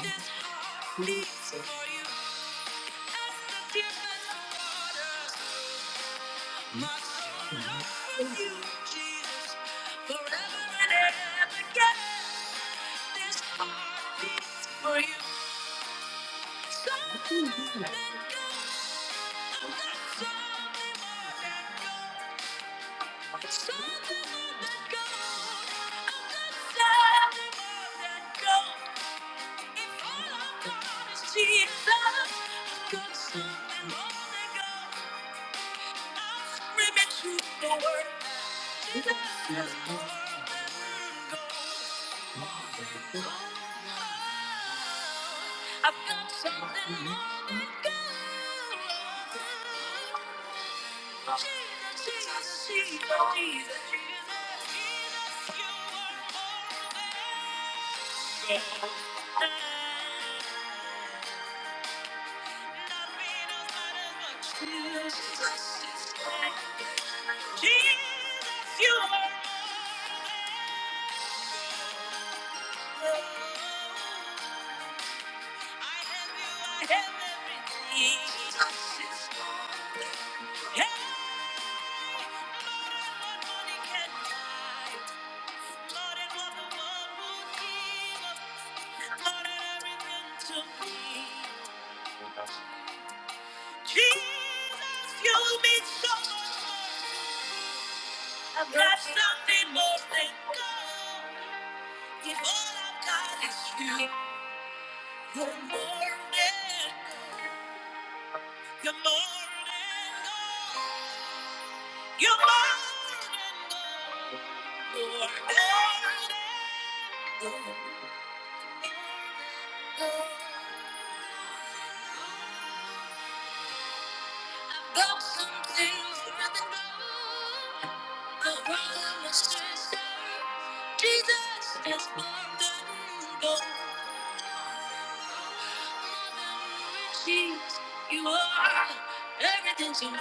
This heart beats for you as the deepest waters. My soul longs for you, Jesus, forever and ever, yes. This heart beats for you. Something I'm not something more than gold. Something more than gold. I'm not something more than gold. If all I've got is Jesus, I've got something more to go. I'm screaming truth, the word Jesus is more than gold. Oh, I've got something more than gold. Jesus, Jesus, Jesus, Jesus, Jesus, you are more than gold. Jesus, you will mean so much more. Got something more than gold. If all I've got is you, you're more than gold. You're more than gold. You're more than gold. You're more than gold. You're more than gold. Got something more than gold. A brother, a sister. Jesus is more than gold. Jesus, you are everything to me.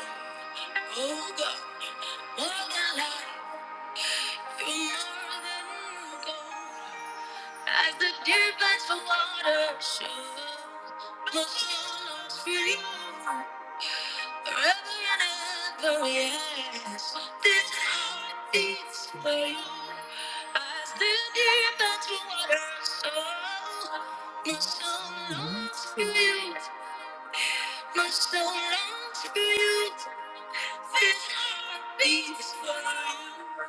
Oh God, more than life, you're more than gold. As the deer pants for water, so my soul longs for you. Forever and ever, yes. This heart beats for you. I stand here between water and soul. My soul longs for you. My soul longs for you. This heart beats for you.